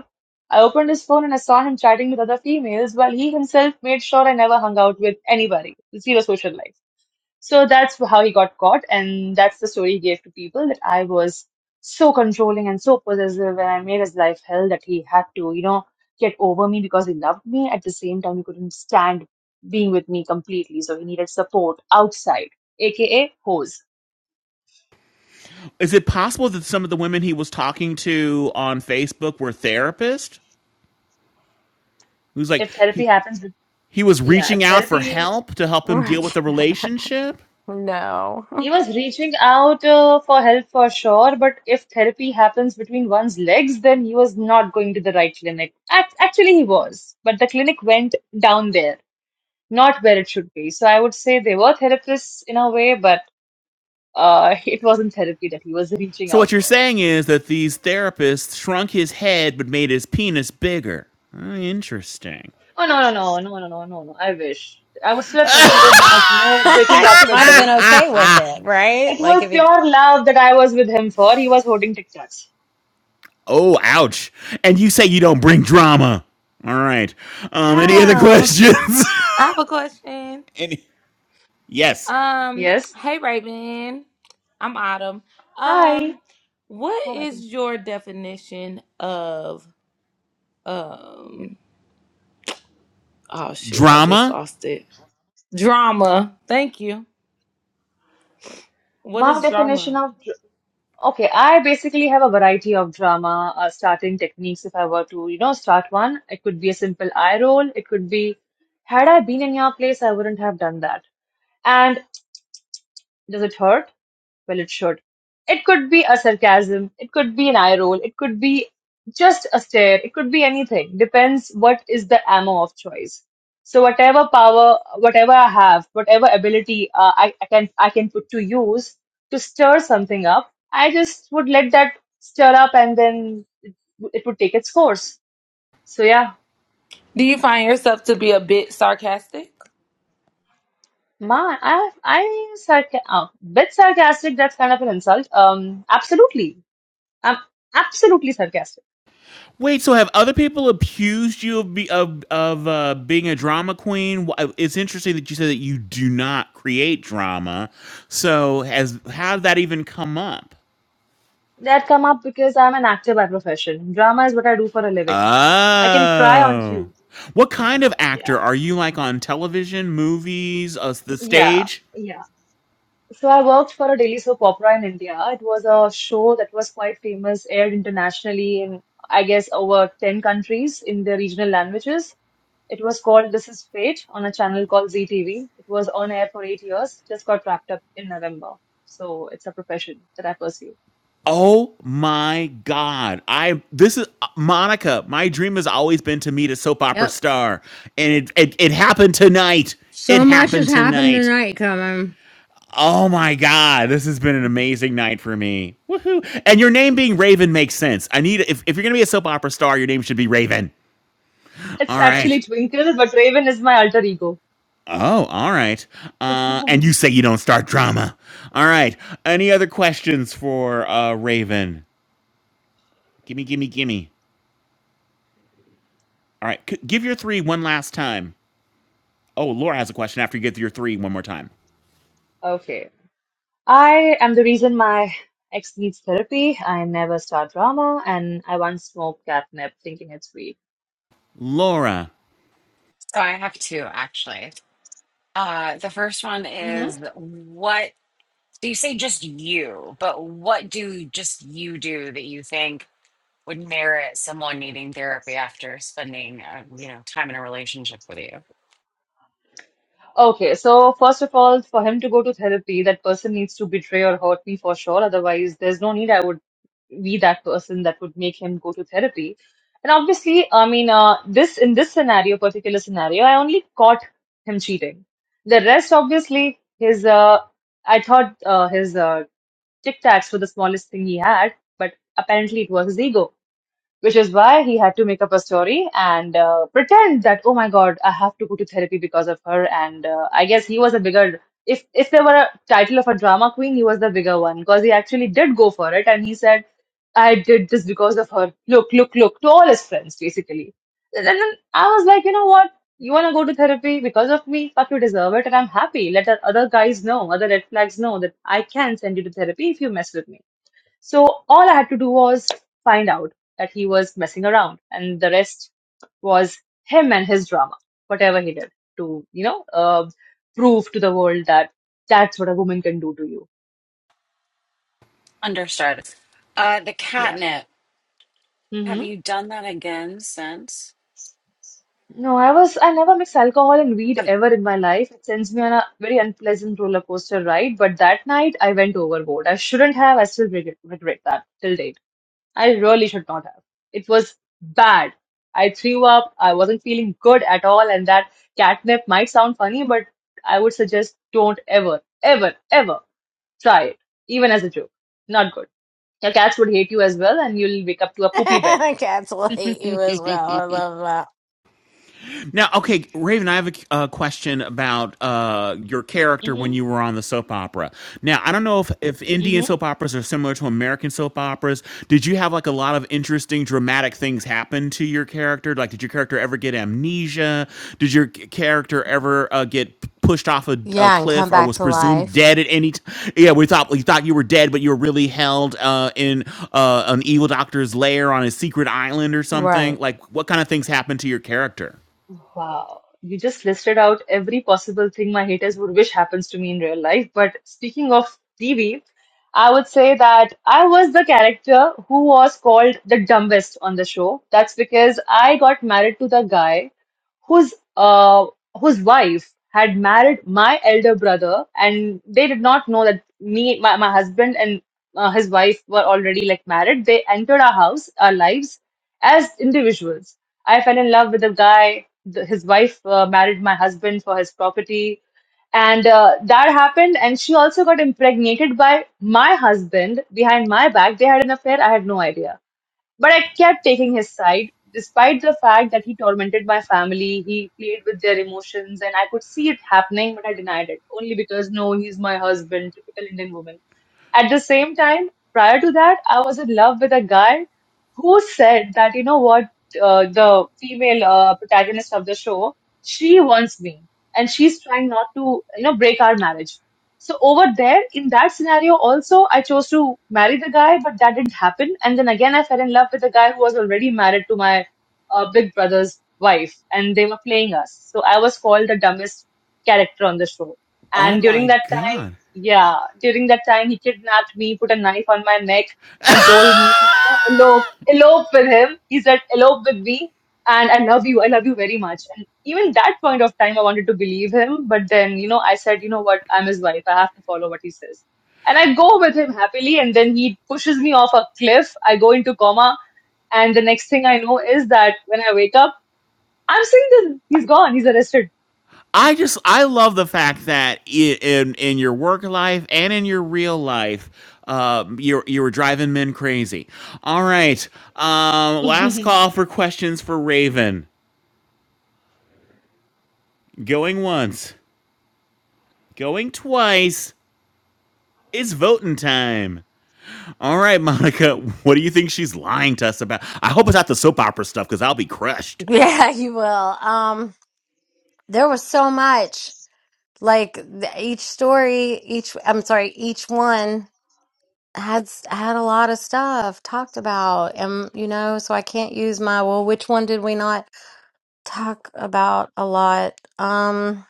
Speaker 8: I opened his phone and I saw him chatting with other females while he himself made sure I never hung out with anybody. Zero social life. So that's how he got caught, and that's the story he gave to people that I was so controlling and so possessive, and I made his life hell that he had to, you know, get over me because he loved me. At the same time, he couldn't stand being with me completely, so he needed support outside, aka hoes.
Speaker 6: Is it possible that some of the women he was talking to on Facebook were therapists? Who's like
Speaker 8: If therapy
Speaker 6: he
Speaker 8: happens, with,
Speaker 6: he was
Speaker 8: yeah, if
Speaker 6: reaching out for
Speaker 8: therapy
Speaker 6: help to help him deal with
Speaker 2: Right.
Speaker 6: the relationship?
Speaker 2: No. [laughs]
Speaker 8: He was reaching out uh, for help for sure, but if therapy happens between one's legs, then he was not going to the right clinic. Act- actually, he was, but the clinic went down there, not where it should be. So I would say they were therapists in a way, but uh, [laughs] it wasn't therapy that he was reaching
Speaker 6: So what
Speaker 8: out
Speaker 6: you're
Speaker 8: for.
Speaker 6: saying is that these therapists shrunk his head but made his penis bigger. Uh, Interesting.
Speaker 8: Oh, no, no, no, no, no, no, no, no. I wish. I would still
Speaker 6: [laughs]
Speaker 8: have considered not, you know, breaking up
Speaker 2: She
Speaker 8: with
Speaker 2: might have
Speaker 8: him.
Speaker 2: been okay with it,
Speaker 8: It
Speaker 2: right? Like
Speaker 8: was
Speaker 2: if he
Speaker 8: pure love that I was with him for. He was holding TikToks.
Speaker 6: Oh, ouch. And you say you don't bring drama. All right. Um, any other
Speaker 8: Ah.
Speaker 6: questions?
Speaker 9: I have a question.
Speaker 6: [laughs] any? Yes.
Speaker 9: Um,
Speaker 8: Yes.
Speaker 9: hey Raven, I'm Autumn.
Speaker 8: Hi.
Speaker 9: Um, what
Speaker 8: Hi.
Speaker 9: is your definition of um? Oh shoot, I just
Speaker 6: Drama?
Speaker 9: lost it. Drama. Thank you. What
Speaker 8: My
Speaker 9: is
Speaker 8: definition
Speaker 9: drama?
Speaker 8: of dr- okay, I basically have a variety of drama uh, starting techniques. If I were to, you know, start one, it could be a simple eye roll. It could be, had I been in your place, I wouldn't have done that. And. Does it hurt? Well, it should. It could be a sarcasm, it could be an eye roll, it could be just a stare, it could be anything. Depends what is the ammo of choice. So whatever power, whatever I have, whatever ability uh, I, I can I can put to use to stir something up, I just would let that stir up and then it would take its course. So yeah,
Speaker 9: Do you find yourself to be a bit sarcastic?
Speaker 8: ma, I I sarca- uh, bit sarcastic. That's kind of an insult. Um, absolutely, I'm absolutely sarcastic.
Speaker 6: Wait, so have other people accused you of be, of of uh, being a drama queen? It's interesting that you said that you do not create drama. So has how did that even come up?
Speaker 8: That come up because I'm an actor by profession. Drama is what I do for a living. I can cry on
Speaker 6: Oh.
Speaker 8: cue.
Speaker 6: What kind of
Speaker 8: Yeah.
Speaker 6: actor are you like on television, movies, uh, the
Speaker 8: Yeah,
Speaker 6: stage?
Speaker 8: yeah. So I worked for a daily soap opera in India. It was a show that was quite famous, aired internationally in, I guess, over 10 countries in their regional languages. It was called This Is Fate on a channel called ZTV. It was on air for eight years, just got wrapped up in November. So it's a profession that I pursue.
Speaker 6: Oh my god. I this is uh, Monica, my dream has always been to meet a soap
Speaker 2: [laughs]
Speaker 6: opera
Speaker 2: Yep.
Speaker 6: star and it it, it happened tonight. It
Speaker 2: So much has
Speaker 6: happened
Speaker 2: happened
Speaker 6: tonight.
Speaker 2: tonight, Kevin.
Speaker 6: Oh my god, this has been an amazing night for me. Woohoo. And your name being Raven makes sense. I need if if you're going to be a soap opera star, your name should be Raven.
Speaker 8: It's
Speaker 6: All right.
Speaker 8: actually Twinkle, but Raven is my alter ego.
Speaker 6: Oh, all right. Uh, and you say you don't start drama. All right. Any other questions for uh, Raven? Gimme, gimme, gimme. All right. C- give your three one last time. Oh, Laura has a question after you get your three one more time.
Speaker 8: Okay. I am the reason my ex needs therapy. I never start drama, and I once smoked catnip thinking it's weed.
Speaker 6: Laura.
Speaker 3: So I have two actually. Uh, the first one
Speaker 8: hmm
Speaker 3: is what do you say just you, but what do just you do that you think would merit someone needing therapy after spending, uh, you know, time in a relationship with you?
Speaker 8: Okay, so first of all, for him to go to therapy, that person needs to betray or hurt me for sure. Otherwise, there's no need I would be that person that would make him go to therapy. And obviously, I mean, uh, this in this scenario, particular scenario, I only caught him cheating. The rest, obviously, his uh, I thought uh, his uh, Tic Tacs were the smallest thing he had, but apparently it was his ego which is why he had to make up a story and uh, pretend that oh my god i have to go to therapy because of her and uh, i guess he was a bigger if if there were a title of a drama queen he was the bigger one because he actually did go for it and he said i did this because of her look look look to all his friends basically and then i was like you know what you want to go to therapy because of me fuck you deserve it and i'm happy let the other guys know other red flags know that i can send you to therapy if you mess with me so all I had to do was find out that he was messing around, and the rest was him and his drama, whatever he did to, you know, uh, prove to the world that that's what a woman can do to you.
Speaker 3: Understood. Uh, the
Speaker 8: Yeah.
Speaker 3: catnip. Have
Speaker 8: hmm
Speaker 3: you done that again since?
Speaker 8: No, I was, I never mix alcohol and weed
Speaker 3: Have-
Speaker 8: ever in my life. It sends me on a very unpleasant roller coaster ride, but that night I went overboard. I shouldn't have, I still regret, regret that till date. I really should not have. It was bad. I threw up. I wasn't feeling good at all. And that catnip might sound funny, but I would suggest don't ever, ever, ever try it, even as a joke. Not good. Your cats would hate you as well, and you'll wake up to
Speaker 2: [laughs]
Speaker 8: a poopy bed.
Speaker 2: the cats will
Speaker 3: [laughs]
Speaker 2: hate you as well. I love that.
Speaker 6: Now, okay, Raven, I have a uh, question about uh, your character when you were
Speaker 8: Mm-hmm.
Speaker 6: on the soap opera. Now, I don't know if, if Indian soap operas are similar to American soap operas. Did you have like a lot of interesting, dramatic things happen to your character? Like, did your character ever get amnesia? Did your c- character ever uh, get p- pushed off a, a
Speaker 2: Yeah, and come
Speaker 6: cliff or
Speaker 2: back
Speaker 6: was
Speaker 2: to
Speaker 6: presumed
Speaker 2: life.
Speaker 6: dead at any time? Yeah, we thought we thought you were dead, but you were really held uh, in uh, an evil doctor's lair on a secret island or something.
Speaker 2: Right.
Speaker 6: Like, what kind of things happened to your character?
Speaker 8: Wow, you just listed out every possible thing my haters would wish happens to me in real life. But speaking of TV, I would say that I was the character who was called the dumbest on the show. That's because I got married to the guy whose uh, whose wife had married my elder brother, and they did not know that me, my, my husband, and uh, his wife were already like married. They entered our house, our lives as individuals. I fell in love with a guy. The, his wife uh, married my husband for his property, and uh, that happened. And she also got impregnated by my husband behind my back. They had an affair. I had no idea but I kept taking his side, despite the fact that he tormented my family, he played with their emotions, and I could see it happening, but I denied it only because, no, he's my husband, typical Indian woman. At the same time, prior to that, I was in love with a guy who said that, you know what, uh, the female uh, protagonist of the show, she wants me and she's trying not to, you know, break our marriage. So over there, in that scenario, also, I chose to marry the guy, but that didn't happen. And then again, I fell in love with a guy who was already married to my uh, big brother's wife, and they were playing us. So I was called the dumbest character on the show.
Speaker 6: Oh
Speaker 8: And during
Speaker 6: my
Speaker 8: that time,
Speaker 6: god.
Speaker 8: yeah, during that time, he kidnapped me, put a knife on my neck,
Speaker 6: [laughs] I
Speaker 8: and told me to, you know, elope, elope with him. He said, elope with me, and I love you. I love you very much. And even that point of time, I wanted to believe him, but then, you know, I said, you know what? I'm his wife. I have to follow what he says. And I go with him happily, and then he pushes me off a cliff. I go into coma, and the next thing I know is that when I wake up, I'm seeing this. He's gone. He's arrested.
Speaker 6: just I love the fact that i- in in your work life and in your real life, um, you you were driving men crazy. All right, um, last call for questions for Raven. Going once, going twice. It's voting time. All right, Monica, [laughs] what do you think she's lying to us about? I hope it's not the soap opera stuff because I'll be crushed.
Speaker 2: Yeah, [laughs] you will. Um, there was so much. Like th- each story, each I'm sorry, each one. had s- had a lot of stuff talked about and you know so i can't use my well which one did we not talk about a lot um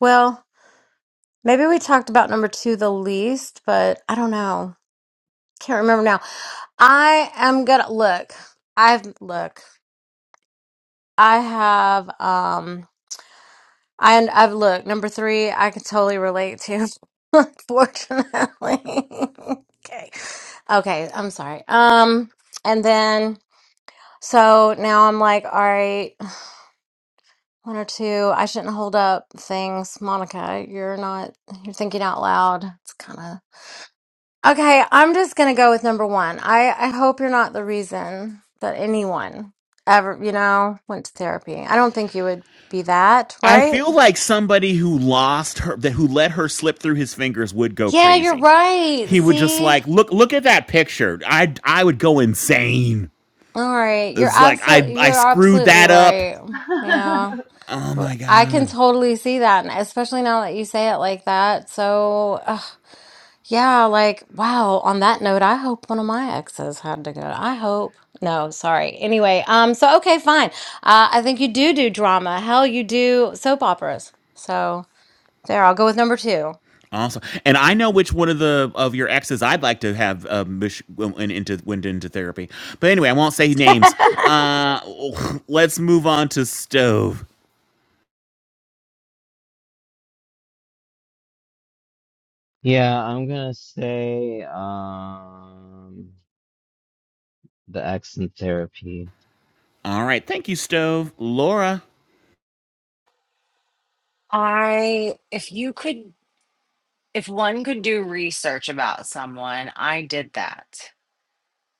Speaker 2: well maybe we talked about number two the least but i don't know can't remember now i am gonna look i've look i have um I, i've looked number three i can totally relate to [laughs] unfortunately [laughs] okay okay i'm sorry um and then So now I'm like, all right, one or two. I shouldn't hold up things. Monica, you're not, you're thinking out loud. It's kind of okay. I'm just going to go with number one. I, I hope you're not the reason that anyone ever, you know, went to therapy. I don't think you would be that,
Speaker 6: I
Speaker 2: right?
Speaker 6: feel like somebody who lost her, that who let her slip through his fingers, would go
Speaker 2: Yeah, you're
Speaker 6: crazy.
Speaker 2: right.
Speaker 6: He would just
Speaker 2: See?
Speaker 6: like look, look at that picture. I, I would go insane.
Speaker 2: All right. You're
Speaker 6: It's like I,
Speaker 2: absolutely,
Speaker 6: I
Speaker 2: you're
Speaker 6: screwed
Speaker 2: absolutely
Speaker 6: that up.
Speaker 2: right.
Speaker 8: [laughs]
Speaker 2: Yeah.
Speaker 6: Oh
Speaker 2: Well,
Speaker 6: my
Speaker 2: I can
Speaker 6: god.
Speaker 2: totally see that, and especially now that you say it like that. So, [sighs] Yeah, like, wow, on that note, I hope one of my exes had to go. I hope. No, sorry. Anyway, um, so okay, fine. Uh, I think you do do drama. Hell, you do soap operas. So there, I'll go with number two.
Speaker 6: Awesome. And I know which one of the of your exes I'd like to have um, mish- went into went into therapy. But anyway, I won't say
Speaker 2: [laughs]
Speaker 6: names. Uh, let's move on to Stove.
Speaker 1: Yeah, I'm gonna say um the accent therapy.
Speaker 6: All right, thank you, Stove. Laura.
Speaker 3: I, if you could, if one could do research about someone, I did that.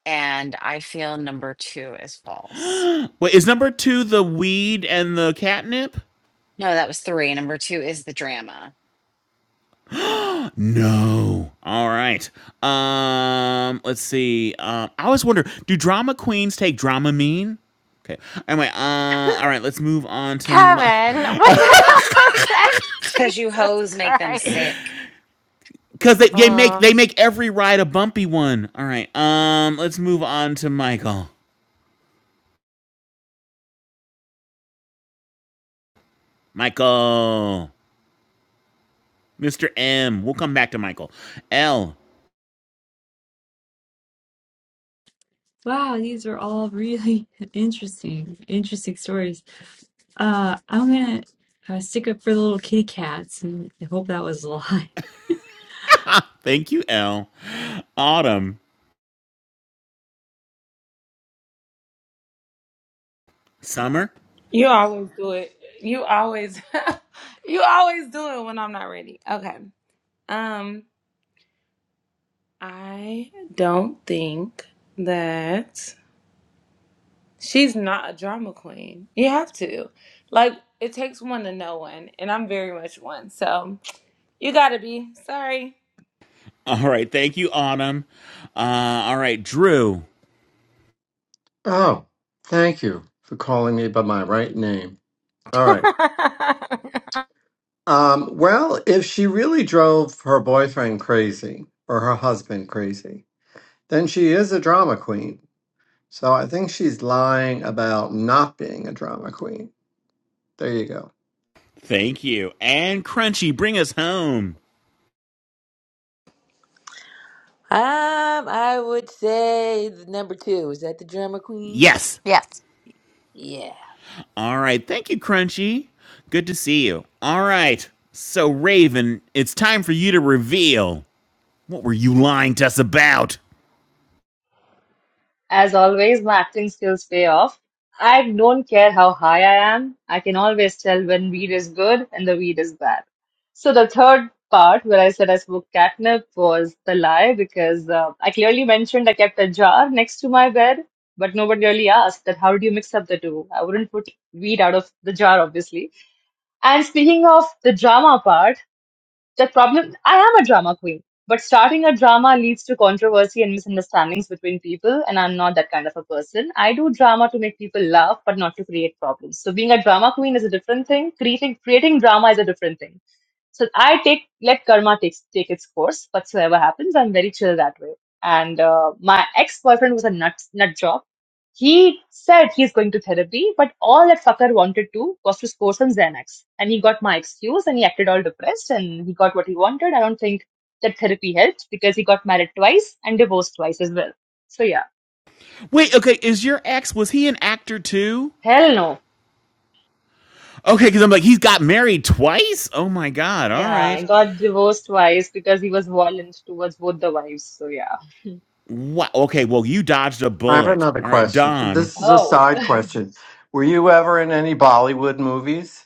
Speaker 3: And I feel number two is false.
Speaker 6: [gasps] Wait, is number two the weed and the catnip?
Speaker 3: No, that was three. Number two is the drama.
Speaker 6: No. All right. Um, let's see. Um, I always wonder, do drama queens take Dramamine? Okay. Anyway, uh, all right. Let's move on to my,
Speaker 2: Kevin, what the hell was that? [laughs]
Speaker 3: It's because you
Speaker 2: Jesus
Speaker 3: hoes make them
Speaker 2: Christ.
Speaker 3: sick.
Speaker 6: because [laughs] they, they make
Speaker 2: Uh,
Speaker 6: they make every ride a bumpy one. All right. Um, let's move on to Michael. Michael, Mr. M. We'll come back to Michael. L.
Speaker 7: Wow, these are all really [laughs] interesting, interesting stories. Uh, I'm gonna uh, stick up for the little kitty cats and I hope that was a lie. [laughs]
Speaker 6: [laughs] Thank you, L. Autumn, summer.
Speaker 9: You always do it. You always [laughs] you always do it when I'm not ready. Okay. Um I don't think that she's not a drama queen. You have to. Like it takes one to know one, and I'm very much one. So you gotta be. Sorry.
Speaker 6: All right. Thank you, Autumn. Uh, all right, Drew.
Speaker 12: Oh, thank you for calling me by my right name. All right. Um, well, if she really drove her boyfriend crazy or her husband crazy, then she is a drama queen. So I think she's lying about not being a drama queen. There you go.
Speaker 6: Thank you. And Crunchy, bring us home.
Speaker 13: Um, I would say the number two. Is that the drama queen?
Speaker 6: Yes.
Speaker 2: [laughs] yes.
Speaker 13: Yeah.
Speaker 6: All right. Thank you, Crunchy. Good to see you. All right. So, Raven, it's time for you to reveal. What were you lying to us about?
Speaker 8: As always, my acting skills pay off. I don't care how high I am, I can always tell when weed is good and the weed is bad. So, the third part where I said I smoked catnip was the lie because uh, I clearly mentioned I kept a jar next to my bed, but nobody really asked that how do you mix up the two? I wouldn't put weed out of the jar, obviously. And speaking of the drama part, the problem I am a drama queen, but starting a drama leads to controversy and misunderstandings between people, and I'm not that kind of a person. I do drama to make people laugh, but not to create problems. So being a drama queen is a different thing. Creating creating drama is a different thing. So I take let karma takes take its course. Whatsoever happens, I'm very chill that way. And uh, my ex boyfriend was a nut nut job he said he's going to therapy, but all that fucker wanted to was to score some Xanax. And he got my excuse and he acted all depressed and he got what he wanted. I don't think that therapy helped because he got married twice and divorced twice as well. So yeah,
Speaker 6: Wait, okay, is your ex, was he an actor too?
Speaker 8: hell no.
Speaker 6: Okay, because I'm like, he's got married twice? Oh my God. All
Speaker 8: Yeah,
Speaker 6: right.
Speaker 8: he got divorced twice because he was violent towards both the wives. So yeah.
Speaker 6: Wow. Okay, well, you dodged a
Speaker 12: I have
Speaker 6: bullet.
Speaker 12: another
Speaker 6: All right,
Speaker 12: question.
Speaker 6: Don.
Speaker 12: This is a
Speaker 8: Oh. [laughs]
Speaker 12: side question. Were you ever in any Bollywood movies?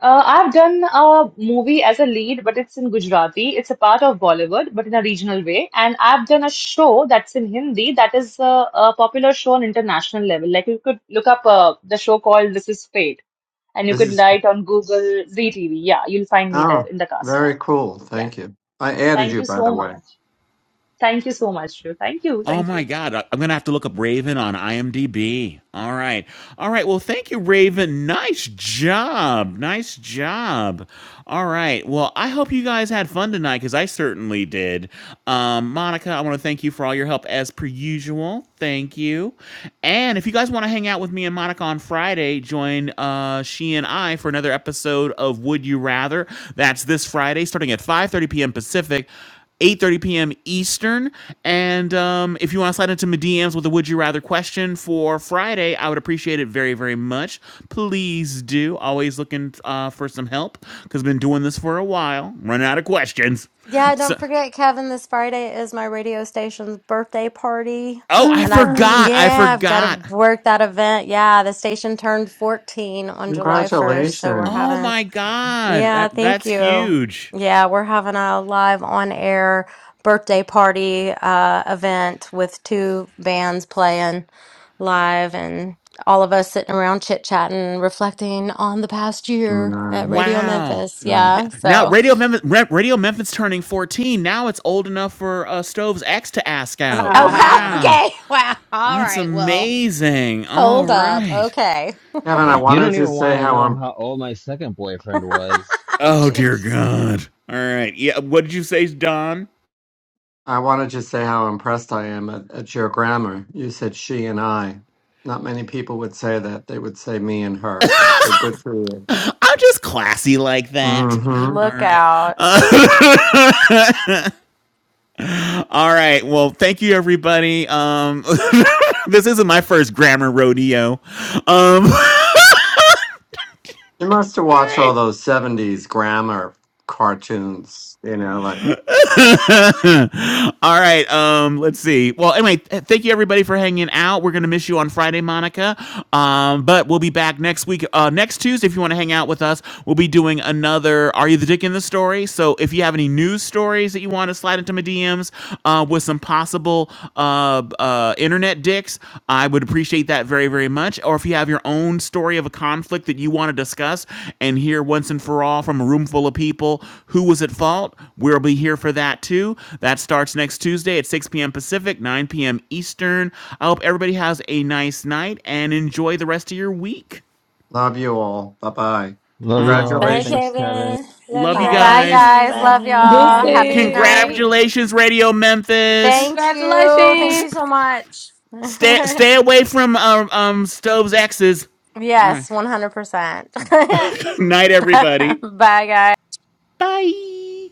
Speaker 8: Uh, I've done a movie as a lead, but it's in Gujarati. It's a part of Bollywood, but in a regional way. And I've done a show that's in Hindi that is uh, a popular show on international level. Like you could look up uh, the show called This Is Fate, and you
Speaker 12: This
Speaker 8: could
Speaker 12: is
Speaker 8: write on Google ZTV. Yeah, you'll find me there
Speaker 12: oh,
Speaker 8: in the cast.
Speaker 12: very cool.
Speaker 8: Yeah.
Speaker 12: Thank you. I added
Speaker 8: Thank
Speaker 12: you,
Speaker 8: you
Speaker 12: by the
Speaker 8: so
Speaker 12: way.
Speaker 8: much. Thank you so much, Shreya. Thank you.
Speaker 6: Oh
Speaker 8: Thank
Speaker 6: my
Speaker 8: you.
Speaker 6: God. I- I'm going to have to look up Raven on IMDb. All right. All right. Well, thank you, Raven. Nice job. Nice job. All right. Well, I hope you guys had fun tonight because I certainly did. Um, Monica, I want to thank you for all your help as per usual. Thank you. And if you guys want to hang out with me and Monica on Friday, join uh, she and I for another episode of Would You Rather. That's this Friday starting at 5:30 p.m. Pacific. 8:30 p.m. Eastern. And um, if you want to slide into my DMs with a "Would you rather" question for Friday, I would appreciate it very, very much. Please do. Always looking uh, for some help because I've been doing this for a while. Running out of questions.
Speaker 2: Yeah,
Speaker 6: So,
Speaker 2: don't forget, Kevin, this Friday is my radio station's birthday party.
Speaker 6: oh, I
Speaker 2: And
Speaker 12: [gasps]
Speaker 2: I've,
Speaker 12: Hey,
Speaker 6: forgot. I
Speaker 2: yeah, I've got to
Speaker 6: forgot.
Speaker 2: work that event. Yeah, the station turned 14 on July 1st. So we're
Speaker 12: congratulations.
Speaker 6: Oh
Speaker 2: having,
Speaker 6: my God,
Speaker 2: yeah,
Speaker 6: that
Speaker 2: thank
Speaker 6: that's
Speaker 2: you.
Speaker 6: huge.
Speaker 2: Yeah, we're having a live on air birthday party uh, event with two bands playing live and all of us sitting around chit chatting, reflecting on the past year at Radio
Speaker 12: Nice.
Speaker 6: Wow.
Speaker 2: Memphis.
Speaker 12: nice.
Speaker 2: Yeah, so.
Speaker 6: Now Radio Memphis, Radio Memphis turning 14. Now it's old enough for uh, Stove's ex to ask
Speaker 3: [laughs]
Speaker 6: out.
Speaker 2: Oh, wow. [laughs]
Speaker 6: Wow.
Speaker 3: Bye.
Speaker 2: Okay. Wow. All
Speaker 6: That's
Speaker 2: right. Well,
Speaker 6: amazing. All
Speaker 2: hold up.
Speaker 6: right.
Speaker 2: Okay.
Speaker 12: Kevin, I
Speaker 1: You
Speaker 12: wanted
Speaker 1: don't
Speaker 12: to
Speaker 1: even
Speaker 12: say
Speaker 1: want to
Speaker 12: how
Speaker 1: know
Speaker 12: I'm
Speaker 1: how old my second
Speaker 2: [laughs]
Speaker 1: boyfriend was.
Speaker 6: Oh dear
Speaker 2: Jeez.
Speaker 6: God. All right. Yeah. What did you say, Don?
Speaker 12: I wanted to say how impressed I am at, at your grammar. You said she and I. Not many people would say that. They would say me and her. So good for you.
Speaker 6: [laughs] I'm just classy like that.
Speaker 12: hmm
Speaker 6: All
Speaker 2: Look
Speaker 6: right.
Speaker 2: out.
Speaker 6: Uh, all right. Well, thank you, everybody. Um, [laughs] this isn't my first grammar rodeo. Um, [laughs] all
Speaker 12: You must have watched
Speaker 6: right.
Speaker 12: all those 70s grammar cartoons, you know, like
Speaker 6: [laughs] All right. Um, let's see. Well, anyway, th- thank you everybody for hanging out. We're gonna miss you on Friday, Monica. Um, but we'll be back next week, uh, next Tuesday. If you want to hang out with us, we'll be doing another "Are You the Dick in the Story?" So if you have any news stories that you want to slide into my DMs uh, with some possible uh, uh, interviews internet dicks, I would appreciate that very, very much. Or if you have your own story of a conflict that you want to discuss and hear once and for all from a room full of people who was at fault, we'll be here for that too. That starts next Tuesday at 6 p.m. Pacific, 9 p.m. Eastern. I hope everybody has a nice night and enjoy the rest of your week.
Speaker 12: love you all. Bye bye.
Speaker 1: Love you
Speaker 6: Ah,
Speaker 1: all.
Speaker 13: Bye,
Speaker 12: Congratulations.
Speaker 1: Thanks, Kevin.
Speaker 13: Kevin. Love
Speaker 6: love
Speaker 13: you
Speaker 6: you
Speaker 2: Bye,
Speaker 6: guys.
Speaker 13: guys.
Speaker 2: guys.
Speaker 13: Bye.
Speaker 2: Love y'all.
Speaker 13: Bye.
Speaker 2: Have a good
Speaker 9: Deuces.
Speaker 2: night.
Speaker 6: Congratulations, Radio Memphis.
Speaker 2: Thank you. Thank
Speaker 6: S-
Speaker 9: Congratulations.
Speaker 2: you so much. [laughs]
Speaker 6: stay, stay away from um, um Stove's exes. All right.
Speaker 2: yes, 100%.
Speaker 6: [laughs] Night, everybody.
Speaker 2: [laughs] Bye, guys.
Speaker 6: Bye.